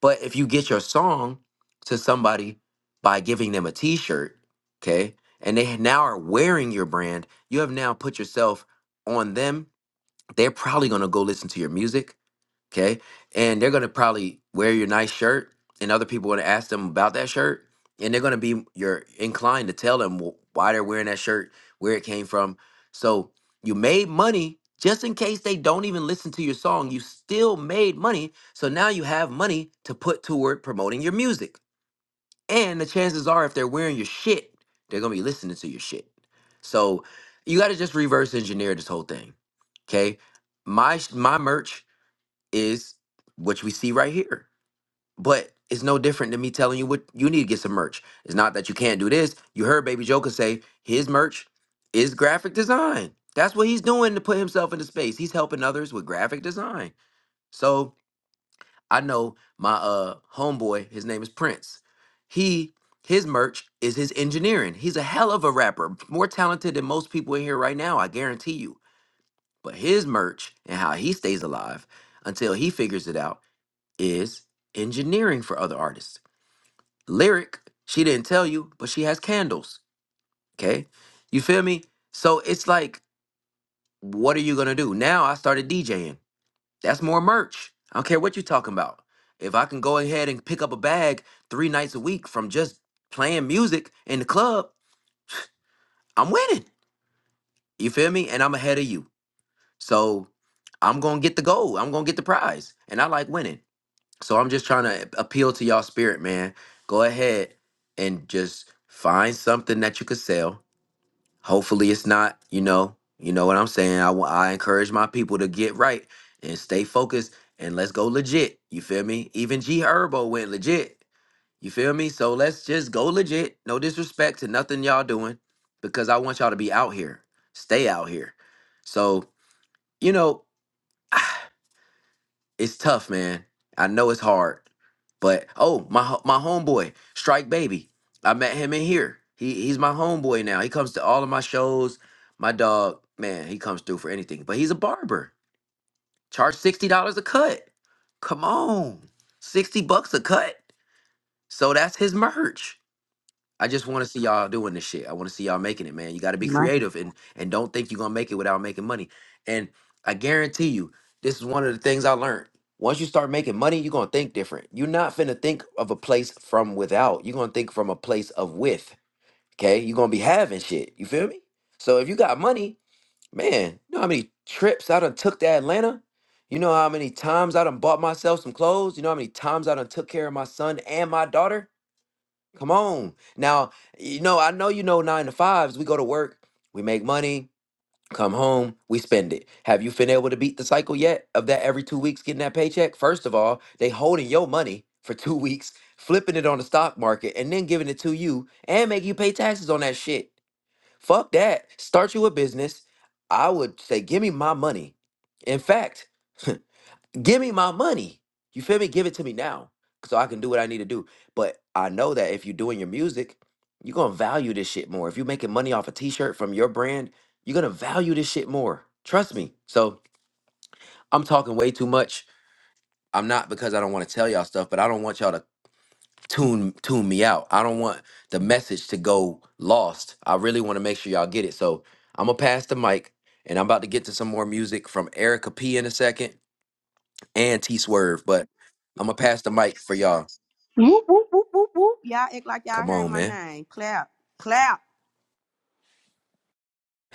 [SPEAKER 1] But if you get your song to somebody by giving them a t shirt, okay, and they now are wearing your brand, you have now put yourself on them. They're probably going to go listen to your music okay? And they're gonna probably wear your nice shirt, and other people want to ask them about that shirt, and they're gonna be you're inclined to tell them wh- why they're wearing that shirt, where it came from. So you made money just in case they don't even listen to your song. You still made money, so now you have money to put toward promoting your music. And the chances are, if they're wearing your shit, they're gonna be listening to your shit. So you got to just reverse engineer this whole thing, okay? My sh- my merch is what we see right here. But it's no different than me telling you what you need to get some merch. It's not that you can't do this. You heard Baby Joker say his merch is graphic design. That's what he's doing to put himself into space. He's helping others with graphic design. So I know my uh homeboy, his name is Prince. He his merch is his engineering. He's a hell of a rapper, more talented than most people in here right now, I guarantee you. But his merch and how he stays alive until he figures it out is engineering for other artists. Lyric, she didn't tell you, but she has candles. Okay. You feel me? So it's like, what are you gonna do? Now I started DJing. That's more merch. I don't care what you're talking about. If I can go ahead and pick up a bag three nights a week from just playing music in the club, I'm winning. You feel me? And I'm ahead of you. So I'm gonna get the gold. I'm gonna get the prize. And I like winning. So I'm just trying to appeal to y'all spirit, man. Go ahead and just find something that you could sell. Hopefully it's not, you know, you know what I'm saying. I wa- I encourage my people to get right and stay focused and let's go legit. You feel me? Even G Herbo went legit. You feel me? So let's just go legit. No disrespect to nothing y'all doing because I want y'all to be out here. Stay out here. So, you know, it's tough, man. I know it's hard, but oh, my ho- my homeboy, Strike Baby. I met him in here. He he's my homeboy now. He comes to all of my shows. My dog, man, he comes through for anything. But he's a barber. Charge sixty dollars a cut. Come on, sixty bucks a cut. So that's his merch. I just want to see y'all doing this shit. I want to see y'all making it, man. You got to be
[SPEAKER 14] My.
[SPEAKER 1] creative and and don't think you're gonna make it without making money. And I guarantee you, this is one of the things I learned. Once you start making money, you're gonna think different. You're not finna think of a place from without. You're gonna think from a place of with. Okay, you're gonna be having shit. You feel me? So if you got money, man, you know how many trips I done took to Atlanta. You know how many times I done bought myself some clothes. You know how many times I done took care of my son and my daughter Come on. Now, you know, I know you know nine to fives. We go to work, we make money, come home, we spend it. Have you been able to beat the cycle yet of that every two weeks getting that paycheck? First of all, they holding your money for two weeks, flipping it on the stock market, and then giving it to you and make you pay taxes on that shit. Fuck that. Start you a business. I would say, give me my money. In fact, give me my money. You feel me? Give it to me now so I can do what I need to do. But I know that if you're doing your music, you're going to value this shit more. If you're making money off a t shirt from your brand, you're going to value this shit more. Trust me. So I'm talking way too much. I'm not because I don't want to tell y'all stuff, but I don't want y'all to tune tune me out. I don't want the message to go lost. I really want to make sure y'all get it. So I'm gonna pass the mic and I'm about to get to some more music from Erica P in a second and T Swerve. But I'm gonna pass the mic for y'all.
[SPEAKER 14] Whoop, whoop, whoop, whoop, whoop. Y'all act like y'all
[SPEAKER 1] Come
[SPEAKER 14] heard
[SPEAKER 1] on,
[SPEAKER 14] my
[SPEAKER 1] man.
[SPEAKER 14] name. Clap. Clap.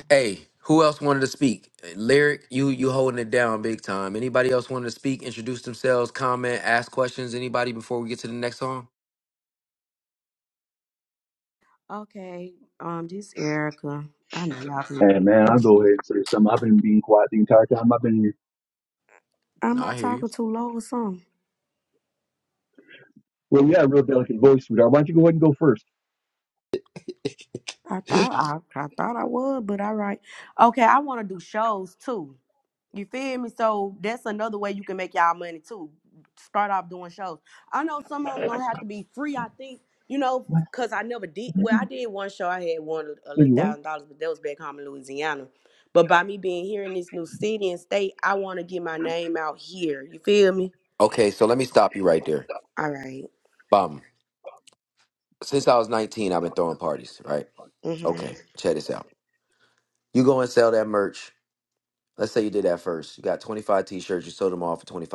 [SPEAKER 1] Hey, who else wanted to speak? Lyric, you you holding it down big time. Anybody else wanted to speak? Introduce themselves, comment, ask questions. Anybody before we get to the next song?
[SPEAKER 14] Okay. Um, this Erica. I know y'all.
[SPEAKER 28] Hey, man, I'll go ahead and say something. I've been been being quiet the entire time I've been here.
[SPEAKER 14] Am
[SPEAKER 1] No,
[SPEAKER 14] I
[SPEAKER 1] I hear you.
[SPEAKER 14] talking too low or something?
[SPEAKER 28] Well, you have a real delicate voice, sweetheart. Why don't you go go ahead and go first?
[SPEAKER 14] I thought I, I thought I would, but all right. Okay, I want to do shows too. You feel me? So that's another way you can make y'all money too. Start off doing shows. I know some of them gonna have to be free. I think you know because I never did. Well, I did one show. I had won a little
[SPEAKER 28] What?
[SPEAKER 14] thousand dollars, but that was back home in Louisiana. But by me being here in this new city and state, I want to get my name out here. You feel me?
[SPEAKER 1] Okay, so let me stop you right there.
[SPEAKER 14] All right.
[SPEAKER 1] Bum. Since I was 19, I've been throwing parties, right?
[SPEAKER 14] Mhm.
[SPEAKER 1] Okay, check this out. You go and sell that merch. Let's say you did that first. You got 25 t-shirts, you sold them all for $25.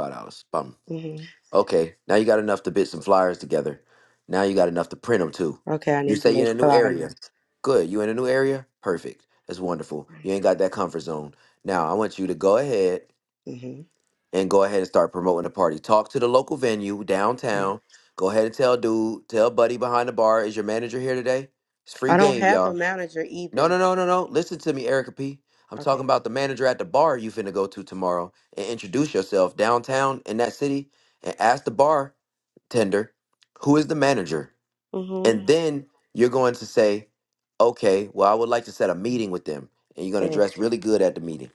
[SPEAKER 1] Bum.
[SPEAKER 14] Mhm.
[SPEAKER 1] Okay, now you got enough to bit some flyers together. Now you got enough to print them too.
[SPEAKER 14] Okay, I
[SPEAKER 1] You
[SPEAKER 14] need to
[SPEAKER 1] say you're
[SPEAKER 14] make
[SPEAKER 1] in a new
[SPEAKER 14] flyers.
[SPEAKER 1] area. Good. You in a new area? Perfect. That's wonderful. You ain't got that comfort zone. Now I want you to go ahead
[SPEAKER 14] Mhm.
[SPEAKER 1] and go ahead and start promoting the party. Talk to the local venue downtown. Go ahead and tell dude, tell buddy behind the bar, is your manager here today? It's free
[SPEAKER 14] I don't
[SPEAKER 1] game,
[SPEAKER 14] have
[SPEAKER 1] y'all.
[SPEAKER 14] a manager
[SPEAKER 1] No,
[SPEAKER 14] either.
[SPEAKER 1] no, no, no, no. Listen to me, Erica P. I'm talking
[SPEAKER 14] Okay.
[SPEAKER 1] about the manager at the bar you finna go to tomorrow and introduce yourself downtown in that city and ask the bartender who is the manager.
[SPEAKER 14] Mm-hmm.
[SPEAKER 1] And then you're going to say, okay, well, I would like to set a meeting with them. And you're gonna
[SPEAKER 14] Okay.
[SPEAKER 1] dress really good at the meeting.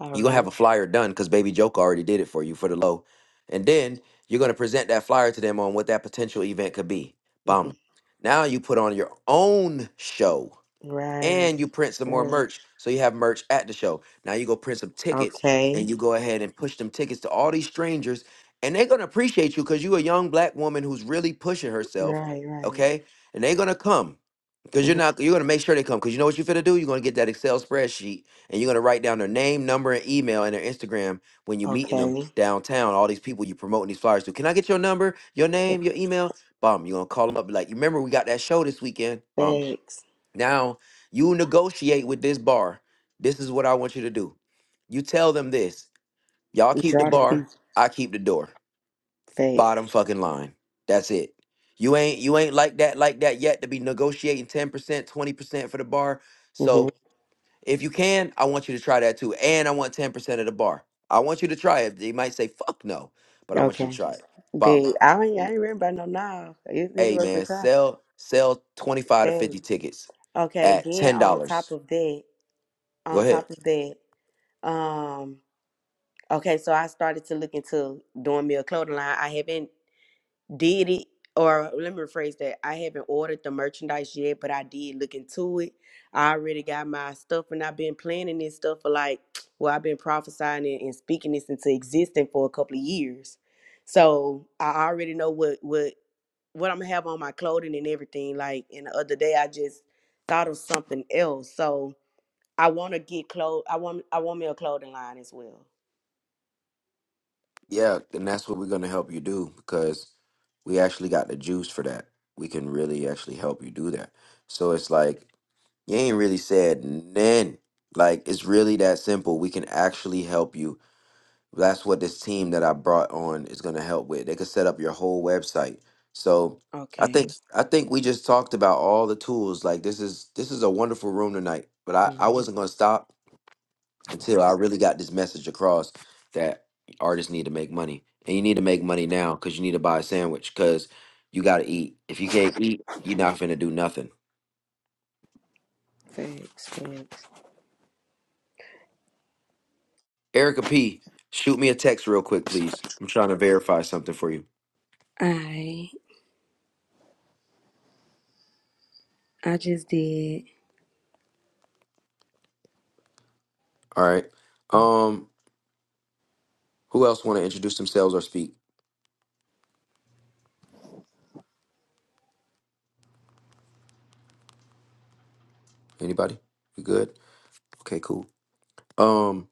[SPEAKER 14] All
[SPEAKER 1] You're gonna have
[SPEAKER 14] right.
[SPEAKER 1] a flyer done because Baby Joke already did it for you for the low. And then you're gonna present that flyer to them on what that potential event could be. Bum.
[SPEAKER 14] Mm-hmm.
[SPEAKER 1] Now you put on your own show
[SPEAKER 14] Right.
[SPEAKER 1] and you print some more
[SPEAKER 14] Right.
[SPEAKER 1] merch. So you have merch at the show. Now you go print some tickets and
[SPEAKER 14] Okay.
[SPEAKER 1] you go ahead and push them tickets to all these strangers and they're gonna appreciate you because you're a young black woman who's really pushing herself,
[SPEAKER 14] Right. Right.
[SPEAKER 1] okay? And they're gonna come. Because you're
[SPEAKER 14] Mm-hmm.
[SPEAKER 1] not you're gonna make sure they come. Cause you know what you're gonna do? You're gonna get that Excel spreadsheet and you're gonna write down their name, number, and email and their Instagram when you're meeting them
[SPEAKER 14] Okay.
[SPEAKER 1] downtown, all these people you promoting these flyers to. Can I get your number, your name, your email? Bum. You're gonna call them up be like, you remember we got that show this weekend? Bum
[SPEAKER 14] Facts.
[SPEAKER 1] now you negotiate with this bar. This is what I want you to do. You tell them this. Y'all keep the
[SPEAKER 14] Draw the
[SPEAKER 1] bar,
[SPEAKER 14] piece.
[SPEAKER 1] I keep the door. Bottom
[SPEAKER 14] Facts.
[SPEAKER 1] fucking line. That's it. You ain't you ain't like that like that yet to be negotiating 10%, 20% for the bar.
[SPEAKER 14] Mm-hmm.
[SPEAKER 1] So if you can, I want you to try that too. And I want 10% of the bar. I want you to try it. They might say fuck no, but I want you to
[SPEAKER 14] Okay.
[SPEAKER 1] try it. Bomb.
[SPEAKER 14] Big. I ain't, I ain't written by no now. It's, it's
[SPEAKER 1] Hey
[SPEAKER 14] worth a
[SPEAKER 1] man,
[SPEAKER 14] try.
[SPEAKER 1] sell sell 25 to
[SPEAKER 14] Thanks.
[SPEAKER 1] 50 tickets
[SPEAKER 14] Okay.
[SPEAKER 1] at
[SPEAKER 14] Then
[SPEAKER 1] $10.
[SPEAKER 14] on top of that,
[SPEAKER 1] Go
[SPEAKER 14] on
[SPEAKER 1] ahead.
[SPEAKER 14] top of that, um, okay. So I started to look into doing me a clothing line. I haven't. did it or let me rephrase that i haven't ordered the merchandise yet but i did look into it i already got my stuff and i've been planning this stuff for like well i've been prophesying and, and speaking this into existence for a couple of years so i already know what what what i'm gonna have on my clothing and everything like and the other day i just thought of something else so i want to get clothes i want i want me a clothing line as well
[SPEAKER 1] Yeah, and that's what we're going to help you do because we actually got the juice for that. We can really actually help you do that. So it's like you ain't really said none. Like it's really that simple. We can actually help you. That's what this team that I brought on is going to help with. They could set up your whole website. So I
[SPEAKER 14] okay
[SPEAKER 1] think I think we just talked about all the tools. Like this is this is a wonderful room tonight. But I I
[SPEAKER 14] hmm
[SPEAKER 1] wasn't going to stop until I really got this message across that artists need to make money. And you need to make money now because you need to buy a sandwich because you got to eat. If you can't eat, you're not finna do nothing.
[SPEAKER 14] facts facts
[SPEAKER 1] Erica P, shoot me a text real quick, please. I'm trying to verify something for you.
[SPEAKER 14] i i just did
[SPEAKER 1] All right. Um, who else want to introduce themselves or speak? Anybody? You good? Okay, cool. Um,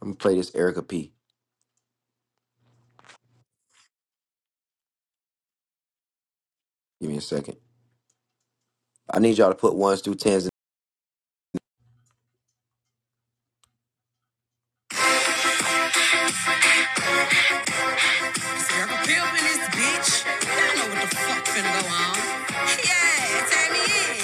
[SPEAKER 1] I'm gonna play this Erica P. Give me a second. I need y'all to put ones through tens Circle pimp in this bitch. Y'all know what the fuck finna go on. Yeah, turn me in.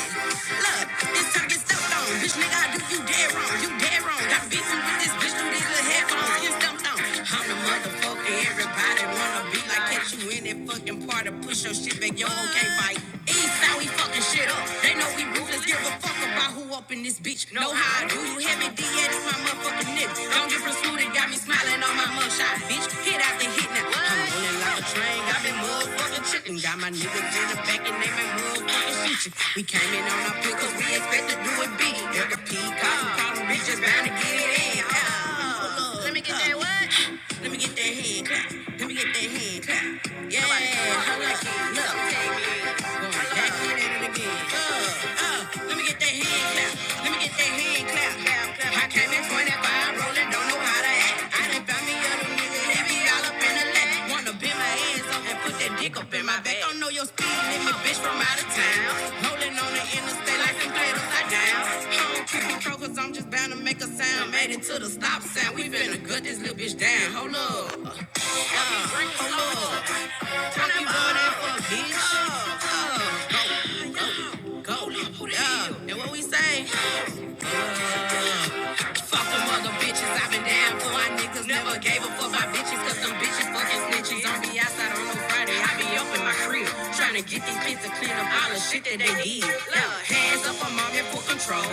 [SPEAKER 1] Look, this time get stumped on. Bitch, nigga, I do you dead wrong. You dead wrong. Got beat with this bitch through these little headphones. Get stumped on. I'm the motherfucker everybody wanna be like. Catch you in that fucking party. Push your shit back. Yo, okay, fight. East how we fucking shit up. They know we ruthless. Give a fuck about who up in this bitch. Know how I do you heavy D yeah, my motherfucking nigga. Don't get from Snoop, that got me smiling on my mugshot, bitch. Hit after hit now. I'm rolling like a train. got me motherfucking tripping. Got my niggas in the back and they been motherfucking shooting. We came in on our pick 'cause we expect to do it big. Every peacock, cotton bitch just bound to get it in. Ah. Let me get that hand clap. Let me get that hand clap. Yeah, I like it. Look, going back at it again. Uh, uh, let me get that hand clap. Let me get that hand clap. I came in 25, rolling, don't know how to act. I done found me other niggas that be all up in the lap. Wanna bend my ass up and put that dick up in my back. Don't know your speed limit, bitch, from out of town. Rolling on the interstate like some cradles. I down. Hold cause I'm just bound to make a sound. Made it to the stop sign. We finna gut this little bitch down. Hold up. Uh, hold up. Fuck you going in bitch? Uh, go, go, go. Yeah. And what we say? Fuck them other bitches, I've been down for my niggas. Never gave a fuck my bitches, cause them bitches fucking snitches. Don't be outside on no Friday, I be up in my crib. Trying to get these kids to clean up all the shit that they did. Look, hands up, I'm on here for control.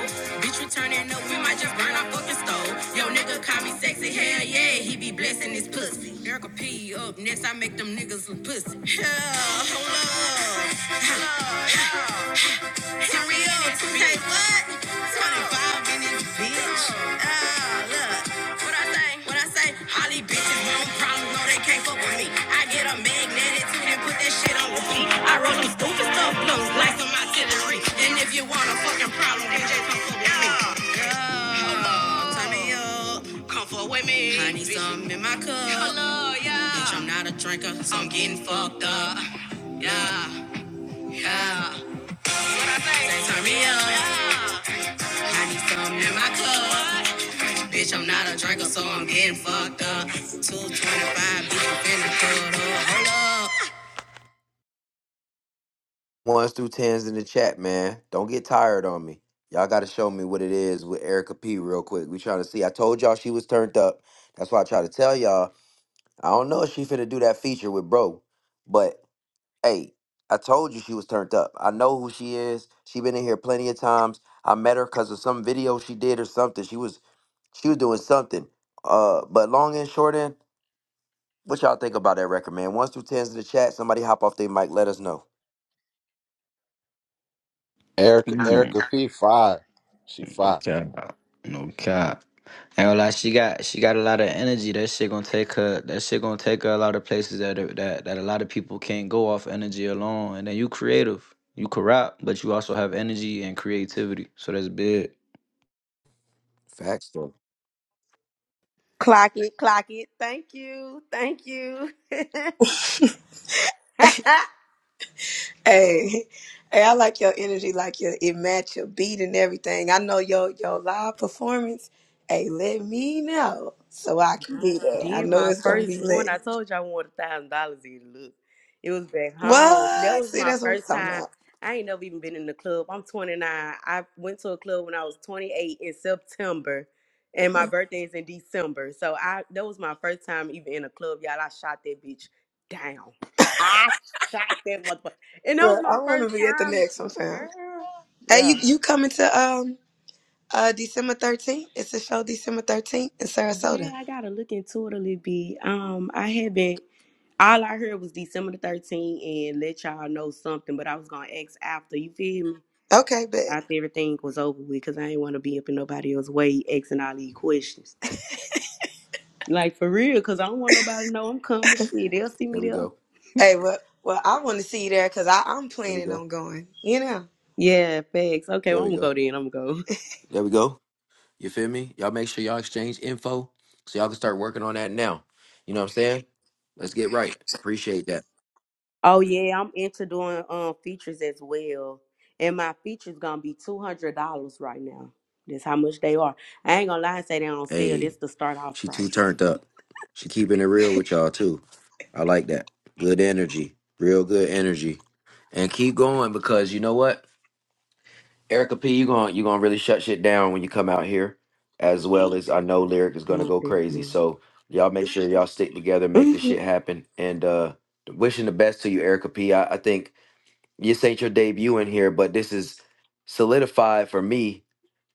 [SPEAKER 1] Bitch, we turning up, we might just burn our fucking stove. Yo, nigga call me sexy, hell yeah, he be blessing his pussy. Erica P up next, I make them niggas look pussy. Yeah, hold up. Hold up. For real, 2K what? 25 minutes, bitch. Ah, look. What I say? What I say? Holly bitches want problems, no they can't fuck with me. I get a magnetic too, then put that shit on repeat. I roll some stupid stuff, blows like some artillery. And if you want a fucking problem, then just come fuck with me. Yeah. yeah. Turn me up. Come fuck with me. I need some in my cup. Hello, yeah. Bitch, I'm not a drinker, so I'm getting fucked up. Yeah, yeah turn me up. I need something in my cup. Bitch, I'm not a drinker, so I'm getting fucked up. 225, bitch, I'm finna put up. Hold up. Ones through tens in the chat, man. Don't get tired on me. Y'all got to show me what it is with Erica P real quick. We trying to see. I told y'all she was turned up. That's why I try to tell y'all. I don't know if she finna do that feature with bro, but hey, I told you she was turned up. I know who she is. She been in here plenty of times. I met her because of some video she did or something. She was she was doing something. Uh, but long and short end, what y'all think about that record, man? Ones through tens in the chat. Somebody hop off their mic. Let us know.
[SPEAKER 22] Erica
[SPEAKER 20] Mm.
[SPEAKER 22] Erica P fire. She
[SPEAKER 20] No
[SPEAKER 22] fire.
[SPEAKER 20] cap. No cap. Ain't gonna lie, she got she got a lot of energy. That shit gonna take her. That shit gonna take her a lot of places that that that a lot of people can't go off energy alone. And then you creative, you can rap, but you also have energy and creativity. So that's big.
[SPEAKER 1] Facts, though.
[SPEAKER 14] Clock it, clock it. Thank you, thank you.
[SPEAKER 12] Hey, hey, I like your energy, like your it match your beat and everything. I know your your live performance. Hey, let me know so I can be there. I
[SPEAKER 14] Did
[SPEAKER 12] know
[SPEAKER 14] my
[SPEAKER 12] it's gonna be
[SPEAKER 14] first one.
[SPEAKER 12] lit.
[SPEAKER 14] I told you I won a thousand dollars in look. It was back home. That
[SPEAKER 12] What?
[SPEAKER 14] was
[SPEAKER 12] See,
[SPEAKER 14] my
[SPEAKER 12] that's what I'm
[SPEAKER 14] first
[SPEAKER 12] talking
[SPEAKER 14] time.
[SPEAKER 12] about.
[SPEAKER 14] I ain't never even been in the club. I'm 29. I went to a club when I was 28 in September, and my birthday is in December. So I that was my first time even in a club, y'all. I shot that bitch down. I shot that motherfucker, and that
[SPEAKER 12] But
[SPEAKER 14] was
[SPEAKER 12] I
[SPEAKER 14] my
[SPEAKER 12] want
[SPEAKER 14] first
[SPEAKER 12] to be at the
[SPEAKER 14] time,
[SPEAKER 12] next one, fam.
[SPEAKER 14] girl.
[SPEAKER 12] Hey,
[SPEAKER 14] Yeah.
[SPEAKER 12] you you coming to um uh December 13th? It's a show December 13th in
[SPEAKER 14] Yeah,
[SPEAKER 12] Sarasota.
[SPEAKER 14] I gotta look into it a little bit. Um, I haven't. All I heard was December the thirteenth, and let y'all know something. But I was gonna ask after. You feel me?
[SPEAKER 12] Okay, bet.
[SPEAKER 14] After everything was over with, cause I ain't want to be up in nobody else's way asking all these questions. Like for real, cause I don't want nobody to know I'm coming. Shit, they'll see me
[SPEAKER 1] There we
[SPEAKER 14] there.
[SPEAKER 1] go.
[SPEAKER 12] Hey, well, well, I want to see you there because I'm
[SPEAKER 1] There we
[SPEAKER 12] planning
[SPEAKER 1] go.
[SPEAKER 12] on going. You know,
[SPEAKER 14] Yeah, facts. Okay,
[SPEAKER 1] There
[SPEAKER 14] well, I'm
[SPEAKER 1] we
[SPEAKER 14] gonna go
[SPEAKER 1] go.
[SPEAKER 14] then. I'm gonna go.
[SPEAKER 1] There we go. You feel me? Y'all make sure y'all exchange info so y'all can start working on that now. You know what I'm saying? Let's get right. Appreciate that.
[SPEAKER 14] Oh yeah, I'm into doing um features as well. And my features gonna be two hundred dollars right now. That's how much they are. I ain't gonna lie and say they on sale.
[SPEAKER 1] Hey.
[SPEAKER 14] This the start off
[SPEAKER 1] She too
[SPEAKER 14] price.
[SPEAKER 1] turned up. She keeping it real with y'all too. I like that. Good energy. Real good energy. And keep going because you know what? Erica P, you going you gonna really shut shit down when you come out here. As well as I know Lyric is gonna
[SPEAKER 14] Not
[SPEAKER 1] go
[SPEAKER 14] this
[SPEAKER 1] crazy.
[SPEAKER 14] much.
[SPEAKER 1] So y'all make sure y'all stick together, make this
[SPEAKER 14] Mhm.
[SPEAKER 1] shit happen. And uh wishing the best to you, Erica P. I, I think this ain't your debut in here, but this is solidified for me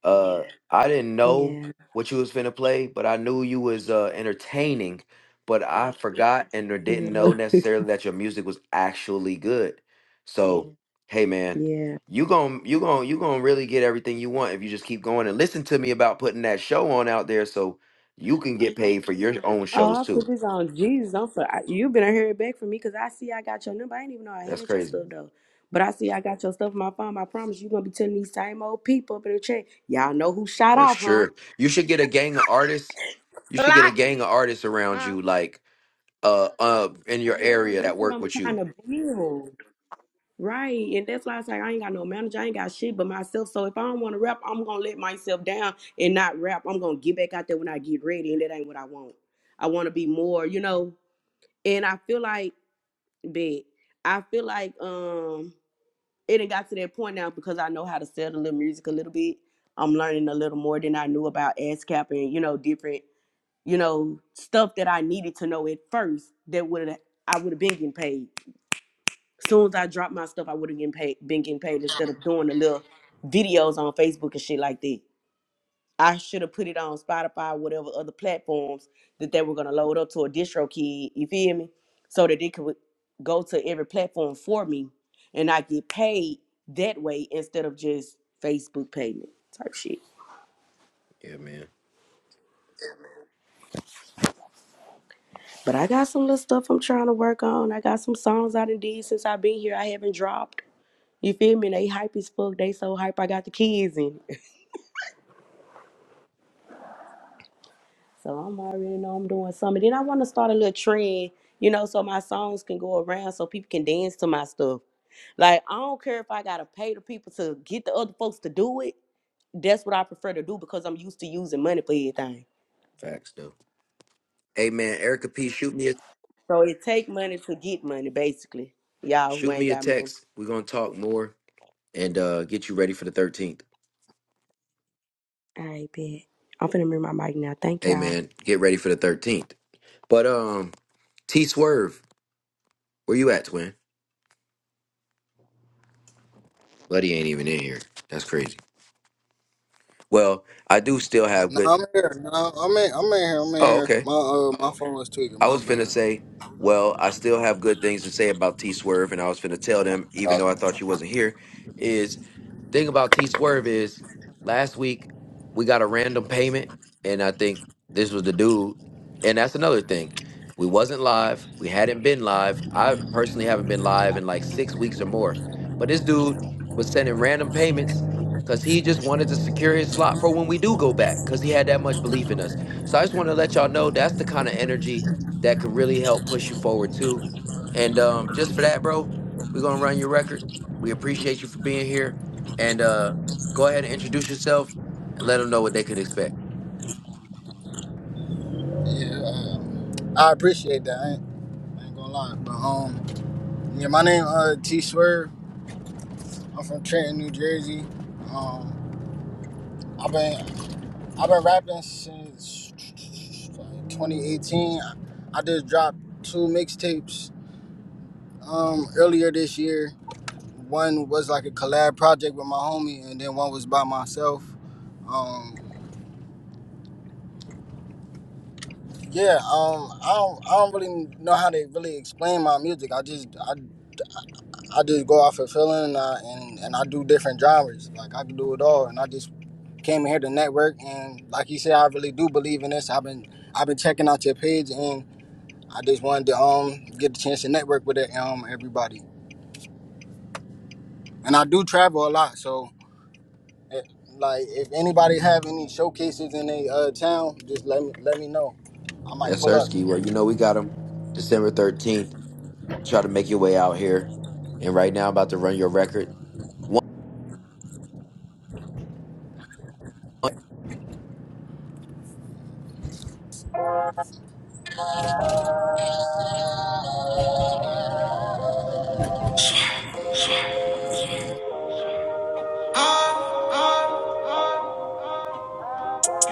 [SPEAKER 1] uh, I didn't know
[SPEAKER 14] yeah,
[SPEAKER 1] what you was finna play, but I knew you was uh entertaining, but I forgot and or didn't
[SPEAKER 14] yeah,
[SPEAKER 1] know necessarily that your music was actually good. So, Mhm. hey man,
[SPEAKER 14] yeah.
[SPEAKER 1] you gon' you gon' you gonna really get everything you want if you just keep going and listen to me about putting that show on out there so you can get paid for your own
[SPEAKER 14] Oh,
[SPEAKER 1] shows
[SPEAKER 14] I put
[SPEAKER 1] too.
[SPEAKER 14] this on Jesus. I'm for I, you been hearing back from me because I see I got your number. I didn't even know I
[SPEAKER 1] That's
[SPEAKER 14] had your
[SPEAKER 1] crazy.
[SPEAKER 14] stuff though. But I see I got your stuff in my phone. I promise you gonna be telling these same old people up in the chat. Y'all know who shot
[SPEAKER 1] For
[SPEAKER 14] off, huh?
[SPEAKER 1] sure. You should get a gang of artists. You should get a
[SPEAKER 14] Lock
[SPEAKER 1] gang of artists around
[SPEAKER 14] it.
[SPEAKER 1] you like uh uh in your
[SPEAKER 14] Yeah,
[SPEAKER 1] area
[SPEAKER 14] that's
[SPEAKER 1] that
[SPEAKER 14] what
[SPEAKER 1] work
[SPEAKER 14] I'm
[SPEAKER 1] with
[SPEAKER 14] trying
[SPEAKER 1] you.
[SPEAKER 14] to build. Right. And that's why I say I ain't got no manager. I ain't got shit but myself. So if I don't want to rap, I'm gonna let myself down and not rap. I'm gonna get back out there when I get ready, and that ain't what I want. I wanna be more, you know. And I feel like big. I feel like um it done got to that point now because I know how to sell the little music a little bit. I'm learning a little more than I knew about ASCAP and, you know, different, you know, stuff that I needed to know at first that would have I would have been getting paid. As soon as I dropped my stuff, I would have been paid, been getting paid instead of doing the little videos on Facebook and shit like that. I should have put it on Spotify, whatever other platforms that they were gonna load up to a distro kid. You feel me? So that they could go to every platform for me, and I get paid that way instead of just Facebook payment type shit.
[SPEAKER 1] Yeah, man.
[SPEAKER 14] But I got some little stuff I'm trying to work on. I got some songs I done did since I've been here. I haven't dropped. You feel me? They hype as fuck. They so hype. I got the kids in. it. So I'm already know I'm doing something. Then I want to start a little trend, you know, so my songs can go around so people can dance to my stuff. Like I don't care if I gotta pay the people to get the other folks to do it. That's what I prefer to do because I'm used to using money for everything.
[SPEAKER 1] Facts though. Hey man, Erica P, shoot me a
[SPEAKER 14] So it take money to get money, basically. Y'all who
[SPEAKER 1] shoot
[SPEAKER 14] ain't
[SPEAKER 1] me a
[SPEAKER 14] got money.
[SPEAKER 1] text. We're gonna talk more and uh get you ready for the thirteenth.
[SPEAKER 14] All right, bet. I'm finna mute my mic now. Thank
[SPEAKER 1] Hey
[SPEAKER 14] y'all.
[SPEAKER 1] man, get ready for the thirteenth. But um T Swerve, where you at, twin? Bloody ain't even in here. That's crazy. Well, I do still have
[SPEAKER 23] No,
[SPEAKER 1] good
[SPEAKER 23] I'm here. No, I'm in. I'm in here. I'm in
[SPEAKER 1] Oh,
[SPEAKER 23] here.
[SPEAKER 1] okay.
[SPEAKER 23] My uh my phone was tweaking.
[SPEAKER 1] I
[SPEAKER 23] My
[SPEAKER 1] was finna
[SPEAKER 23] bad.
[SPEAKER 1] say, well, I still have good things to say about T Swerve, and I was finna tell them, even though I thought you wasn't here, is Thing about T Swerve is last week we got a random payment, and I think this was the dude. And that's another thing. We wasn't live. We hadn't been live. I personally haven't been live in like six weeks or more. But this dude was sending random payments because he just wanted to secure his slot for when we do go back because he had that much belief in us. So I just want to let y'all know that's the kind of energy that could really help push you forward too. And um, just for that, bro, we're gonna run your record. We appreciate you for being here and uh, go ahead and introduce yourself and let them know what they could expect.
[SPEAKER 23] Yeah. Um, I appreciate that. I ain't gonna lie, but um, yeah, my name uh T Swerve. I'm from Trenton, New Jersey. Um, I've been I've been rapping since 2018. I, I just dropped two mixtapes um earlier this year. One was like a collab project with my homie, and then one was by myself. Um, yeah, um, I don't I don't really know how to really explain my music. I just I I just go off of feeling and I, and, and I do different genres. Like I can do it all, and I just Came in here to network, and like you said, I really do believe in this. I've been I've been checking out your page, and I just wanted to um get the chance to network with it, um everybody. And I do travel a lot, so eh, like if anybody have any showcases in a uh, town, just let me let me know. I might
[SPEAKER 1] Yes,
[SPEAKER 23] pull
[SPEAKER 1] sir,
[SPEAKER 23] up.
[SPEAKER 1] Ski. Well, you know we got them December 13th. Try to make your way out here. And right now, about to run your record.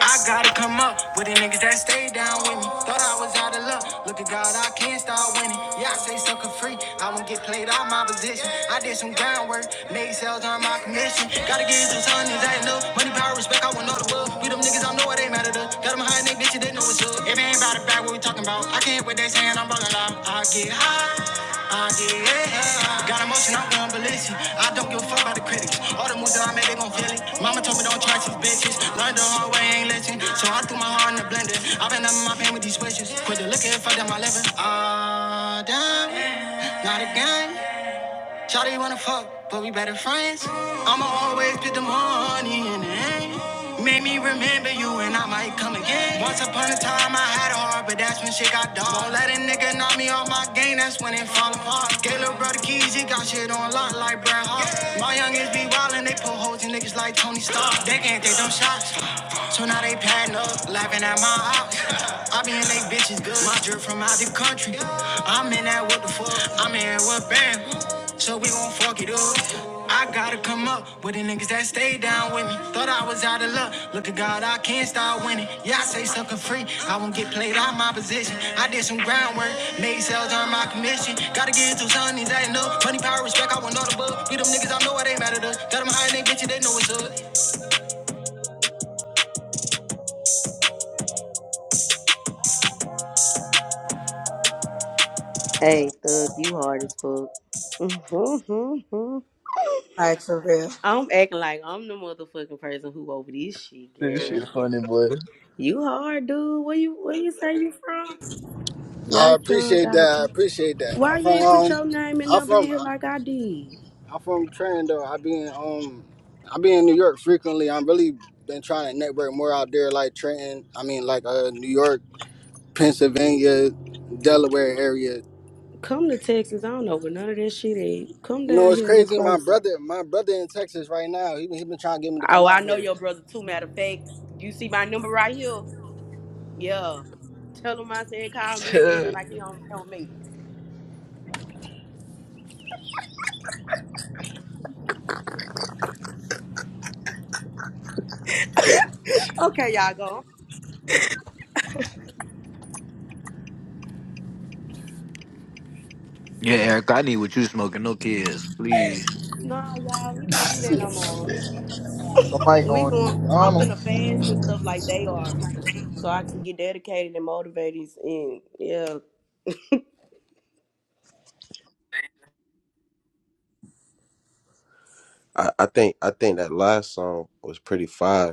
[SPEAKER 1] I gotta come up with the niggas that stay down with me. Thought I was out of luck. Look at God, I can't start winning. Yeah, I say sucker free. I won't get played out my position. I did some groundwork, made sales on my commission. Gotta get some sun, is that enough? Money, power, respect, I want all the love. We them niggas, I know it ain't matter to. Got them high and they bitches, they know it's up. If it ain't about the back, what we talking about? I can't what they saying, I'm bugging out. I get high. Uh, yeah. Got emotion, I'm going ballistic. I don't give a fuck about the critics. All the moves that I make, they gon' feel it. Mama told me don't trust these bitches. Learned the hard way, ain't listen. So I threw my heart in the blender. I've been up in my pain with these switches. Quit the liquor, fuck up my liver. Ah, uh, damn. Not again. Shawty wanna fuck, but we better friends. I'ma always put the money in the end. Made me remember you and I might come again. Once upon a time I had a heart, but that's when shit got dark. Won't let a nigga knock me off my game, that's when it fall apart. Gay little brother keys, he got shit on lock like Bret Hart. My youngins be wildin', they pull hoes in niggas like Tony Stark. They can't take them shots, so now they padding up, laughing at my ops. I be in they bitches good. My drip from out the country. I'm in that what the fuck. I'm in what band so we gon' fuck it up. I gotta come up with the niggas that stay down with me. Thought I was out of luck. Look at God, I can't start winning. Yeah, I say sucker free. I won't get played out my position. I did some groundwork, made sales on my commission. Gotta get into some of these I ain't no money, power, respect. I want all the bug. We them niggas, I know it ain't mad at us. Tell them how they get you, they know it's up.
[SPEAKER 14] Hey, thug, you hard as fuck.
[SPEAKER 12] like for real.
[SPEAKER 14] I'm acting like I'm the motherfucking person who over this shit,
[SPEAKER 30] This shit
[SPEAKER 14] girl.
[SPEAKER 30] funny, boy.
[SPEAKER 14] You hard, dude. Where you where you say you from?
[SPEAKER 23] I
[SPEAKER 14] Your son
[SPEAKER 23] appreciate that.
[SPEAKER 14] got a
[SPEAKER 23] I
[SPEAKER 14] pl-
[SPEAKER 23] appreciate that.
[SPEAKER 14] Why
[SPEAKER 23] I'm
[SPEAKER 14] you
[SPEAKER 23] from
[SPEAKER 14] ain't put
[SPEAKER 23] um,
[SPEAKER 14] your name and
[SPEAKER 23] I'm
[SPEAKER 14] number in
[SPEAKER 23] from
[SPEAKER 14] here like I did?
[SPEAKER 23] I'm from Trando. I be in um, I be in New York frequently. I'm really been trying to network more out there, like Trenton. I mean, like uh, New York. Pennsylvania, Delaware area.
[SPEAKER 14] Come to Texas. I don't know where none of that shit is. Come
[SPEAKER 23] No,
[SPEAKER 14] down
[SPEAKER 23] it's
[SPEAKER 14] here and get
[SPEAKER 23] crazy. My
[SPEAKER 14] closer.
[SPEAKER 23] brother, my brother in Texas right now. He been, he been trying to get me to come
[SPEAKER 14] Oh,
[SPEAKER 23] out
[SPEAKER 14] I know
[SPEAKER 23] here.
[SPEAKER 14] your brother too. Matter of fact, you see my number right here. Yeah. Tell him I said call me. He acting like he don't know me. Okay, y'all go.
[SPEAKER 20] Yeah, Eric, I need what you smoking. No kids, please.
[SPEAKER 14] No, y'all, we can't do that no more.
[SPEAKER 30] Somebody
[SPEAKER 14] We
[SPEAKER 30] going to
[SPEAKER 14] going. I'm finna
[SPEAKER 30] McDonald's.
[SPEAKER 14] fast and stuff like they are, so I can get dedicated and motivated and yeah.
[SPEAKER 22] i, I think i think that last song was pretty fire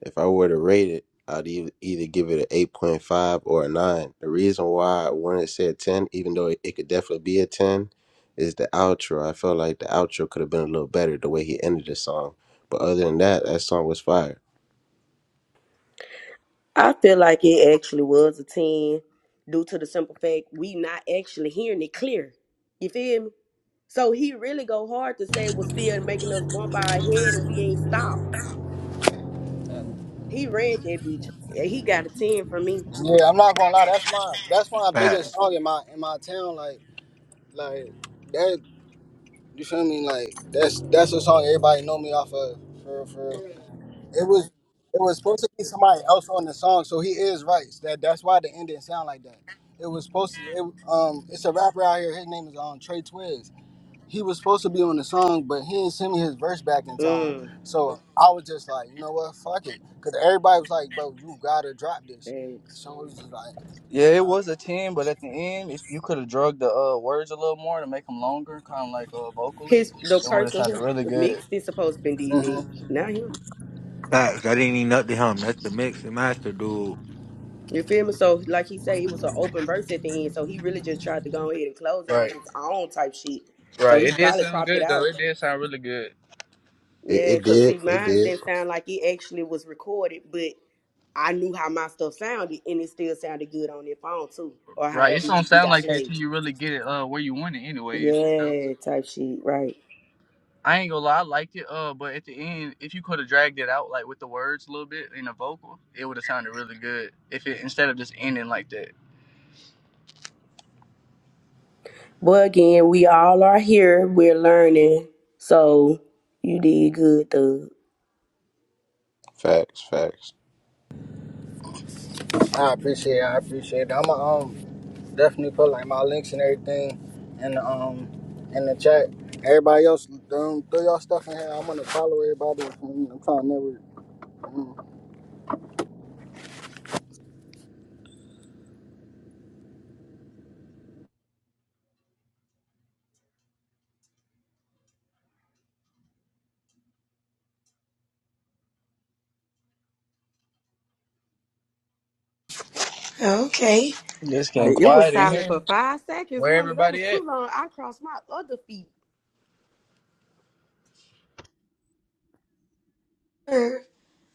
[SPEAKER 22] If I were to rate it, I'd e- either give it an eight point five or a nine. The reason why I wanted to say a ten, even though it, it could definitely be a ten, is the outro. I felt like the outro could have been a little better the way he ended the song. But other than that, that song was fire.
[SPEAKER 14] I feel like it actually was a 10 due to the simple fact we not actually hearing it clear. You feel me? So he really go hard to say was still making us bump our head and we ain't stopped. He ran that bitch. and He got a 10 from me.
[SPEAKER 23] Yeah, I'm not gonna lie. That's my that's my
[SPEAKER 20] Fact-
[SPEAKER 23] biggest song in my in my town. Like like that. You feel me? Like that's that's a song everybody know me off of. For for it was it was supposed to be somebody else on the song. So he is right. That that's why the ending sound like that. It was supposed to. It, um, it's a rapper out here. His name is um Trey Twiz. he was supposed to be on the song, but he didn't send me his verse back in time.
[SPEAKER 14] Mm.
[SPEAKER 23] So I was just like, you know what, fuck it, because everybody was like, bro, you gotta drop this.
[SPEAKER 14] Thanks.
[SPEAKER 23] So it was just like,
[SPEAKER 30] Yeah, it
[SPEAKER 23] uh,
[SPEAKER 30] was a ten, but at the end, if you could have drugged the uh, words a little more to make them longer, kind of like uh, vocally,
[SPEAKER 14] His the
[SPEAKER 30] it would have
[SPEAKER 14] person
[SPEAKER 30] sounded
[SPEAKER 14] who
[SPEAKER 30] really good.
[SPEAKER 14] mixed it supposed to been did that,
[SPEAKER 23] mhm.
[SPEAKER 14] not him.
[SPEAKER 20] Facts. I didn't need nothing to him. That's the mix and master dude.
[SPEAKER 14] You feel me? So like he said, it was an open verse at the end. So he really just tried to go ahead and close it on
[SPEAKER 30] Right,
[SPEAKER 14] his own type shit. So
[SPEAKER 30] right.
[SPEAKER 14] he
[SPEAKER 30] It did
[SPEAKER 14] probably
[SPEAKER 30] sound
[SPEAKER 14] cropped it
[SPEAKER 30] good
[SPEAKER 14] out.
[SPEAKER 30] though. It did sound really good.
[SPEAKER 22] It,
[SPEAKER 14] Yeah,
[SPEAKER 22] it
[SPEAKER 14] cause
[SPEAKER 22] did.
[SPEAKER 14] see,
[SPEAKER 22] It
[SPEAKER 14] mine
[SPEAKER 22] did.
[SPEAKER 14] didn't sound like it actually was recorded, but I knew how my stuff sounded, and it still sounded good on their phone too, or
[SPEAKER 30] Right. It
[SPEAKER 14] however
[SPEAKER 30] don't
[SPEAKER 14] it
[SPEAKER 30] sound
[SPEAKER 14] got
[SPEAKER 30] like that
[SPEAKER 14] played.
[SPEAKER 30] till you really get it uh where you want it, anyways.
[SPEAKER 14] Yeah, type shit, right?
[SPEAKER 30] I ain't gonna lie, I liked it. Uh, but at the end, if you could have dragged it out like with the words a little bit in the vocal, it would have sounded really good. If it instead of just ending like that.
[SPEAKER 14] But again, we all are here. We're learning, so you did good, though.
[SPEAKER 22] Facts. Facts.
[SPEAKER 23] I appreciate, it, I appreciate. It. I'm gonna um, definitely put like my links and everything in the um in the chat. Everybody else, um, throw y'all stuff in here. I'm gonna follow everybody. I'm trying to network.
[SPEAKER 12] Okay.
[SPEAKER 30] Just getting
[SPEAKER 14] Hey, it was
[SPEAKER 30] quiet in
[SPEAKER 14] silent
[SPEAKER 30] here.
[SPEAKER 14] for five seconds.
[SPEAKER 30] Where
[SPEAKER 14] One of that was
[SPEAKER 30] everybody
[SPEAKER 14] too
[SPEAKER 30] at?
[SPEAKER 14] long. I crossed my other feet.
[SPEAKER 12] Sure.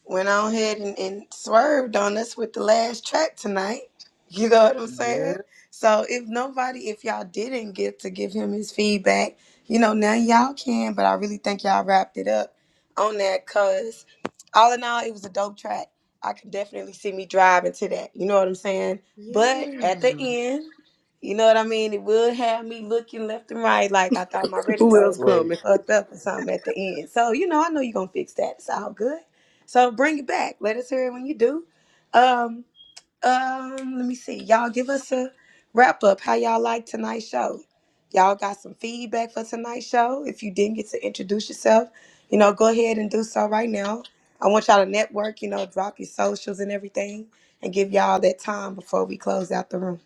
[SPEAKER 12] went on ahead and, and swerved on us with the last track tonight. You know what I'm
[SPEAKER 30] Yeah.
[SPEAKER 12] saying? So if nobody, if y'all didn't get to give him his feedback, you know, now y'all can, but I really think y'all wrapped it up on that cause all in all, it was a dope track. I can definitely see me driving to that. You know what I'm saying? But at the
[SPEAKER 14] Yeah.
[SPEAKER 12] end, you know what I mean? It will have me looking left and right like I thought my
[SPEAKER 14] Who else
[SPEAKER 12] radio
[SPEAKER 30] Like,
[SPEAKER 14] coming?
[SPEAKER 12] fucked up or something at the end. So, you know, I know you're gonna fix that. It's all good. So bring it back. Let us hear it when you do. Um, um, let me see. Y'all give us a wrap up. How y'all like tonight's show? Y'all got some feedback for tonight's show. If you didn't get to introduce yourself, you know, go ahead and do so right now. I want y'all to network, you know, drop your socials and everything and give y'all that time before we close out the room.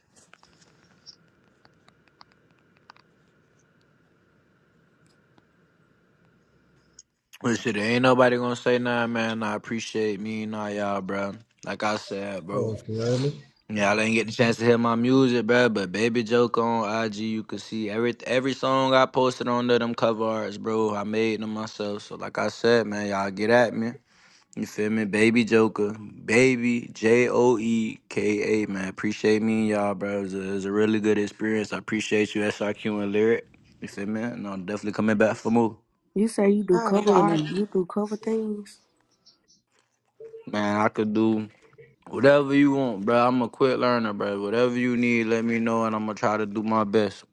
[SPEAKER 20] But shit, ain't nobody gonna say nothing, man. I appreciate me and all y'all, bro. Like I said, bro.
[SPEAKER 9] okay, I
[SPEAKER 20] Y'all didn't get the chance to hear my music, bro. But Baby Joke on IG, you can see every every song I posted on there, them cover arts, bro. I made them myself. So like I said, man, y'all get at me. You feel me? Baby Joker, baby J O E K A, man. Appreciate me and y'all, bro. It was, a, it was a really good experience. I appreciate you, SRQ and Lyric. You feel me? And I'm definitely coming back for more.
[SPEAKER 14] You say you do
[SPEAKER 12] Oh,
[SPEAKER 14] cover art,
[SPEAKER 12] really.
[SPEAKER 14] you do cover things.
[SPEAKER 20] Man, I could do. Whatever you want, bro. I'm a quick learner, bro. Whatever you need, let me know, and I'm gonna try to do my best.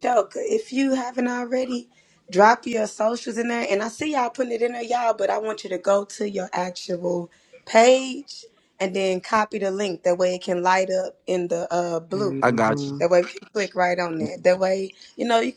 [SPEAKER 12] Joker, if you haven't already, drop your socials in there. And I see y'all putting it in there, y'all, but I want you to go to your actual page and then copy the link. That way it can light up in the uh blue.
[SPEAKER 20] I got you.
[SPEAKER 14] hmm
[SPEAKER 12] That way you can click right on there. That way, you know, you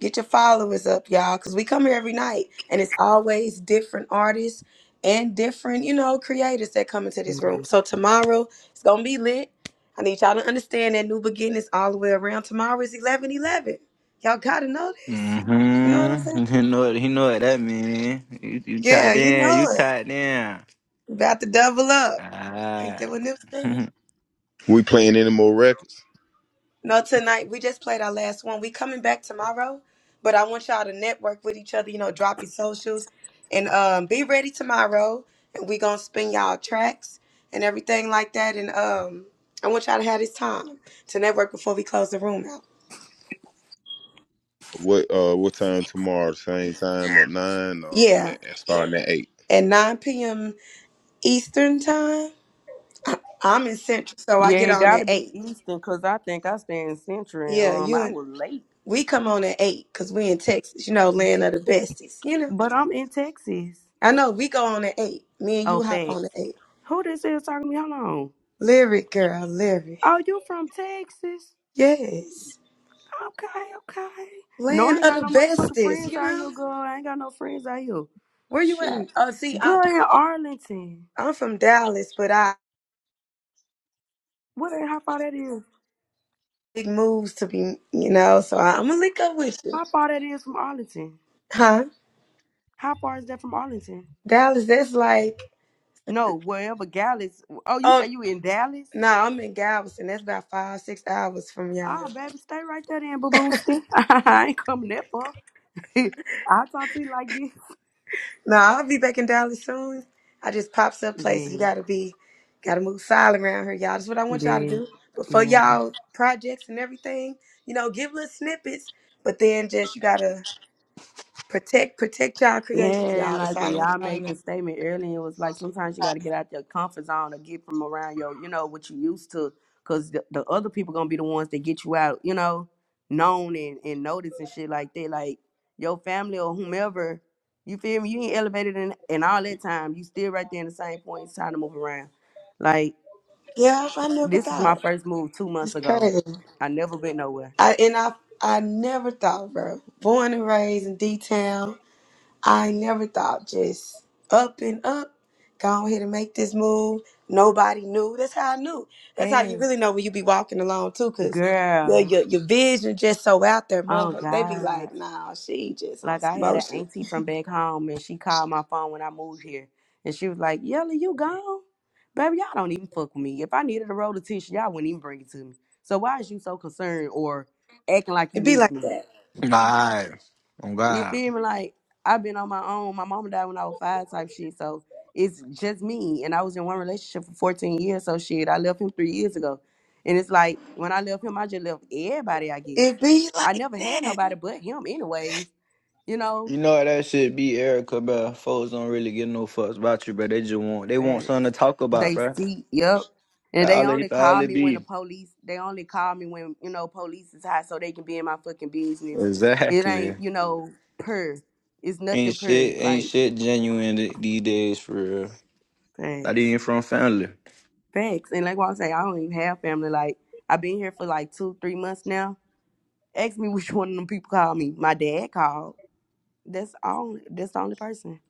[SPEAKER 12] Get your followers up, y'all, because we come here every night and it's always different artists and different, you know, creators that come into this room. So tomorrow it's gonna be lit. I need y'all to understand that new beginnings all the way around. Tomorrow is 1111 you Y'all gotta know this. You know what I'm saying?
[SPEAKER 20] Mm-hmm. He know what he know what that mean. You, you
[SPEAKER 12] Yeah,
[SPEAKER 20] tied
[SPEAKER 12] you
[SPEAKER 20] in. You
[SPEAKER 12] know
[SPEAKER 20] tied
[SPEAKER 12] it.
[SPEAKER 20] in.
[SPEAKER 12] About to double up. Ain't that
[SPEAKER 20] Alright.
[SPEAKER 12] what Nip said?
[SPEAKER 31] We playing any more records?
[SPEAKER 12] No, tonight we just played our last one. We coming back tomorrow, but I want y'all to network with each other. You know, drop your socials and um, be ready tomorrow. And we gonna spin y'all tracks and everything like that. And um, I want y'all to have this time to network before we close the room out.
[SPEAKER 31] What uh what time tomorrow? Same time at nine or
[SPEAKER 12] Yeah,
[SPEAKER 31] at, at starting at eight?
[SPEAKER 12] at 9 p.m. Eastern time. I- I'm in Central, so I
[SPEAKER 14] Yeah,
[SPEAKER 12] get
[SPEAKER 14] it
[SPEAKER 12] on at
[SPEAKER 14] gotta be
[SPEAKER 12] eight.
[SPEAKER 14] Eastern because I think I stay in Central.
[SPEAKER 12] Yeah,
[SPEAKER 14] Um,
[SPEAKER 12] you
[SPEAKER 14] I
[SPEAKER 12] and
[SPEAKER 14] was late.
[SPEAKER 12] we come on at eight because we in Texas. You know, land
[SPEAKER 14] Yeah,
[SPEAKER 12] of the besties. You know,
[SPEAKER 14] but I'm in Texas.
[SPEAKER 12] I know we go on at eight. Me and
[SPEAKER 14] Oh,
[SPEAKER 12] you hop
[SPEAKER 14] thanks.
[SPEAKER 12] on at eight.
[SPEAKER 14] Who this is talking to me? Hold on.
[SPEAKER 12] Lyric girl, lyric.
[SPEAKER 14] Oh, you from Texas?
[SPEAKER 12] Yes.
[SPEAKER 14] Okay, okay. No, I
[SPEAKER 12] Land
[SPEAKER 14] ain't
[SPEAKER 12] of
[SPEAKER 14] got
[SPEAKER 12] the
[SPEAKER 14] no motherfucking
[SPEAKER 12] bestest,
[SPEAKER 14] friends
[SPEAKER 12] you
[SPEAKER 14] out
[SPEAKER 12] know?
[SPEAKER 14] here, girl. I ain't got no friends out here.
[SPEAKER 12] Where you at?
[SPEAKER 14] Shit.
[SPEAKER 12] Oh, see, I,
[SPEAKER 14] Girl in Arlington.
[SPEAKER 12] I'm from Dallas, but I
[SPEAKER 14] What? How far that is?
[SPEAKER 12] big moves to be, you know, so I, I'm gonna link up with you.
[SPEAKER 14] How far that is from Arlington?
[SPEAKER 12] Huh?
[SPEAKER 14] How far is that from Arlington?
[SPEAKER 12] Dallas, that's like,
[SPEAKER 14] No, wherever Dallas. Oh, you
[SPEAKER 12] oh,
[SPEAKER 14] say you in Dallas?
[SPEAKER 12] no, I'm in Galveston. That's about five, six hours from
[SPEAKER 14] Ah,
[SPEAKER 12] y'all.
[SPEAKER 14] baby, stay right there then, boo boo. I ain't coming that far. I'll talk to you like this.
[SPEAKER 12] No, I'll be back in Dallas soon. I just pops up places. You
[SPEAKER 14] Big,
[SPEAKER 12] gotta be, gotta move silent around here, y'all. That's what I want y'all to
[SPEAKER 14] big,
[SPEAKER 12] do. But for
[SPEAKER 14] yeah.
[SPEAKER 12] y'all projects and everything, you know, give little snippets, but then just, you gotta, Protect, protect y'all
[SPEAKER 14] Yeah,
[SPEAKER 12] creations,
[SPEAKER 14] and
[SPEAKER 12] y'all. That's
[SPEAKER 14] like when
[SPEAKER 12] all I want
[SPEAKER 14] y'all
[SPEAKER 12] y'all to
[SPEAKER 14] made
[SPEAKER 12] know.
[SPEAKER 14] the statement earlier, it was like sometimes you got to get out your comfort zone or get from around your, you know, what you used to, because the, the other people gonna be the ones that get you out, you know, known and, and noticed and shit like that. Like your family or whomever, you feel me? You ain't elevated in, in all that time. You still right there in the same point. It's time to move around. Like
[SPEAKER 12] Yeah, I never
[SPEAKER 14] This was my
[SPEAKER 12] thought.
[SPEAKER 14] first move two
[SPEAKER 12] It's
[SPEAKER 14] months ago.
[SPEAKER 12] crazy.
[SPEAKER 14] I never been nowhere.
[SPEAKER 12] I and I I never thought, bro. Born and raised in D town, I never thought just up and up. Go ahead and make this move. Nobody knew. That's how I knew. That's how you
[SPEAKER 14] Thanks.
[SPEAKER 12] really know when you be walking along too, cause your
[SPEAKER 14] Girl.
[SPEAKER 12] your, your vision just so out there,
[SPEAKER 14] Oh
[SPEAKER 12] motherfucker. They be like,
[SPEAKER 14] God.
[SPEAKER 12] nah, she just on
[SPEAKER 14] Like I
[SPEAKER 12] some
[SPEAKER 14] had an
[SPEAKER 12] motion.
[SPEAKER 14] auntie from back home and she called my phone when I moved here. And she was like, Yella, you gone? Baby, y'all don't even fuck with me. If I needed a roll of tissue, y'all wouldn't even bring it to me. So why is you so concerned or acting like you
[SPEAKER 12] It be
[SPEAKER 14] miss
[SPEAKER 12] like
[SPEAKER 14] me?
[SPEAKER 12] that.
[SPEAKER 20] Alright. On
[SPEAKER 14] You
[SPEAKER 20] God.
[SPEAKER 14] feel me? Like I've been on my own. My mom died when I was five, type shit. So it's just me, and I was in one relationship for fourteen years. So shit, I left him three years ago, and it's like when I left him, I just left everybody. I guess
[SPEAKER 12] It be
[SPEAKER 14] I
[SPEAKER 12] like
[SPEAKER 14] never had
[SPEAKER 12] that.
[SPEAKER 14] nobody but him, anyways. You know,
[SPEAKER 20] You know how that shit be, Erica, bro. Folks don't really give no fucks about you, bro. They just want they want
[SPEAKER 14] they
[SPEAKER 20] something to talk about,
[SPEAKER 14] they
[SPEAKER 20] bro.
[SPEAKER 14] see, yep, and they
[SPEAKER 20] All it
[SPEAKER 14] only
[SPEAKER 20] all
[SPEAKER 14] call
[SPEAKER 20] it
[SPEAKER 14] me when the
[SPEAKER 20] be.
[SPEAKER 14] police. They only call me when you know police is hot, so they can be in my fucking business. It
[SPEAKER 20] Exactly.
[SPEAKER 14] ain't you know per. It's nothing
[SPEAKER 20] Ain't
[SPEAKER 14] per
[SPEAKER 20] shit ain't
[SPEAKER 14] like.
[SPEAKER 20] shit genuine th- these days for real. Not
[SPEAKER 14] Thanks.
[SPEAKER 20] even from family.
[SPEAKER 14] Facts. And like what I'm saying, I don't even have family. Like I've been here for like two, three months now. Ask me which one of them people called me. My dad called. That's all that's the only person.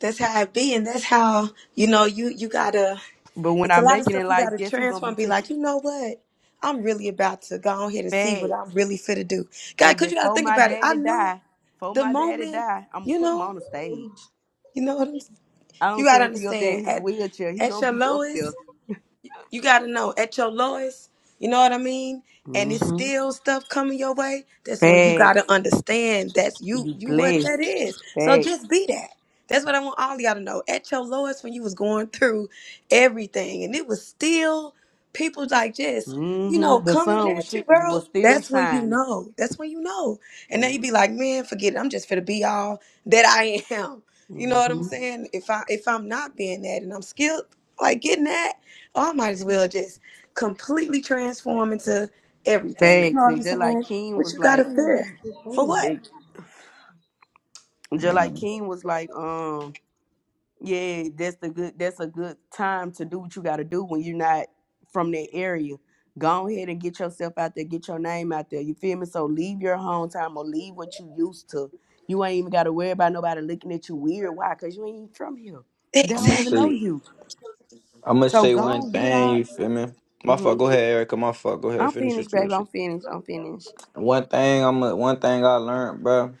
[SPEAKER 12] that's how it be and that's how you know you you gotta
[SPEAKER 14] But when
[SPEAKER 12] it's a
[SPEAKER 14] I
[SPEAKER 12] lot of
[SPEAKER 14] make it
[SPEAKER 12] stuff
[SPEAKER 14] in
[SPEAKER 12] you
[SPEAKER 14] life,
[SPEAKER 12] gotta
[SPEAKER 14] guess who's gonna
[SPEAKER 12] transform
[SPEAKER 14] be
[SPEAKER 12] be
[SPEAKER 14] taking
[SPEAKER 12] like you know what i'm really about to go on here and see what i'm
[SPEAKER 14] facts?
[SPEAKER 12] really fit to do god
[SPEAKER 14] And
[SPEAKER 12] because you gotta
[SPEAKER 14] before
[SPEAKER 12] think
[SPEAKER 14] my
[SPEAKER 12] about it i
[SPEAKER 14] daddy
[SPEAKER 12] knew
[SPEAKER 14] die, before
[SPEAKER 12] the
[SPEAKER 14] my daddy
[SPEAKER 12] moment
[SPEAKER 14] die, I'm gonna
[SPEAKER 12] you
[SPEAKER 14] put him
[SPEAKER 12] know
[SPEAKER 14] on the stage.
[SPEAKER 12] you know what i'm
[SPEAKER 14] I
[SPEAKER 12] you
[SPEAKER 14] don't
[SPEAKER 12] gotta
[SPEAKER 14] care if he up there
[SPEAKER 12] understand
[SPEAKER 14] in his
[SPEAKER 12] at
[SPEAKER 14] wheelchair, he
[SPEAKER 12] at
[SPEAKER 14] gonna
[SPEAKER 12] your
[SPEAKER 14] be up
[SPEAKER 12] lowest
[SPEAKER 14] there.
[SPEAKER 12] you got to know at your lowest, you know what I mean? And it's
[SPEAKER 14] Mm-hmm.
[SPEAKER 12] still stuff coming your way. That's when you got to
[SPEAKER 14] Facts.
[SPEAKER 12] understand that's you,
[SPEAKER 14] You
[SPEAKER 12] you what
[SPEAKER 14] blessed.
[SPEAKER 12] that is. So
[SPEAKER 14] Facts.
[SPEAKER 12] just be that. That's what I want all y'all to know. At your lowest, when you was going through everything, and it was still people like just, you know,
[SPEAKER 14] Mm-hmm. The
[SPEAKER 12] coming
[SPEAKER 14] sun was
[SPEAKER 12] at you,
[SPEAKER 14] shit
[SPEAKER 12] bro.
[SPEAKER 14] was still
[SPEAKER 12] That's when you
[SPEAKER 14] shining.
[SPEAKER 12] know. That's when you know. And then
[SPEAKER 14] Facts.
[SPEAKER 12] you be like, man, forget it. I'm just finna be all that I am. You know what I'm
[SPEAKER 14] Mm-hmm.
[SPEAKER 12] saying? If I if I'm not being that, and I'm skilled like getting that. I might as well just completely transform into everything. You know
[SPEAKER 14] Thanks.
[SPEAKER 12] what
[SPEAKER 14] And
[SPEAKER 12] I'm
[SPEAKER 14] just like
[SPEAKER 12] saying?
[SPEAKER 14] King
[SPEAKER 12] What
[SPEAKER 14] was
[SPEAKER 12] you gotta
[SPEAKER 14] like,
[SPEAKER 12] fear? For
[SPEAKER 14] and
[SPEAKER 12] what?
[SPEAKER 14] just like
[SPEAKER 20] Man,
[SPEAKER 14] King was like, um, yeah, that's the good. That's a good time to do what you got to do when you're not from that area. Go ahead and get yourself out there, get your name out there. You feel me? So leave your hometown or leave what you used to. You ain't even got to worry about nobody looking at you weird. Why? Cause you ain't even from here. They
[SPEAKER 20] I'm gonna
[SPEAKER 14] don't even know
[SPEAKER 20] say,
[SPEAKER 12] Exactly.
[SPEAKER 14] you.
[SPEAKER 20] I'm gonna
[SPEAKER 14] So
[SPEAKER 20] say
[SPEAKER 14] go
[SPEAKER 20] one
[SPEAKER 14] on, get
[SPEAKER 20] thing.
[SPEAKER 14] out.
[SPEAKER 20] You feel me? My fuck.
[SPEAKER 14] hmm
[SPEAKER 20] Go ahead, Erica. My fuck. Go ahead.
[SPEAKER 14] I'm
[SPEAKER 20] Finish
[SPEAKER 14] finished,
[SPEAKER 20] with your
[SPEAKER 14] baby.
[SPEAKER 20] shit.
[SPEAKER 14] I'm finished. I'm finished.
[SPEAKER 20] One thing. I'm. A, one thing I learned, bro.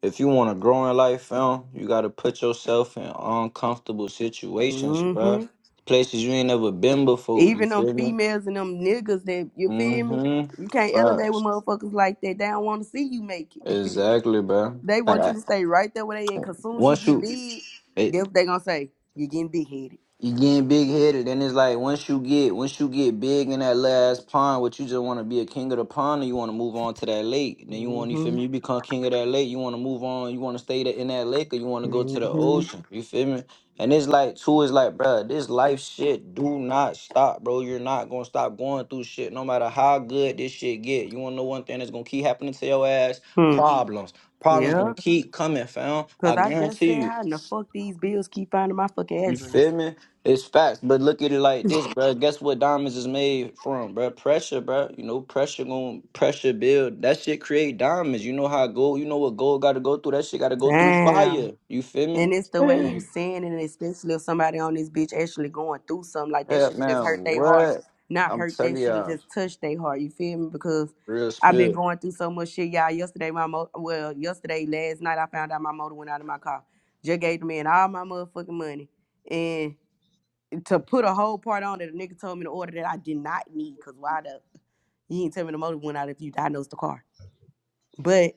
[SPEAKER 20] If you want to grow in life, film, you gotta put yourself in uncomfortable situations,
[SPEAKER 14] Mm-hmm.
[SPEAKER 20] bro. Places you ain't never been before. You
[SPEAKER 14] Even them
[SPEAKER 20] feel me?
[SPEAKER 14] females and them niggas that you feel me.
[SPEAKER 20] Mm-hmm.
[SPEAKER 14] You can't elevate with
[SPEAKER 20] Facts.
[SPEAKER 14] motherfuckers like that. They don't want to see you make it.
[SPEAKER 20] Exactly, bro.
[SPEAKER 14] They
[SPEAKER 20] Like,
[SPEAKER 14] want you to stay right there where they at.
[SPEAKER 20] I-
[SPEAKER 14] Cause soon as you
[SPEAKER 20] once
[SPEAKER 14] get
[SPEAKER 20] you,
[SPEAKER 14] big, guess what they gonna say? You're getting big headed.
[SPEAKER 20] You getting big headed, and it's like once you get once you get big in that last pond, what you just want to be a king of the pond, and you want to move on to that lake. Then you want you feel
[SPEAKER 14] Mm-hmm.
[SPEAKER 20] me? You become king of that lake. You want to move on. You want to stay there in that lake, or you want to go to the
[SPEAKER 14] Mm-hmm.
[SPEAKER 20] ocean. You feel me? And it's like two is like, bruh, this life shit do not stop, bro. You're not gonna stop going through shit, no matter how good this shit get. You wanna know one thing that's gonna keep happening to your ass?
[SPEAKER 14] Hmm.
[SPEAKER 20] Problems. Problems
[SPEAKER 14] Yeah.
[SPEAKER 20] gonna keep coming, fam. I
[SPEAKER 14] Cause I just
[SPEAKER 20] guarantee
[SPEAKER 14] said
[SPEAKER 20] you.
[SPEAKER 14] how in the fuck these bills keep finding my fucking
[SPEAKER 20] You
[SPEAKER 14] address.
[SPEAKER 20] feel me? It's facts, but look at it like this, bro. Guess what diamonds is made from, bro? Pressure, bro. You know, pressure going pressure build. That shit create diamonds. You know how gold. You know what gold got to go through. That shit got to go through
[SPEAKER 14] Damn.
[SPEAKER 20] fire. You feel me?
[SPEAKER 14] And it's the way you sin, and especially if somebody on this bitch actually going through something like that
[SPEAKER 20] Yeah,
[SPEAKER 14] should have just
[SPEAKER 20] man.
[SPEAKER 14] hurt their heart.
[SPEAKER 20] What?
[SPEAKER 14] Not
[SPEAKER 20] I'm
[SPEAKER 14] hurt,
[SPEAKER 20] telling
[SPEAKER 14] that should have
[SPEAKER 20] y'all,
[SPEAKER 14] just touched their heart. You feel me? Because
[SPEAKER 20] real
[SPEAKER 14] I've been
[SPEAKER 20] spill.
[SPEAKER 14] going through so much shit, y'all. Yesterday, my mo well, yesterday, last night, I found out my motor went out of my car. Just gave the man all my motherfucking money. And to put a whole part on that, a nigga told me to order that I did not need. Cause why the you ain't tell me the motor went out if you diagnosed the car but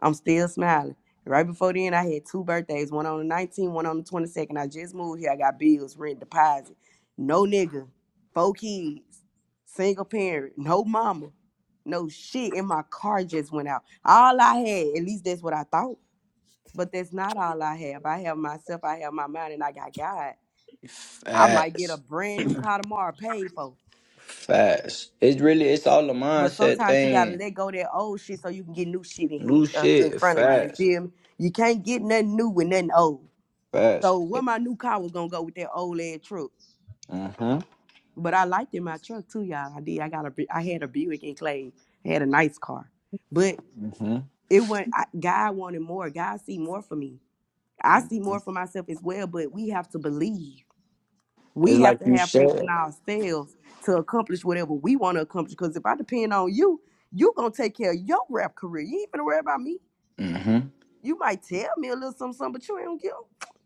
[SPEAKER 14] I'm still smiling. Right before then, I had two birthdays, one on the 19th, one on the 22nd. I just moved here. I got bills, rent, deposit. No nigga, four kids, single parent, no mama, no shit. And my car just went out. All I had, at least that's what I thought, but that's not all I have. I have myself, I have my mind, and I got God. I might get a
[SPEAKER 20] Facts,
[SPEAKER 14] brand new car tomorrow paid for.
[SPEAKER 20] facts. It's really it's all a
[SPEAKER 14] But
[SPEAKER 20] mindset
[SPEAKER 14] sometimes you gotta
[SPEAKER 20] thing.
[SPEAKER 14] let go of that old shit so you can get new shit in
[SPEAKER 20] New
[SPEAKER 14] here uh, in
[SPEAKER 20] shit.
[SPEAKER 14] front of you. You
[SPEAKER 20] Facts,
[SPEAKER 14] feel me? You can't get nothing new with nothing old.
[SPEAKER 20] facts.
[SPEAKER 14] So what my new car was gonna go with that old ass truck.
[SPEAKER 20] Mhm,
[SPEAKER 14] But I liked in my truck too, y'all. I did. I got a. Bu- I had a Buick in Clay. I had a nice car, but
[SPEAKER 20] mhm.
[SPEAKER 14] it went. I, God wanted more. God see more for me. I see more
[SPEAKER 20] mhm.
[SPEAKER 14] for myself as well. But we have to believe.
[SPEAKER 20] It's
[SPEAKER 14] We have
[SPEAKER 20] like
[SPEAKER 14] to
[SPEAKER 20] you
[SPEAKER 14] have faith
[SPEAKER 20] said.
[SPEAKER 14] in ourselves to accomplish whatever we want to accomplish. Because if I depend on you, you gonna take care of your rap career. You ain't gonna worry about me.
[SPEAKER 20] Mhm,
[SPEAKER 14] You might tell me a little something, something but you ain't gonna give-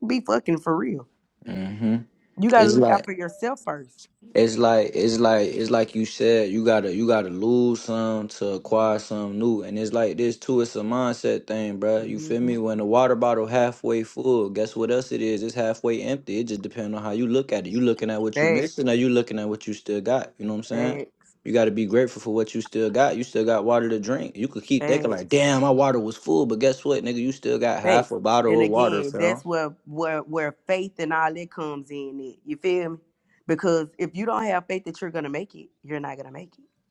[SPEAKER 14] a- be fucking for real.
[SPEAKER 20] mhm.
[SPEAKER 14] You gotta
[SPEAKER 20] It's
[SPEAKER 14] look out
[SPEAKER 20] like
[SPEAKER 14] for yourself first.
[SPEAKER 20] it's like it's like it's like you said you gotta you gotta lose some to acquire some new and it's like this too it's a mindset thing bruh. you feel me
[SPEAKER 14] Mm-hmm.
[SPEAKER 20] when the water bottle halfway full guess what else it is it's halfway empty it just depends on how you look at it you looking at what you
[SPEAKER 14] Facts,
[SPEAKER 20] missing or you looking at what you still got you know what I'm saying
[SPEAKER 14] facts,
[SPEAKER 20] you gotta be grateful for what you still got you still got water to drink you could keep thinking like
[SPEAKER 14] facts,
[SPEAKER 20] damn my water was full but guess what nigga you still got half
[SPEAKER 14] facts.
[SPEAKER 20] a
[SPEAKER 14] And
[SPEAKER 20] bottle of water
[SPEAKER 14] again,
[SPEAKER 20] fam
[SPEAKER 14] that's where where where faith and all that comes in. It you feel me? Because if you don't have faith that you're gonna make it, you're not gonna make it.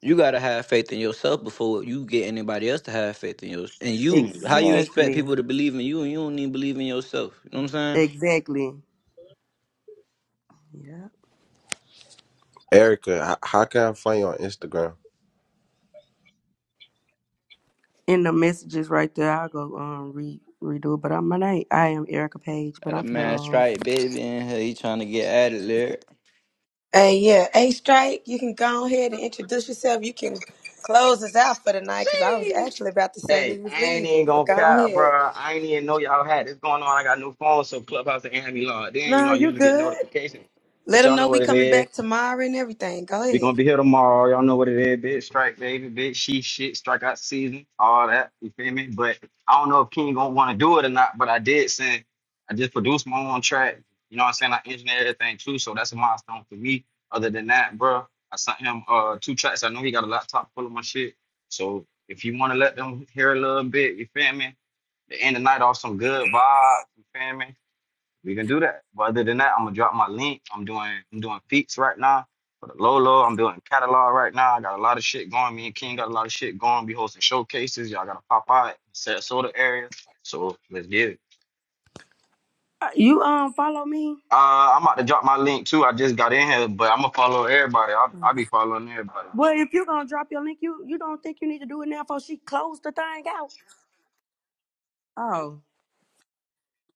[SPEAKER 20] You gotta have faith in yourself before you get anybody else to have faith in yours. And you, how you expect
[SPEAKER 14] Exactly.
[SPEAKER 20] people to believe in you and you don't even believe in yourself? You know what I'm saying?
[SPEAKER 14] Exactly.
[SPEAKER 22] Erica, how, how can I find you on Instagram?
[SPEAKER 14] in the messages right there. I'll go um re redo it. But I'm my name. I am Erica Page. But
[SPEAKER 20] Got a
[SPEAKER 14] I'm
[SPEAKER 20] man
[SPEAKER 14] finna um
[SPEAKER 20] strike baby in here, he trying to get at it
[SPEAKER 12] And yeah, A Strike, you can go ahead and introduce yourself. You can close us out for the night because I was
[SPEAKER 32] See?
[SPEAKER 12] actually about to say
[SPEAKER 32] Hey,
[SPEAKER 12] we was
[SPEAKER 32] I ain't even
[SPEAKER 12] leaving, but
[SPEAKER 32] gonna
[SPEAKER 12] go
[SPEAKER 32] cap,
[SPEAKER 12] ahead.
[SPEAKER 32] bro. I ain't even know y'all had this going on. I got a new phone, so Clubhouse and Andy Law. Then you know
[SPEAKER 12] No,
[SPEAKER 32] I
[SPEAKER 12] you
[SPEAKER 32] usually get
[SPEAKER 12] good.
[SPEAKER 32] notifications,
[SPEAKER 12] Let
[SPEAKER 32] but
[SPEAKER 12] them
[SPEAKER 32] y'all
[SPEAKER 12] know
[SPEAKER 32] know
[SPEAKER 12] we
[SPEAKER 32] what it
[SPEAKER 12] coming
[SPEAKER 32] is.
[SPEAKER 12] back tomorrow and everything. Go
[SPEAKER 32] We
[SPEAKER 12] ahead.
[SPEAKER 32] gonna be here tomorrow. Y'all know what it is, bitch. Strike, baby, bitch. She shit, strikeout season, all that. You feel me? But I don't know if King gonna want to do it or not. But I did send. I just produced my own track. You know what I'm saying? I engineered everything too, so that's a milestone for me. Other than that, bro, I sent him uh two tracks. I know he got a laptop full of my shit. So if you wanna let them hear a little bit, you feel me? The end of the night off some good vibes. You feel me? We can do that. But other than that, I'm gonna drop my link. I'm doing I'm doing feats right now for the Lolo. I'm doing catalog right now. I got a lot of shit going. Me and King got a lot of shit going. Be hosting showcases. Y'all gotta pop out in Sarasota area. So let's get it.
[SPEAKER 14] uh, you um follow me.
[SPEAKER 32] Uh, I'm about to drop my link too. I just got in here, but I'm gonna follow everybody. I'll, I'll be following everybody. Bro.
[SPEAKER 14] Well, if you're gonna drop your link, you you don't think you need to do it now before she closed the thing out. Oh,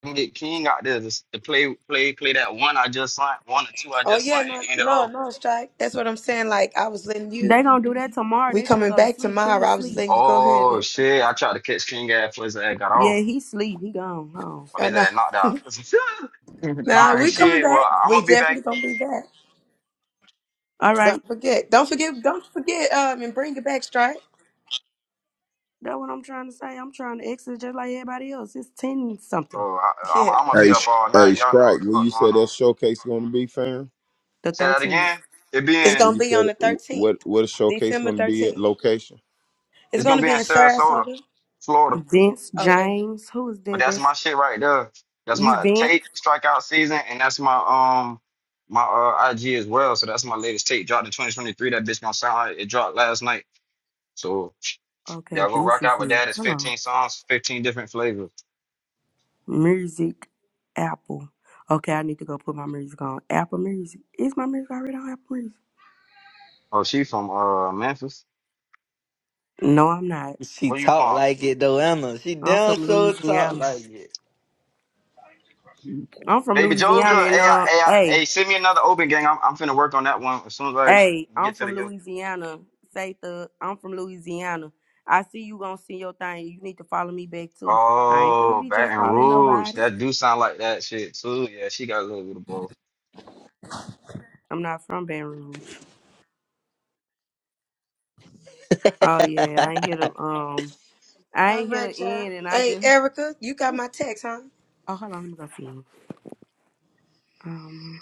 [SPEAKER 32] Can get King out there to, to play play play that one I just signed, one or two I
[SPEAKER 12] Oh
[SPEAKER 32] just
[SPEAKER 12] yeah,
[SPEAKER 32] signed,
[SPEAKER 12] no,
[SPEAKER 32] and end it
[SPEAKER 12] no,
[SPEAKER 32] off.
[SPEAKER 12] no, Strike. That's what I'm saying. Like I was letting you,
[SPEAKER 14] they gonna do that tomorrow.
[SPEAKER 12] we
[SPEAKER 14] They finna
[SPEAKER 12] coming
[SPEAKER 14] go to
[SPEAKER 12] back
[SPEAKER 14] sleep.
[SPEAKER 12] tomorrow.
[SPEAKER 14] He
[SPEAKER 12] I was
[SPEAKER 14] sleep.
[SPEAKER 12] letting you go ahead
[SPEAKER 32] Oh
[SPEAKER 12] and.
[SPEAKER 32] shit! I tried to catch King ass, but his ass got off.
[SPEAKER 14] Yeah, he sleep. He gone home.
[SPEAKER 32] but
[SPEAKER 12] Oh,
[SPEAKER 32] his
[SPEAKER 12] no.
[SPEAKER 32] ass knocked out.
[SPEAKER 20] there.
[SPEAKER 32] All
[SPEAKER 12] Now
[SPEAKER 32] right,
[SPEAKER 12] we coming
[SPEAKER 32] shit. Well,
[SPEAKER 12] back.
[SPEAKER 32] I'm
[SPEAKER 12] We
[SPEAKER 32] gonna be back.
[SPEAKER 12] definitely gonna be back.
[SPEAKER 14] All right.
[SPEAKER 12] Don't forget. Don't forget. Don't forget. Um, and bring it back, Stripe.
[SPEAKER 14] That's what I'm trying to say. I'm trying to exit just like everybody else. It's ten something.
[SPEAKER 32] Oh, I, I'm,
[SPEAKER 12] Yeah,
[SPEAKER 32] I'm gonna be
[SPEAKER 31] Hey,
[SPEAKER 32] up
[SPEAKER 31] Sh-
[SPEAKER 32] all
[SPEAKER 31] hey,
[SPEAKER 32] night. Y'all know what
[SPEAKER 31] strike.
[SPEAKER 32] the
[SPEAKER 31] Where
[SPEAKER 32] fuck
[SPEAKER 31] you
[SPEAKER 32] going
[SPEAKER 31] said that
[SPEAKER 32] on.
[SPEAKER 31] showcase gonna be, fam?
[SPEAKER 14] The
[SPEAKER 32] Say that
[SPEAKER 14] thirteenth.
[SPEAKER 32] again. It
[SPEAKER 12] it's
[SPEAKER 32] being
[SPEAKER 31] Where
[SPEAKER 12] gonna
[SPEAKER 31] you
[SPEAKER 12] be on
[SPEAKER 31] said
[SPEAKER 12] the
[SPEAKER 31] wh-
[SPEAKER 12] thirteenth,
[SPEAKER 31] what what a showcase
[SPEAKER 12] December
[SPEAKER 31] gonna be at
[SPEAKER 12] thirteenth.
[SPEAKER 31] location?
[SPEAKER 12] It's
[SPEAKER 32] it's gonna
[SPEAKER 12] gonna
[SPEAKER 32] be in
[SPEAKER 12] be in
[SPEAKER 32] Sarasota,
[SPEAKER 12] Sarasota.
[SPEAKER 32] Florida.
[SPEAKER 14] Vince
[SPEAKER 12] Oh, there.
[SPEAKER 14] James. Who is
[SPEAKER 32] But
[SPEAKER 14] that?
[SPEAKER 32] that's
[SPEAKER 14] That's
[SPEAKER 32] my shit right there. That's
[SPEAKER 14] you,
[SPEAKER 32] my
[SPEAKER 14] Vince.
[SPEAKER 32] tape strikeout season, and that's my um my uh, IG as well. So that's my latest tape dropped in 2023. That bitch gonna sound like it dropped last night. So
[SPEAKER 14] Okay,
[SPEAKER 32] y'all go
[SPEAKER 14] Deuce
[SPEAKER 32] rock
[SPEAKER 14] is
[SPEAKER 32] out with
[SPEAKER 14] here.
[SPEAKER 32] that. It's
[SPEAKER 14] Hello.
[SPEAKER 32] 15 songs, 15 different flavors.
[SPEAKER 14] Music, Apple. Okay, I need to go put my music on Apple Music. Is my music already on Apple Music?
[SPEAKER 32] Oh, she from uh Memphis.
[SPEAKER 14] No, I'm not.
[SPEAKER 20] she
[SPEAKER 32] Where you
[SPEAKER 20] talk
[SPEAKER 32] from?
[SPEAKER 20] like it though, Emma. She
[SPEAKER 14] I'm from
[SPEAKER 20] down so talk
[SPEAKER 14] Louisiana.
[SPEAKER 20] like it.
[SPEAKER 14] I'm from
[SPEAKER 32] Baby Joker,
[SPEAKER 14] Louisiana, and
[SPEAKER 32] hey, I,
[SPEAKER 14] uh,
[SPEAKER 32] hey, I,
[SPEAKER 14] hey,
[SPEAKER 32] hey, send me another open gang. I'm, I'm finna work on that one as soon as
[SPEAKER 14] hey,
[SPEAKER 32] I
[SPEAKER 14] I'm
[SPEAKER 32] get to
[SPEAKER 14] from
[SPEAKER 32] the yo.
[SPEAKER 14] Louisiana. Say the I'm from Louisiana. I see you gonna see your thing. You need to follow me back too. I ain't finna
[SPEAKER 32] Oh,
[SPEAKER 14] be just
[SPEAKER 32] Baton
[SPEAKER 14] following
[SPEAKER 32] Rouge.
[SPEAKER 14] nobody.
[SPEAKER 32] That do sound like that shit too. Yeah, she got a little bit of both.
[SPEAKER 14] I'm not from Baton Rouge. Oh yeah, I ain't hear the um, I
[SPEAKER 12] All
[SPEAKER 14] ain't hear the
[SPEAKER 12] right, y'all.
[SPEAKER 14] end, and I
[SPEAKER 12] Hey,
[SPEAKER 14] just
[SPEAKER 12] Erica, you got my text, huh?
[SPEAKER 14] oh hold on, let me go see. Um,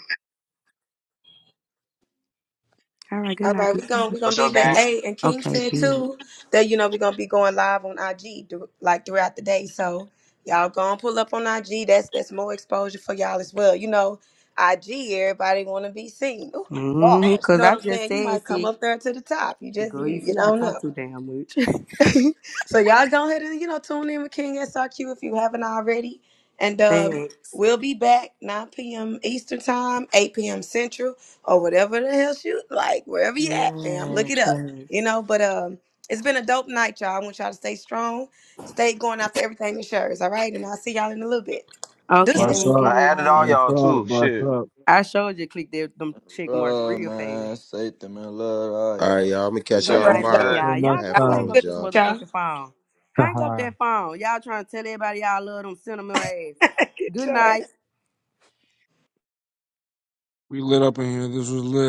[SPEAKER 14] all right, good
[SPEAKER 12] All
[SPEAKER 14] night,
[SPEAKER 12] right, we're
[SPEAKER 14] peace.
[SPEAKER 12] gonna we're gonna
[SPEAKER 32] What's your
[SPEAKER 12] be back.
[SPEAKER 32] gang?
[SPEAKER 12] Hey, and King
[SPEAKER 14] Okay,
[SPEAKER 12] said
[SPEAKER 14] B.
[SPEAKER 12] too that you know we're gonna be going live on IG thr- like throughout the day. So y'all gonna pull up on IG. That's that's more exposure for y'all as well. You know, IG everybody wanna be seen. Ooh,
[SPEAKER 14] mm
[SPEAKER 12] bars. You
[SPEAKER 14] Cause
[SPEAKER 12] know what
[SPEAKER 14] I
[SPEAKER 12] I'm
[SPEAKER 14] just
[SPEAKER 12] saying? You
[SPEAKER 14] said,
[SPEAKER 12] might come
[SPEAKER 14] see,
[SPEAKER 12] up there to the top. You just
[SPEAKER 14] girl,
[SPEAKER 12] you
[SPEAKER 14] you
[SPEAKER 12] you
[SPEAKER 14] see, I
[SPEAKER 12] don't know.
[SPEAKER 14] talk too damn much.
[SPEAKER 12] so y'all go ahead and you know tune in with King SRQ if you haven't already, and um,
[SPEAKER 14] Thanks.
[SPEAKER 12] we'll be back 9 p.m. Eastern time, 8 p.m. Central, or whatever the hell you like, wherever you at, fam. Look
[SPEAKER 14] Yeah,
[SPEAKER 12] it up, you
[SPEAKER 14] thanks.
[SPEAKER 12] know. But um, it's been a dope night, y'all. I want y'all to stay strong, stay going after everything is yours, all right? And I'll see y'all in a little bit.
[SPEAKER 14] Okay,
[SPEAKER 19] What's
[SPEAKER 12] Deuces.
[SPEAKER 19] up?
[SPEAKER 14] good
[SPEAKER 32] I added all
[SPEAKER 14] night.
[SPEAKER 19] What's
[SPEAKER 32] y'all
[SPEAKER 19] up?
[SPEAKER 32] too.
[SPEAKER 19] What's
[SPEAKER 32] Shit.
[SPEAKER 19] up?
[SPEAKER 14] I showed you click that them check marks
[SPEAKER 20] Love,
[SPEAKER 14] real
[SPEAKER 20] man,
[SPEAKER 14] fast.
[SPEAKER 20] safety, man, love all y'all.
[SPEAKER 22] All right, y'all. I'm gonna catch
[SPEAKER 32] So
[SPEAKER 12] All
[SPEAKER 14] Good
[SPEAKER 22] y'all
[SPEAKER 32] y'all
[SPEAKER 12] right,
[SPEAKER 32] be
[SPEAKER 14] night,
[SPEAKER 12] y'all.
[SPEAKER 14] love
[SPEAKER 22] tomorrow.
[SPEAKER 32] good.
[SPEAKER 19] Till
[SPEAKER 14] y'all.
[SPEAKER 22] I
[SPEAKER 14] Y'all
[SPEAKER 19] next
[SPEAKER 14] go
[SPEAKER 22] have
[SPEAKER 12] Y'all have a
[SPEAKER 14] hang
[SPEAKER 19] time.
[SPEAKER 22] followed
[SPEAKER 14] up
[SPEAKER 12] good
[SPEAKER 14] this
[SPEAKER 22] y'all.
[SPEAKER 12] night, y'all.
[SPEAKER 14] motherfucking phone. Hang up that phone. Y'all trying to tell everybody y'all love them sentimental asses. Good
[SPEAKER 12] Enjoy.
[SPEAKER 14] night.
[SPEAKER 19] we lit up in here. This was lit.